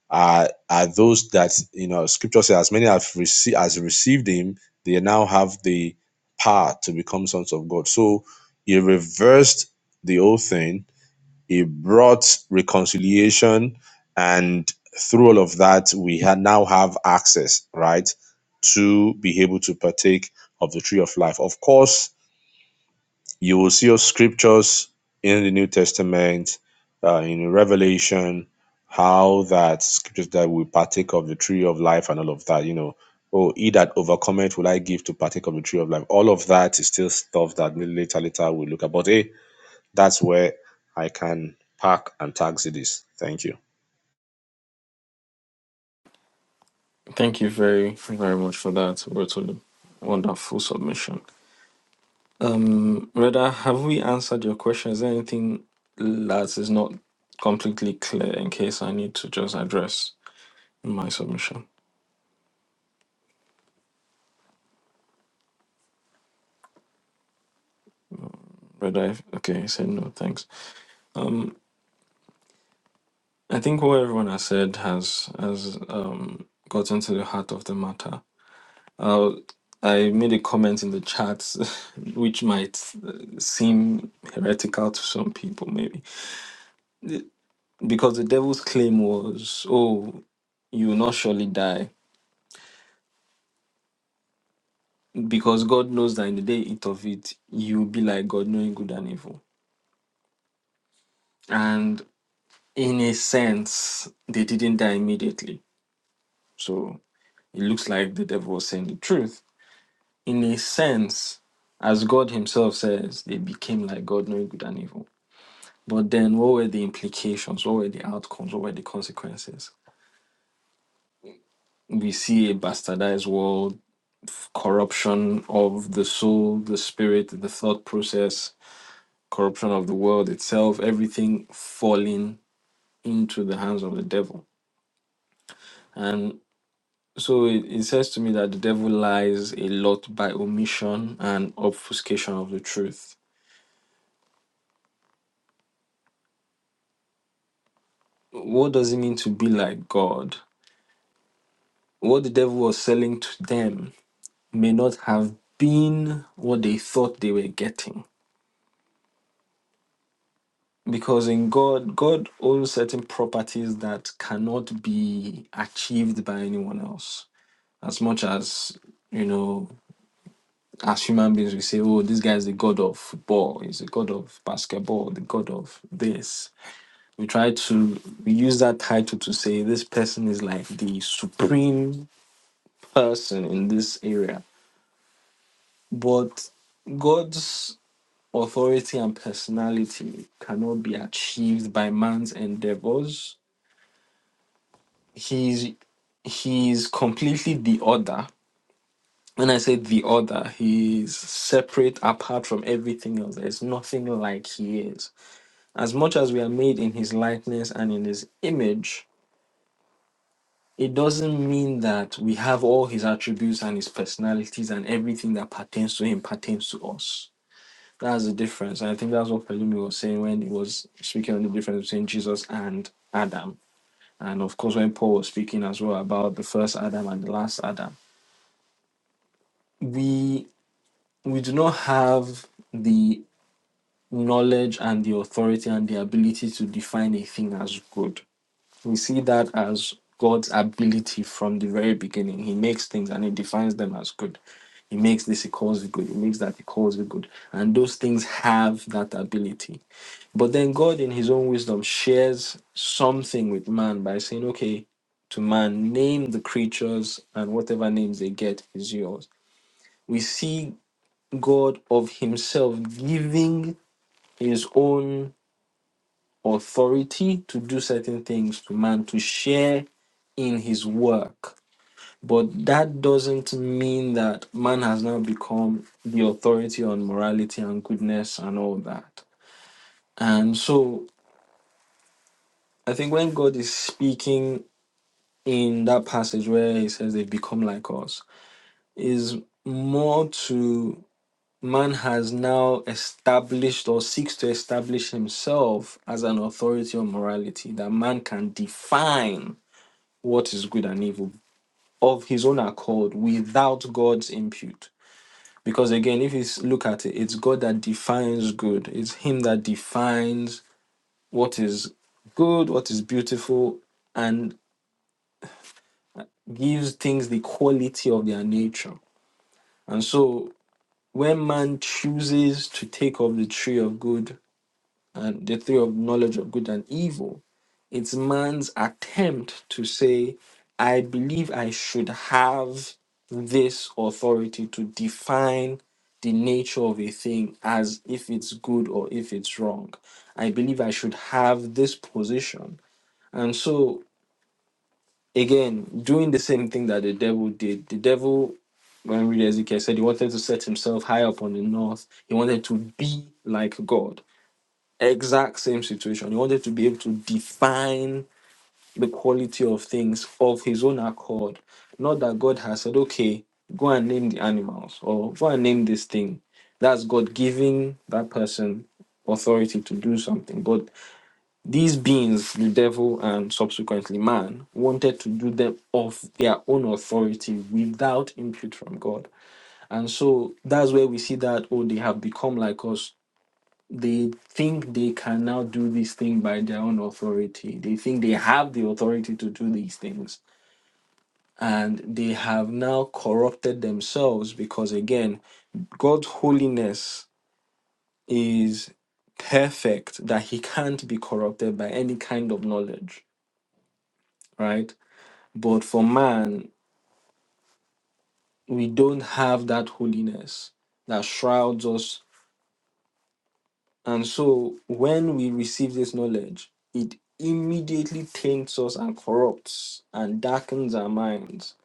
C: are are those that you know scripture says as many have received as received him they now have the power to become sons of god so he reversed the whole thing he brought reconciliation, and through all of that, we ha- now have access, right, to be able to partake of the tree of life. Of course, you will see your scriptures in the New Testament, uh, in Revelation, how that scriptures that we partake of the tree of life and all of that, you know. Oh, he that overcometh will I give to partake of the tree of life. All of that is still stuff that later, later we look at. But hey, that's where I can park and taxi this, thank you.
A: Thank you very, very much for that, Rotolu. Wonderful submission. Um, Reda, have we answered your question? Is there anything that is not completely clear in case I need to just address in my submission? Reda, if- okay, he said no, thanks. Um, I think what everyone has said has has um gotten to the heart of the matter. Uh, I made a comment in the chat which might uh, seem heretical to some people, maybe. because the devil's claim was, "Oh, you will not surely die," because God knows that in the day you eat of it, you will be like God, knowing good and evil. And in a sense, they didn't die immediately, so it looks like the devil was saying the truth. In a sense, as God Himself says, they became like God, knowing good and evil. But then, what were the implications? What were the outcomes? What were the consequences? We see a bastardized world corruption of the soul, the spirit, the thought process, corruption of the world itself, everything falling into the hands of the devil. And so it, it says to me that the devil lies a lot by omission and obfuscation of the truth. What does it mean to be like God? What the devil was selling to them may not have been what they thought they were getting because in God, God owns certain properties that cannot be achieved by anyone else. As much as, you know, as human beings, we say, oh, this guy is the God of football, he's the God of basketball, the God of this. We try to we use that title to say this person is like the supreme person in this area. But God's authority and personality cannot be achieved by man's endeavors he's he's completely the other. When I say the other, he's separate apart from everything else. There's nothing like he is. As much as we are made in his likeness and in his image, it doesn't mean that we have all his attributes and his personalities and everything that pertains to him pertains to us. That's the difference. And I think that's what Pelumi was saying when he was speaking on the difference between Jesus and Adam. And of course, when Paul was speaking as well about the first Adam and the last Adam we we do not have the knowledge and the authority and the ability to define a thing as good. We see that as God's ability from the very beginning. He makes things and he defines them as good. He makes this, he calls it good. He makes that, he calls it good. And those things have that ability. But then God, in his own wisdom, shares something with man by saying, okay, to man, name the creatures, and whatever names they get is yours. We see God of Himself giving His own authority to do certain things to man, to share in His work. But that doesn't mean that man has now become the authority on morality and goodness and all that. And so I think when God is speaking in that passage where He says they become like us, is more to man has now established or seeks to establish himself as an authority on morality, that man can define what is good and evil of his own accord without God's input. Because again, if you look at it, it's God that defines good, it's Him that defines what is good, what is beautiful, and gives things the quality of their nature. And so when man chooses to take of the tree of good and the theory of knowledge of good and evil. It's man's attempt to say, I believe I should have this authority to define the nature of a thing as if it's good or if it's wrong. I believe I should have this position. And so, again, doing the same thing that the devil did, the devil when we read Ezekiel said he wanted to set himself high up on the north. He wanted to be like God exact same situation. He wanted to be able to define the quality of things of his own accord. Not that God has said, okay, go and name the animals or go and name this thing. That's God giving that person authority to do something. But these beings, the devil and subsequently man, wanted to do them of their own authority without input from God. And so that's where we see that, oh, they have become like us they think they can now do this thing by their own authority. They think they have the authority to do these things. And they have now corrupted themselves because, again, God's holiness is perfect that he can't be corrupted by any kind of knowledge, right? But for man, we don't have that holiness that shrouds us And so when we receive this knowledge, it immediately taints us and corrupts and darkens our minds.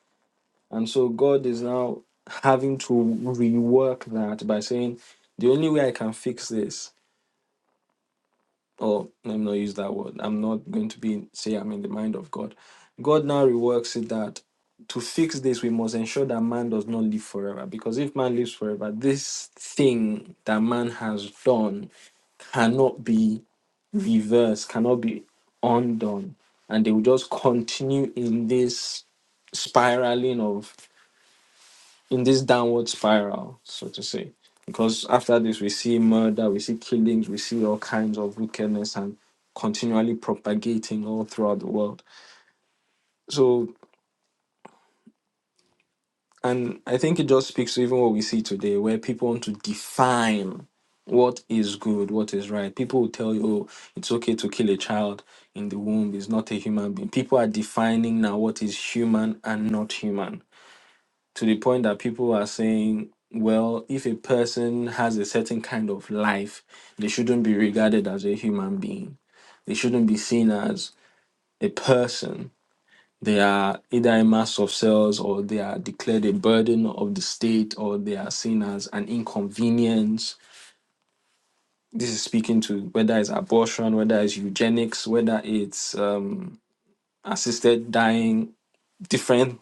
A: And so God is now having to rework that by saying, the only way I can fix this, or let me not use that word, I'm not going to be say I'm in the mind of God. God now reworks it that to fix this, we must ensure that man does not live forever. Because if man lives forever, this thing that man has done cannot be reversed, cannot be undone. And they will just continue in this spiraling of, in this downward spiral, so to say. Because after this, we see murder, we see killings, we see all kinds of wickedness and continually propagating all throughout the world. So And I think it just speaks to even what we see today, where people want to define what is good, what is right. People will tell you, oh, it's okay to kill a child in the womb, it's not a human being. People are defining now what is human and not human to the point that people are saying, well, if a person has a certain kind of life, they shouldn't be regarded as a human being, they shouldn't be seen as a person they are either a mass of cells or they are declared a burden of the state or they are seen as an inconvenience. This is speaking to whether it's abortion, whether it's eugenics, whether it's um, assisted dying, different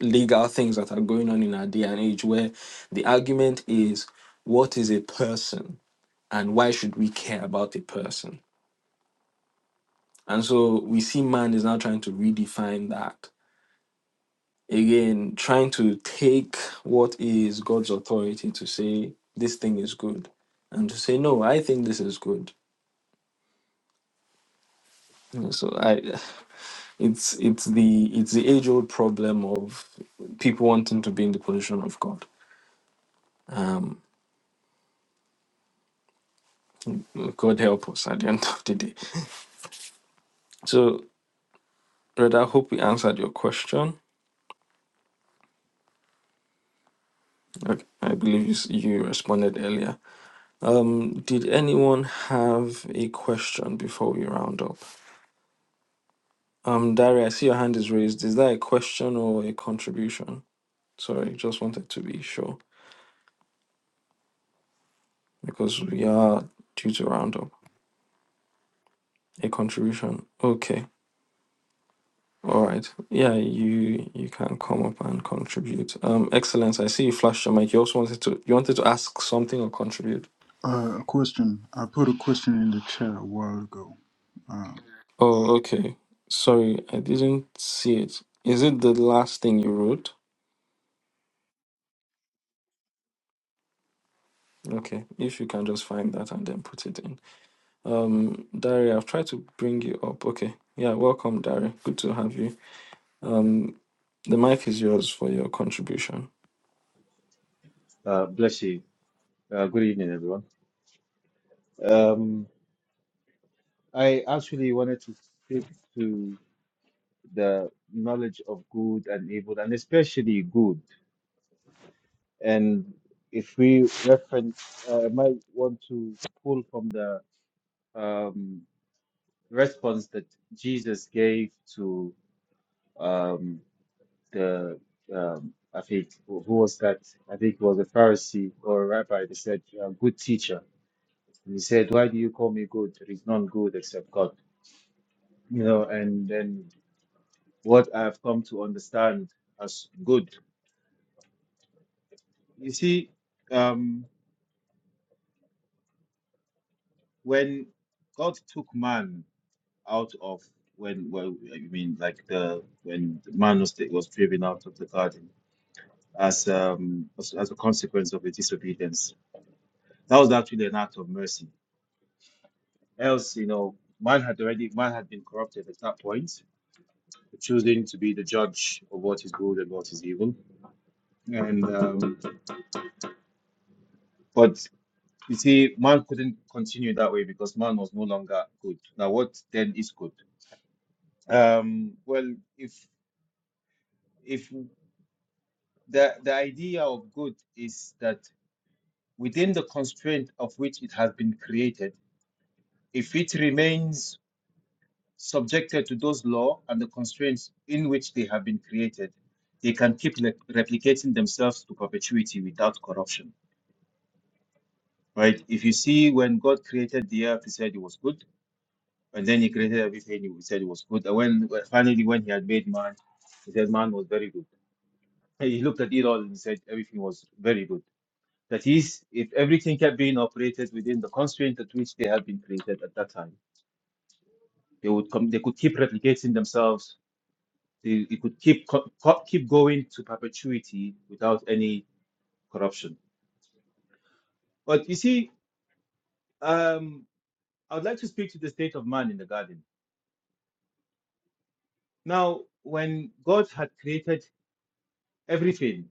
A: legal things that are going on in our day and age where the argument is what is a person and why should we care about a person? And so we see man is now trying to redefine that Again, trying to take what is God's authority to say this thing is good, and to say no, I think this is good. You So I, it's it's the it's the age old problem of people wanting to be in the position of God. God help us at the end of the day. So, Red, I hope we answered your question. Okay, I believe you, s- you responded earlier. Um, did anyone have a question before we round up? Um, Dari, I see your hand is raised. Is that a question or a contribution? Sorry, just wanted to be sure because we are due to round up. A contribution. Okay. All right. Yeah, you you can come up and contribute. Um, Excellence, I see you flashed your mic. You also wanted to you wanted to ask something or contribute.
D: Uh, a question. I put a question in the chat a while ago. Uh,
A: Oh, okay. Sorry, I didn't see it. Is it the last thing you wrote? Okay. If you can just find that and then put it in. Um, Dari, I've tried to bring you up. Okay. Yeah, welcome, Dari. Good to have you. Um, the mic is yours for your contribution.
H: Uh, bless you. Uh, good evening, everyone. Um, I actually wanted to speak to the knowledge of good and evil, and especially good. And if we reference, uh, I might want to pull from the um, response that Jesus gave to um, the, um, I think, who who was that? I think it was a Pharisee or a rabbi that said, uh, Good teacher. And he said, Why do you call me good? There is none good except God. you know, and then what I've come to understand as good. You see, um, when God took man out of when, well, I mean, like the when the man was was driven out of the garden as um as, as a consequence of his disobedience, that was actually an act of mercy. Else, you know, man had already man had been corrupted at that point, choosing to be the judge of what is good and what is evil, and um, but You see, man couldn't continue that way because man was no longer good. Now, what then is good? Um, well, if if the the idea of good is that within the constraint of which it has been created, if it remains subjected to those law and the constraints in which they have been created, they can keep le- replicating themselves to perpetuity without corruption, right? If you see when God created the earth, He said it was good And then he created everything he said it was good. And when when- finally when he had made man, he said man was very good. And He looked at it all and he said everything was very good. That is, if everything kept being operated within the constraint at which they had been created at that time, they would come. They could keep replicating themselves. They, it could keep co- co- keep going to perpetuity without any corruption. But you see, um, I would like to speak to the state of man in the garden. Now, when God had created everything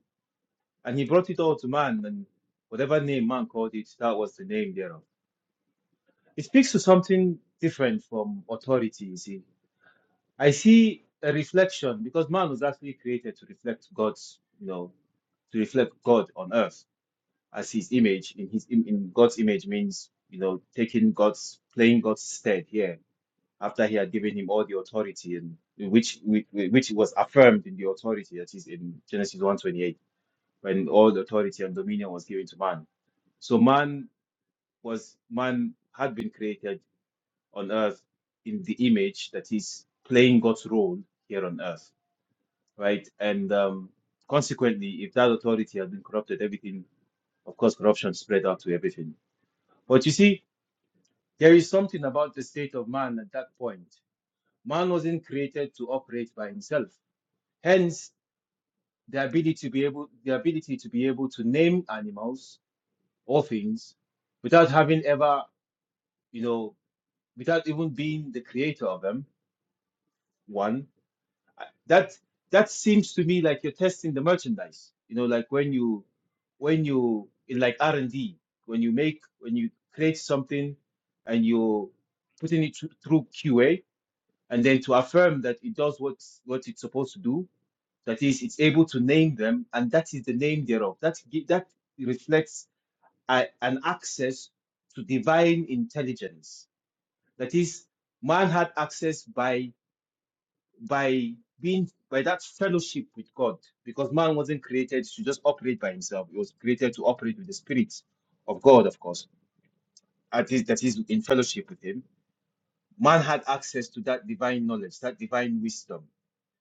H: And he brought it all to man, and whatever name man called it, that was the name thereof. It speaks to something different from authority, you see. I see a reflection because man was actually created to reflect God's, you know, to reflect God on earth as his image in his im- in God's image means you know taking God's playing God's stead here after he had given him all the authority and which which which was affirmed in the authority that is in Genesis one twenty-eight, when all the authority and dominion was given to man So man was man had been created on earth in the image that is playing God's role here on earth, right? And um, consequently, if that authority has been corrupted, everything, of course, corruption spread out to everything. But you see, there is something about the state of man at that point. Man wasn't created to operate by himself. Hence, the ability to be able, the ability to be able to name animals or things without having ever, you know, without even being the creator of them one that that seems to me like you're testing the merchandise you know like when you when you in like r&d when you make when you create something and you're putting it through through qa and then to affirm that it does what what it's supposed to do that is it's able to name them and that is the name thereof that gi- that reflects a, an access to divine intelligence that is man had access by by being by that fellowship with God, because man wasn't created to just operate by himself. He was created to operate with the Spirit of God, of course, at least that is in fellowship with Him. Man had access to that divine knowledge, that divine wisdom,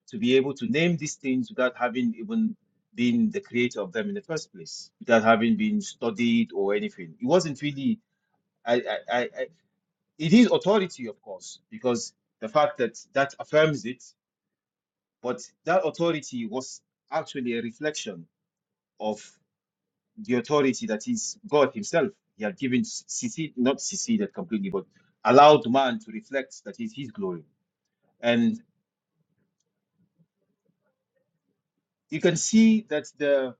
H: to be able to name these things without having even been the creator of them in the first place, without having been studied or anything. It wasn't really. I, I, I, I, it is authority, of course, because the fact that that affirms it But that authority was actually a reflection of the authority that is God Himself. He had given, seceded, not seceded completely, but allowed man to reflect that is His glory. And you can see that the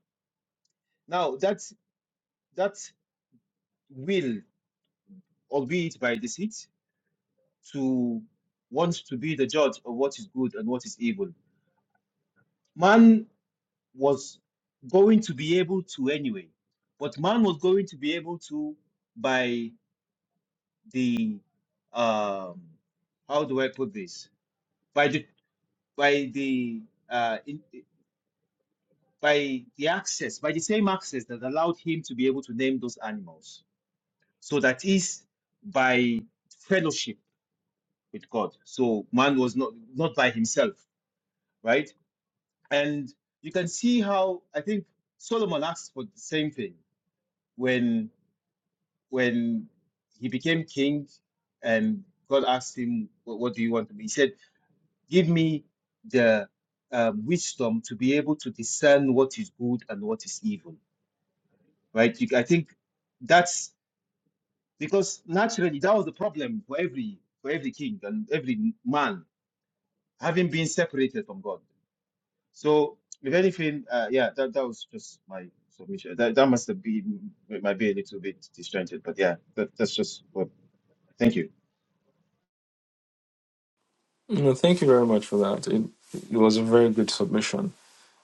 H: now that that will, albeit by deceit, to want to be the judge of what is good and what is evil. Man was going to be able to anyway, but man was going to be able to by the um how do I put this? By the by the uh in, by the access, by the same access that allowed him to be able to name those animals. So that is by fellowship with God. So man was not not by himself, right? And you can see how I think Solomon asked for the same thing when when he became king and God asked him, "What what do you want to be?" he said Give me the um, wisdom to be able to discern what is good and what is evil, right? You, I think that's because naturally that was the problem for every for every king and every man having been separated from God. So, if anything, uh, yeah, that, that was just my submission. That, that must have been, it might be a little bit disjointed, but yeah, that, that's just what. Thank you.
A: No, thank you very much for that. It, it was a very good submission,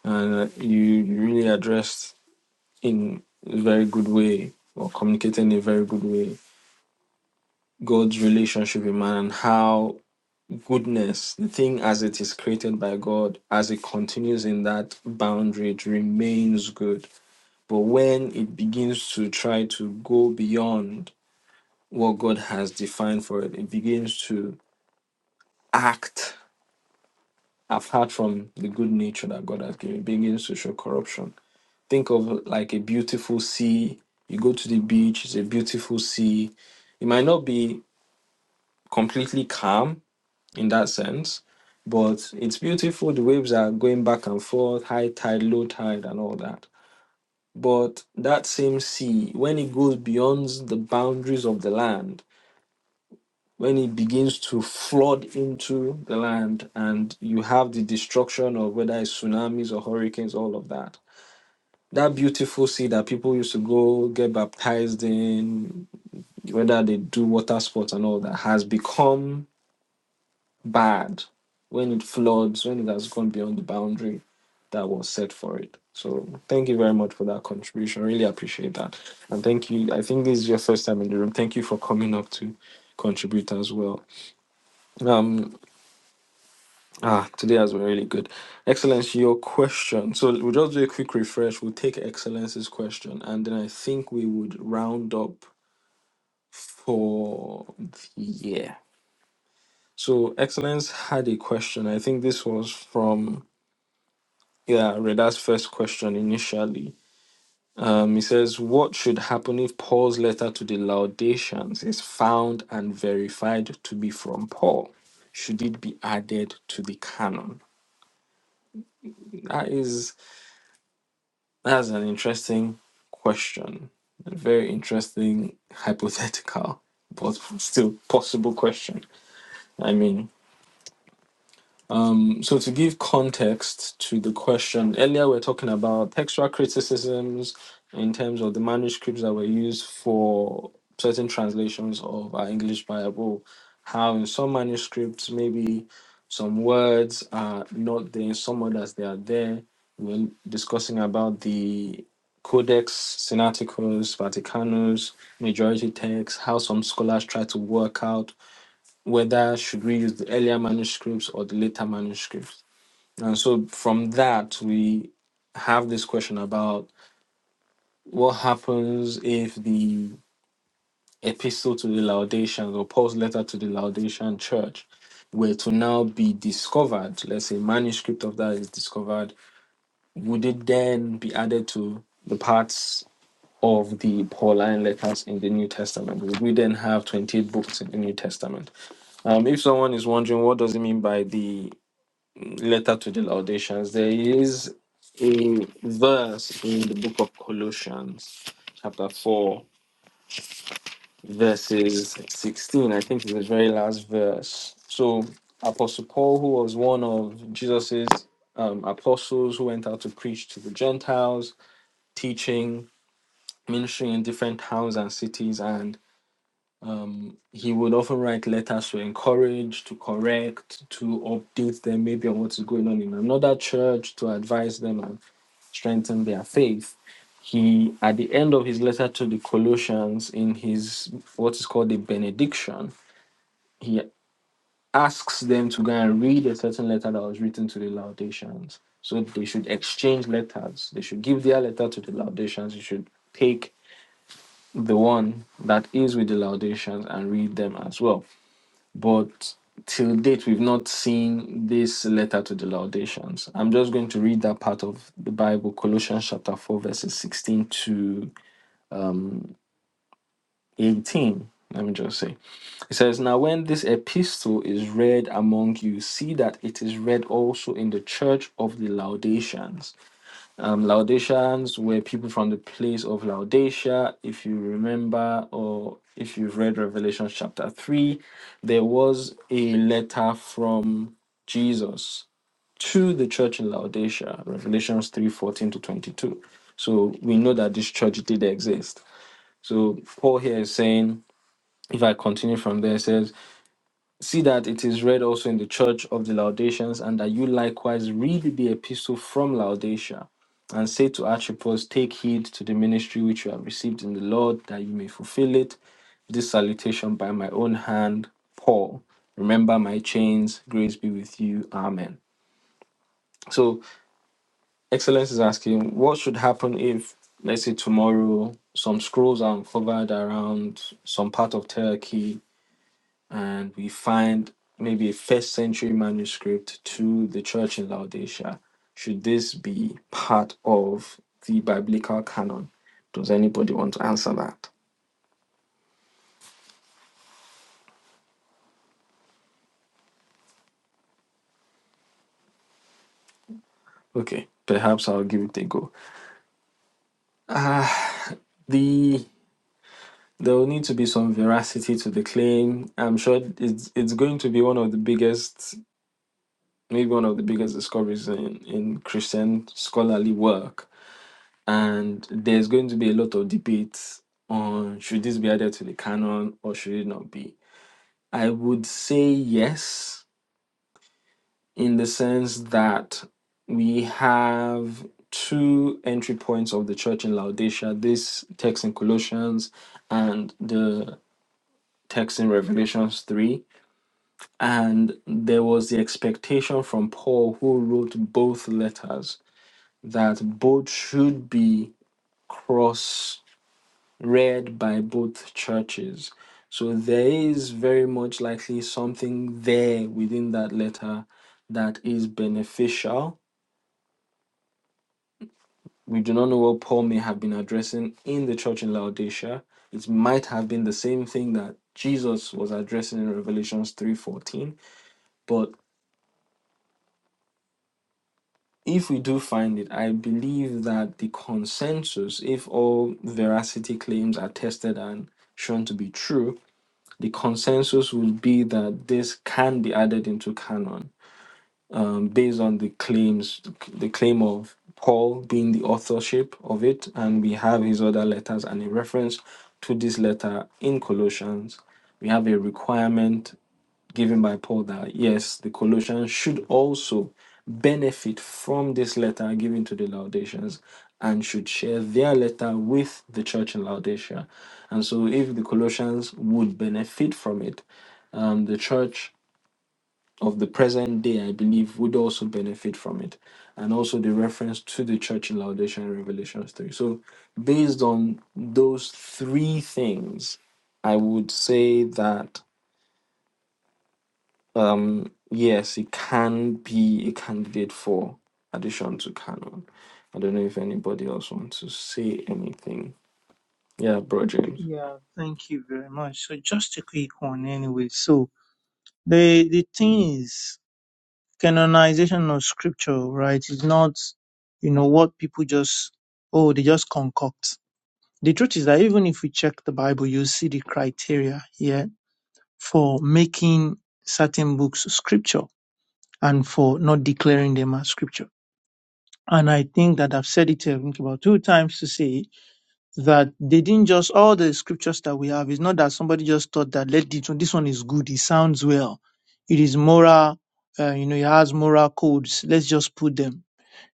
A: and uh, you you really addressed in a very good way or communicated in a very good way God's relationship with man and how goodness, the thing as it is created by God, as it continues in that boundary, it remains good But when it begins to try to go beyond what God has defined for it, it begins to act apart from the good nature that God has given, it begins to show corruption. Think of like a beautiful sea. You go to the beach, it's a beautiful sea. It might not be completely calm in that sense, but it's beautiful. The waves are going back and forth, high tide, low tide, and all that But that same sea, when it goes beyond the boundaries of the land, when it begins to flood into the land and you have the destruction of whether it's tsunamis or hurricanes, all of that, that beautiful sea that people used to go get baptized in, whether they do water sports and all that, has become bad when it floods, when it has gone beyond the boundary that was set for it. So thank you very much for that contribution. Really appreciate that. And thank you. I think this is your first time in the room. Thank you for coming up to contribute as well. Um ah today has been really good. Excellence, your question. So we'll just do a quick refresh. We'll take Excellence's question and then I think we would round up for the year. So Excellence had a question. I think this was from Yeah, Reda's first question initially. Um, he says, What should happen if Paul's letter to the Laodiceans is found and verified to be from Paul? Should it be added to the canon? That is that's an interesting question. A very interesting hypothetical, but still possible question. I mean, Um, so to give context to the question, earlier we are talking about textual criticisms in terms of the manuscripts that were used for certain translations of our English Bible, how in some manuscripts maybe some words are not there, in some others they are there. We're discussing about the Codex Sinaiticus, Vaticanus, majority texts, how some scholars try to work out whether should we use the earlier manuscripts or the later manuscripts and so from that we have this question about what happens if the epistle to the laodiceans or paul's letter to the laodicean church were to now be discovered let's say manuscript of that is discovered would it then be added to the parts of the pauline letters in the new testament would we then have 28 books in the new testament um, if someone is wondering what does it mean by the letter to the Laodiceans, there is a verse in the book of Colossians, chapter 4, verses 16. I think it's the very last verse. So, Apostle Paul, who was one of Jesus's um, apostles who went out to preach to the Gentiles, teaching, ministering in different towns and cities, and he would often write letters to encourage, to correct, to update them maybe on what's going on in another church, to advise them and strengthen their faith. He, at the end of his letter to the Colossians, in his what is called a benediction, he asks them to go and read a certain letter that was written to the Laodiceans. So they should exchange letters. They should give their letter to the Laodiceans. You should take the one that is with the Laodiceans and read them as well but till date, we've not seen this letter to the Laudations. I'm just going to read that part of the Bible, Colossians chapter 4, verses 16 to 18. Let me just say. It says, Now when this epistle is read among you, see that it is read also in the church of the Laodiceans um, Laodiceans were people from the place of Laodicea. If you remember, or if you've read Revelation chapter 3, there was a letter from Jesus to the church in Laodicea, Revelations 3 14 to 22. So we know that this church did exist. So Paul here is saying, if I continue from there, it says, See that it is read also in the church of the Laudations, and that you likewise read the epistle from Laodicea, and say to Archippus, Take heed to the ministry which you have received in the Lord, that you may fulfill it. This salutation by my own hand, Paul. Remember my chains, grace be with you. Amen. So, Excellence is asking, what should happen if, let's say, tomorrow some scrolls are uncovered around some part of Turkey and we find maybe a first century manuscript to the church in Laodicea. Should this be part of the biblical canon? Does anybody want to answer that? Okay, perhaps I'll give it a go. Ah, the there will need to be some veracity to the claim. I'm sure it's it's going to be one of the biggest, maybe one of the biggest discoveries in, in Christian scholarly work and there's going to be a lot of debate on should this be added to the canon or should it not be. I would say yes, in the sense that we have two entry points of the church in Laodicea this text in Colossians and the text in Revelations 3. And there was the expectation from Paul, who wrote both letters, that both should be cross read by both churches. So there is very much likely something there within that letter that is beneficial. We do not know what Paul may have been addressing in the church in Laodicea. It might have been the same thing that Jesus was addressing in Revelations 3:14, but if we do find it, I believe that the consensus, if all veracity claims are tested and shown to be true, the consensus would be that this can be added into canon um, based on the claims, the claim of Paul being the authorship of it, and we have his other letters and a reference to this letter in Colossians. We have a requirement given by Paul that yes, the Colossians should also benefit from this letter given to the Laodiceans and should share their letter with the church in Laodicea. And so, if the Colossians would benefit from it, um, the church of the present day, I believe, would also benefit from it. And also the reference to the church in Laodicea in Revelation 3. So, based on those three things, I would say that um, yes, it can be a candidate for addition to canon. I don't know if anybody else wants to say anything. Yeah, Bro James.
E: Yeah, thank you very much. So just a quick one anyway. So the the thing is canonization of scripture, right, is not, you know, what people just, oh, they just concoct. The truth is that even if we check the Bible, you see the criteria here for making certain books scripture and for not declaring them as scripture. And I think that I've said it I think about two times to say that they didn't just all the scriptures that we have. It's not that somebody just thought that let this one, this one is good. It sounds well. It is moral. Uh, you know, it has moral codes. Let's just put them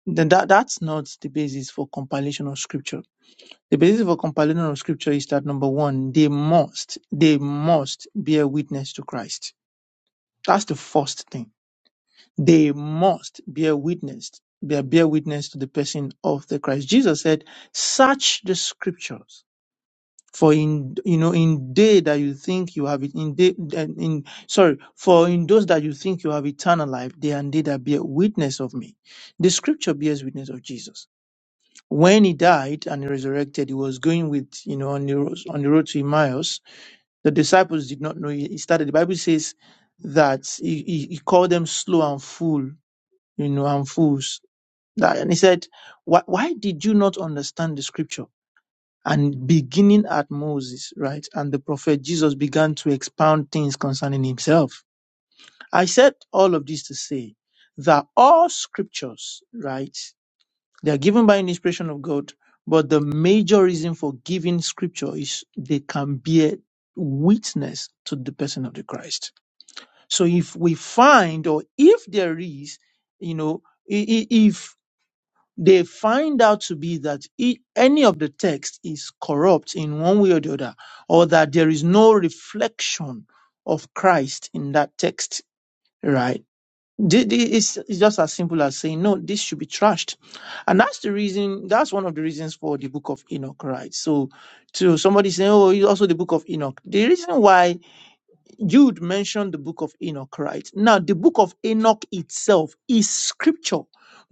E: then that, that's not the basis for compilation of scripture. The basis for compilation of scripture is that number one, they must, they must bear witness to Christ. That's the first thing. They must bear witness, bear, bear witness to the person of the Christ. Jesus said, search the scriptures. For in you know in day that you think you have it in day in, in sorry for in those that you think you have eternal life they and they that bear witness of me, the scripture bears witness of Jesus. when he died and he resurrected, he was going with, you know, on the, road- on the road to Emmaus. The disciples did not know he he started. The Bible says that he, he, he called them slow and fool, you know, and fools. That- And he said, why, why did you not understand the scripture? And beginning at Moses, right, and the prophet Jesus began to expound things concerning himself. I said all of this to say that all scriptures, right? They are given by an inspiration of God, but the major reason for giving scripture is they can bear witness to the person of the Christ. So if we find, or if there is, you know, i- i- if they find out to be that i- any of the text is corrupt in one way or the other, or that there is no reflection of Christ in that text, right? Thi- thi- It's it's just as simple as saying, no, this should be trashed. And that's the reason, that's one of the reasons for the book of Enoch, right? So, to somebody saying, oh, it's also the book of Enoch. The reason why Jude mentioned the book of Enoch, right? Now, the book of Enoch itself is scripture.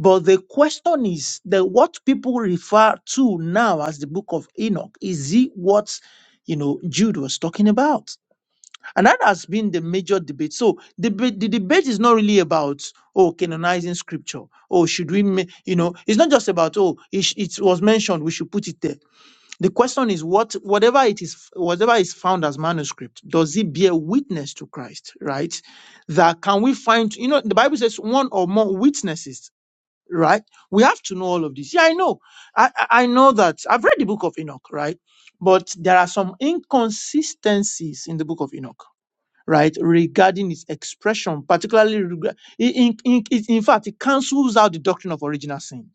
E: But the question is that what people refer to now as the book of Enoch, is it what, you know, Jude was talking about? And that has been the major debate. So the, ba- the debate is not really about, oh, canonizing scripture. Oh, should we, ma- you know, it's not just about, oh, it, sh- it was mentioned, we should put it there. The question is what, whatever it is, whatever is found as manuscript, does it bear witness to Christ, right? That can we find, you know, the Bible says one or more witnesses, right? We have to know all of this. Yeah, I know. I, I I know that. I've read the book of Enoch, right? But there are some inconsistencies in the book of Enoch right, regarding its expression, particularly reg- in, in, in, in fact, it cancels out the doctrine of original sin,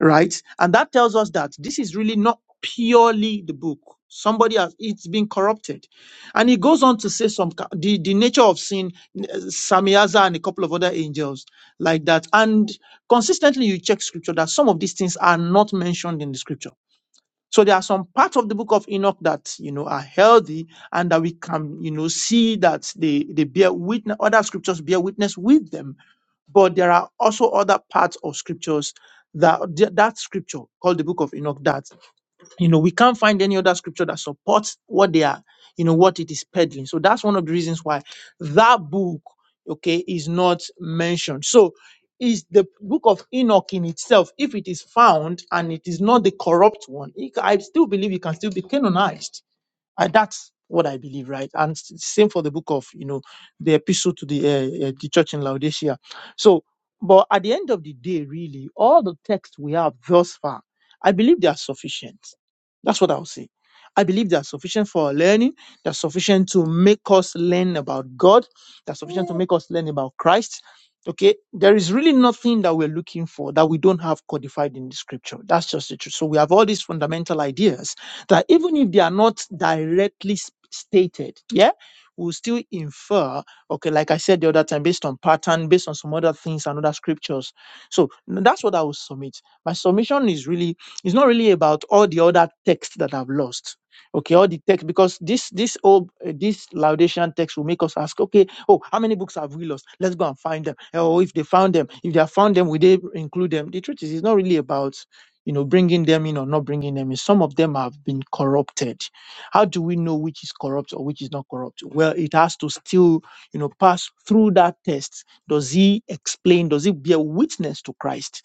E: right? And that tells us that this is really not purely the book. Somebody has it's been corrupted, and he goes on to say some ca- the, the nature of sin. uh, Samiaza and a couple of other angels like that, and consistently you check scripture that some of these things are not mentioned in the scripture so there are some parts of the book of Enoch that, you know, are healthy and that we can, you know, see that they, they bear witness, other scriptures bear witness with them. But there are also other parts of scriptures that, that scripture called the book of Enoch that you know, we can't find any other scripture that supports what they are, you know, what it is peddling. So that's one of the reasons why that book, okay, is not mentioned. So is the book of Enoch in itself, if it is found and it is not the corrupt one, it- I still believe it can still be canonized I, that's what I believe, right? And s- same for the book of, you know, the epistle to the uh, uh, the church in Laodicea. So, but at the end of the day, really, all the texts we have thus far, I believe they are sufficient. That's what i would say. I believe they are sufficient for our learning. They're sufficient to make us learn about God. They're sufficient to make us learn about Christ. Okay, there is really nothing that we're looking for that we don't have codified in the scripture. That's just the truth. So we have all these fundamental ideas that even if they are not directly s- stated, yeah, we'll still infer, okay, like I said the other time, based on pattern, based on some other things and other scriptures. So n- that's what I will submit. My submission is really, it's not really about all the other texts that I've lost. Okay, all the text because this this old uh, this Laodicean text will make us ask, okay, oh, how many books have we lost? Let's go and find them. Oh, if they found them, if they have found them, will they include them? The truth is, it's not really about you know, bringing them in or not bringing them in. Some of them have been corrupted. How do we know which is corrupt or which is not corrupt? Well, it has to still, you know, pass through that test. Does he explain? Does he bear witness to Christ?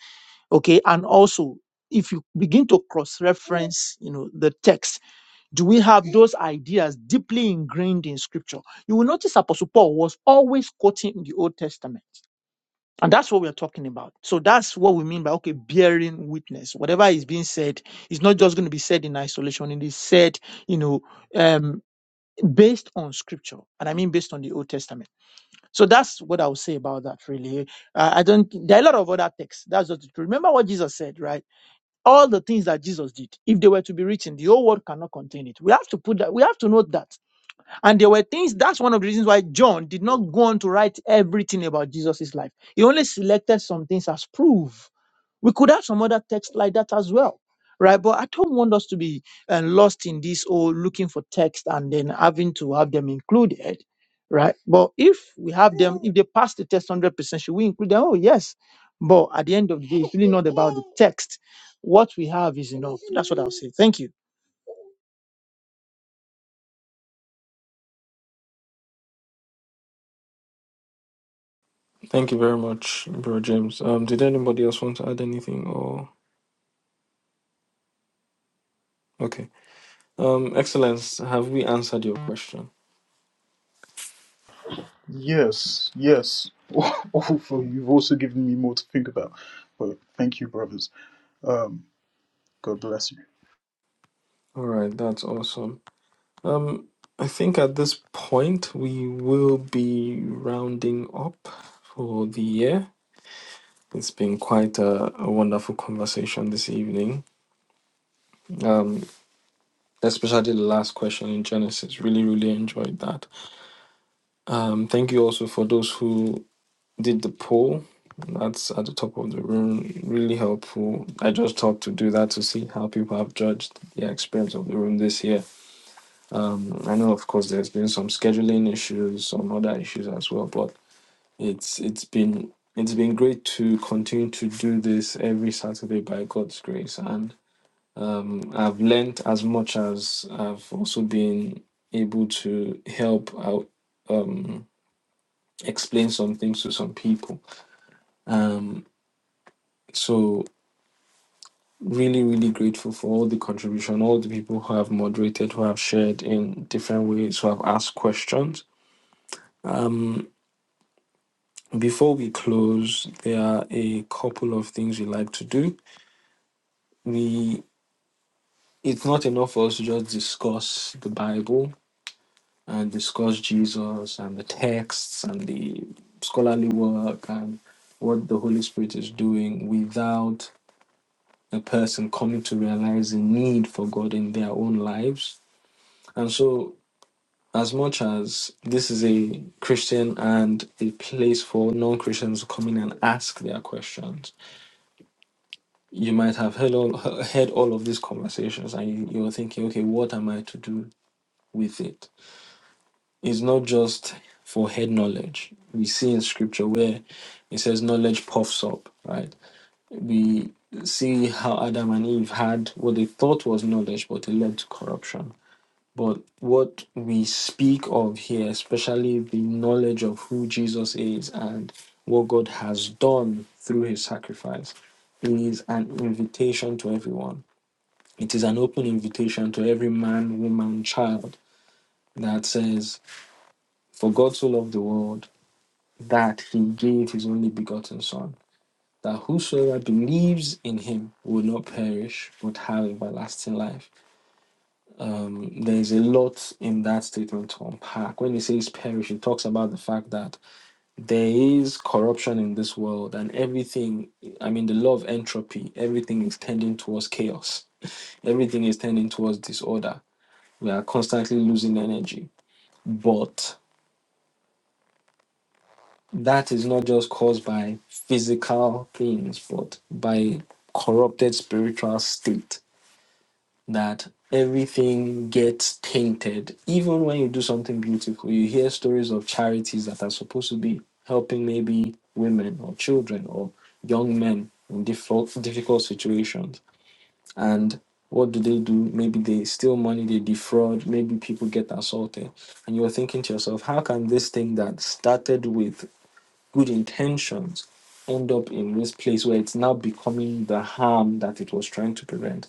E: Okay. And also, if you begin to cross-reference, you know, the text, do we have those ideas deeply ingrained in Scripture? You will notice Apostle Paul was always quoting the Old Testament. And that's what we're talking about. So that's what we mean by, okay, bearing witness. Whatever is being said is not just going to be said in isolation. It is said, you know, um, based on scripture. And I mean based on the Old Testament. So that's what I would say about that, really. Uh, I don't, there are a lot of other texts. That's just the truth. Remember what Jesus said, right? All the things that Jesus did, if they were to be written, the whole world cannot contain it. We have to put that, we have to note that. And there were things, that's one of the reasons why John did not go on to write everything about Jesus' life. He only selected some things as proof. We could have some other text like that as well, right? But I don't want us to be uh, lost in this or looking for text and then having to have them included, right? But if we have them, if they pass the test 100%, should we include them? Oh, yes. But at the end of the day, it's really not about the text. What we have is enough. That's what I'll say. Thank you.
A: Thank you very much, Bro James. Um, did anybody else want to add anything or okay. Um, Excellence, have we answered your question?
D: yes, yes. Awful. You've also given me more to think about. But thank you, brothers. Um, God bless you.
A: All right, that's awesome. Um, I think at this point we will be rounding up for the year. It's been quite a, a wonderful conversation this evening. Um, especially the last question in Genesis. Really, really enjoyed that. Um, thank you also for those who did the poll. That's at the top of the room. Really helpful. I just thought to do that to see how people have judged the experience of the room this year. Um, I know, of course, there's been some scheduling issues, some other issues as well, but it's it's been it's been great to continue to do this every Saturday by God's grace, and. Um, I've learnt as much as I've also been able to help out, um, explain some things to some people. Um, so really, really grateful for all the contribution, all the people who have moderated, who have shared in different ways, who have asked questions. Um, before we close, there are a couple of things we like to do. We it's not enough for us to just discuss the Bible and discuss Jesus and the texts and the scholarly work and what the Holy Spirit is doing without a person coming to realize the need for God in their own lives. And so, as much as this is a Christian and a place for non Christians to come in and ask their questions, you might have heard all, heard all of these conversations and you, you're thinking, okay, what am I to do with it? is not just for head knowledge. We see in scripture where it says knowledge puffs up, right? We see how Adam and Eve had what they thought was knowledge, but it led to corruption. But what we speak of here, especially the knowledge of who Jesus is and what God has done through his sacrifice, is an invitation to everyone. It is an open invitation to every man, woman, child that says, For God so loved the world that he gave his only begotten Son, that whosoever believes in him will not perish but have everlasting life. Um, there's a lot in that statement to unpack. When he says perish, he talks about the fact that there is corruption in this world and everything, I mean, the law of entropy, everything is tending towards chaos, everything is tending towards disorder. We are constantly losing energy. But that is not just caused by physical things, but by corrupted spiritual state that everything gets tainted. Even when you do something beautiful, you hear stories of charities that are supposed to be helping maybe women or children or young men in difficult, difficult situations. And what do they do? Maybe they steal money, they defraud, maybe people get assaulted. And you're thinking to yourself, how can this thing that started with good intentions end up in this place where it's now becoming the harm that it was trying to prevent.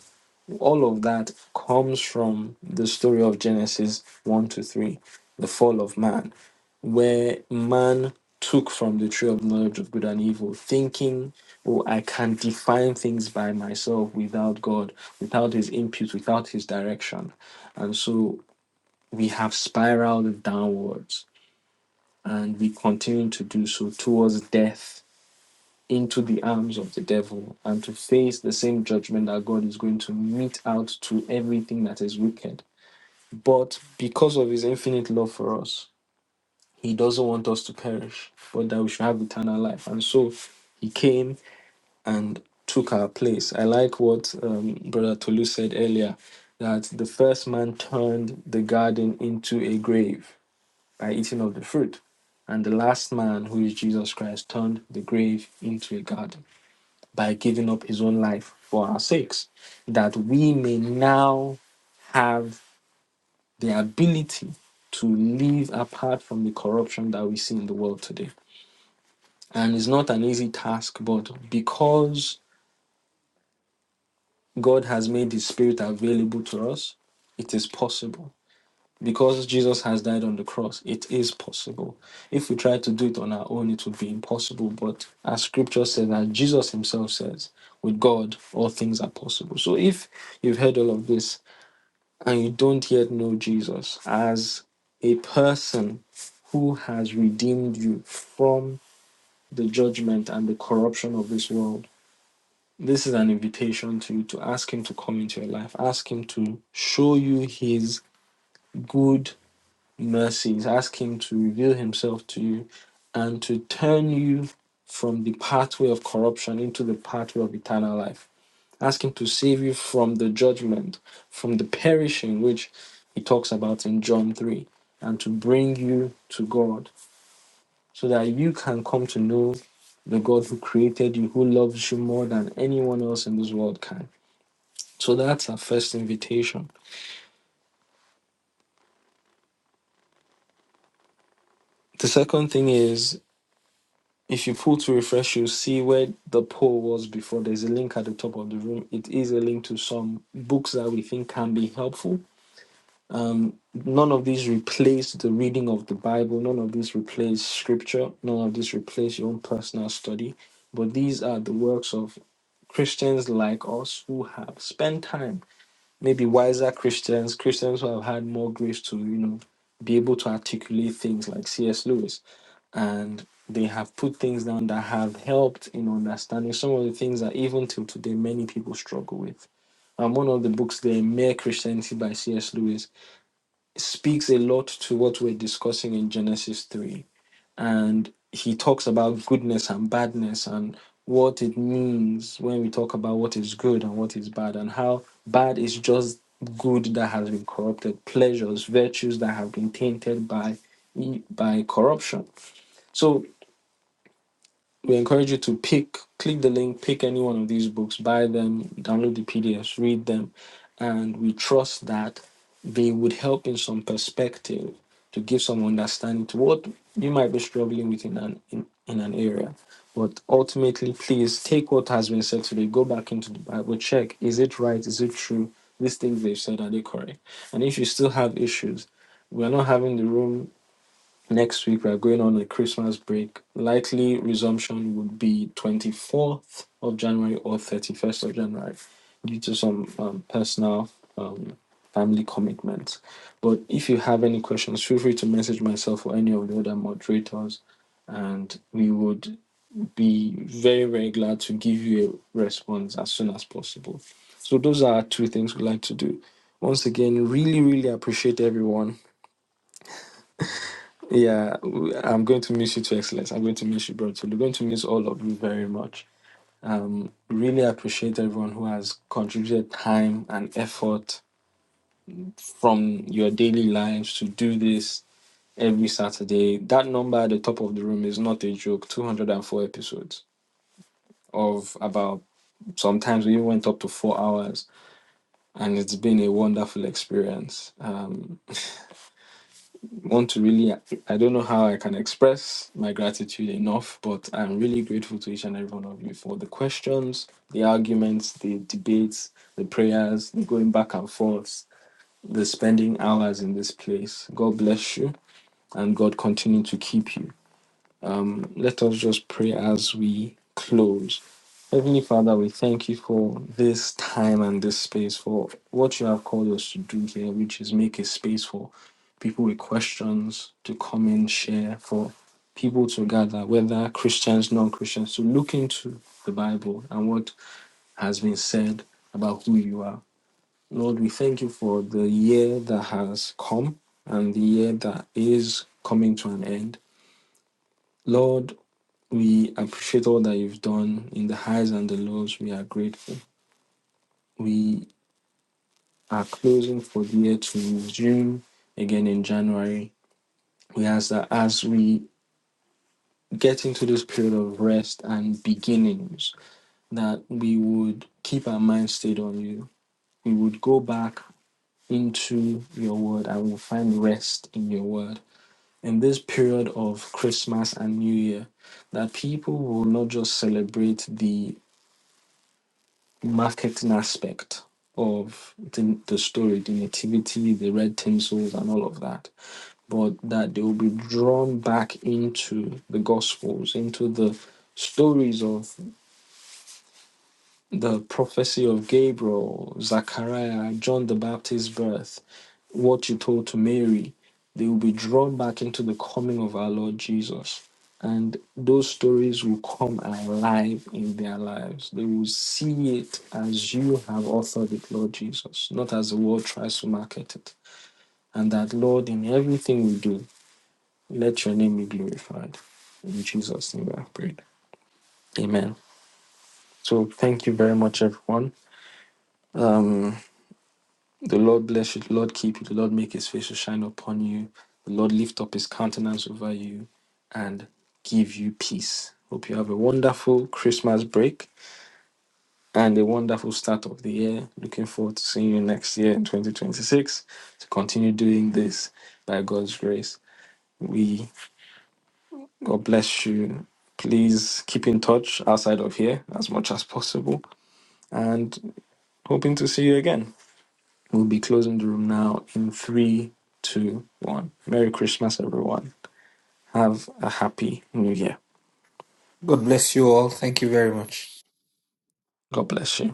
A: All of that comes from the story of Genesis 1 to 3, the fall of man, where man took from the tree of knowledge of good and evil, thinking, oh, I can define things by myself without God, without his input, without his direction. And so we have spiraled downwards and we continue to do so towards death into the arms of the devil and to face the same judgment that God is going to mete out to everything that is wicked. But because of his infinite love for us, he doesn't want us to perish, but that we should have eternal life. And so he came and took our place. I like what um, Brother Tolu said earlier that the first man turned the garden into a grave by eating of the fruit. And the last man, who is Jesus Christ, turned the grave into a garden by giving up his own life for our sakes, that we may now have the ability to live apart from the corruption that we see in the world today. And it's not an easy task, but because God has made his spirit available to us, it is possible. Because Jesus has died on the cross, it is possible. If we try to do it on our own, it would be impossible. But as scripture says, as Jesus himself says, with God, all things are possible. So if you've heard all of this and you don't yet know Jesus as a person who has redeemed you from the judgment and the corruption of this world, this is an invitation to you to ask Him to come into your life, ask Him to show you His good mercies. Ask Him to reveal Himself to you and to turn you from the pathway of corruption into the pathway of eternal life. Ask Him to save you from the judgment, from the perishing, which He talks about in John 3, and to bring you to God so that you can come to know the God who created you, who loves you more than anyone else in this world can. So that's our first invitation. The second thing is If you pull to refresh, you'll see where the poll was before. There's a link at the top of the room. It is a link to some books that we think can be helpful. Um, none of these replace the reading of the Bible. None of these replace scripture. None of these replace your own personal study. But these are the works of Christians like us who have spent time maybe wiser Christians, Christians who have had more grace to, you know, be able to articulate things like C.S. Lewis. And they have put things down that have helped in understanding some of the things that even till today many people struggle with. And one of the books there, Mere Christianity by C.S. Lewis, speaks a lot to what we're discussing in Genesis 3 and he talks about goodness and badness and what it means when we talk about what is good and what is bad and how bad is just good that has been corrupted pleasures virtues that have been tainted by by corruption so we encourage you to pick, click the link, pick any one of these books, buy them, download the PDFs, read them, and we trust that they would help in some perspective to give some understanding to what you might be struggling with in an in, in an area. But ultimately, please take what has been said today, go back into the Bible, check is it right, is it true? These things they've said, are they correct? And if you still have issues, we are not having the room Next week, we are going on a Christmas break. Likely resumption would be 24th of January or 31st of January due to some um, personal um, family commitments. But if you have any questions, feel free to message myself or any of the other moderators, and we would be very, very glad to give you a response as soon as possible. So, those are two things we like to do. Once again, really, really appreciate everyone yeah, w- I'm going to miss you to excellence. I'm going to miss you, bro. So we're going to miss all of you very much. Um, really appreciate everyone who has contributed time and effort from your daily lives to do this every Saturday. That number at the top of the room is not a joke. 204 episodes of about sometimes we even went up to four hours, and it's been a wonderful experience. Um, want to really i don't know how i can express my gratitude enough but i'm really grateful to each and every one of you for the questions the arguments the debates the prayers the going back and forth the spending hours in this place god bless you and god continue to keep you um, let us just pray as we close. Heavenly Father, we thank you for this time and this space, for what you have called us to do here, which is make a space for people with questions to come in, share, for people to gather, whether Christians, non Christians, to look into the Bible and what has been said about who you are. Lord, we thank you for the year that has come and the year that is coming to an end. Lord, we appreciate all that you've done in the highs and the lows. We are grateful. We are closing for the year to resume again in January. We ask that as we get into this period of rest and beginnings, that we would keep our mind stayed on you. We would go back into your word and we'll find rest in your word. In this period of Christmas and New Year, that people will not just celebrate the marketing aspect of the, the story, the nativity, the red tinsels, and all of that, but that they will be drawn back into the gospels, into the stories of the prophecy of Gabriel, Zachariah, John the Baptist's birth, what you told to Mary, they will be drawn back into the coming of our Lord Jesus. And those stories will come alive in their lives. They will see it as you have authored it, Lord Jesus, not as the world tries to market it. And that, Lord, in everything we do, let your name be glorified. In Jesus' name I pray. Amen. So thank you very much, everyone. Um, The Lord bless you. The Lord keep you. The Lord make his face to shine upon you. The Lord lift up his countenance over you and give you peace. Hope you have a wonderful Christmas break and a wonderful start of the year. Looking forward to seeing you next year in 2026 to continue doing this by God's grace. We, God bless you. Please keep in touch outside of here as much as possible and hoping to see you again. We'll be closing the room now in three, two, one. Merry Christmas, everyone. Have a happy new year.
F: God bless you all. Thank you very much.
A: God bless you.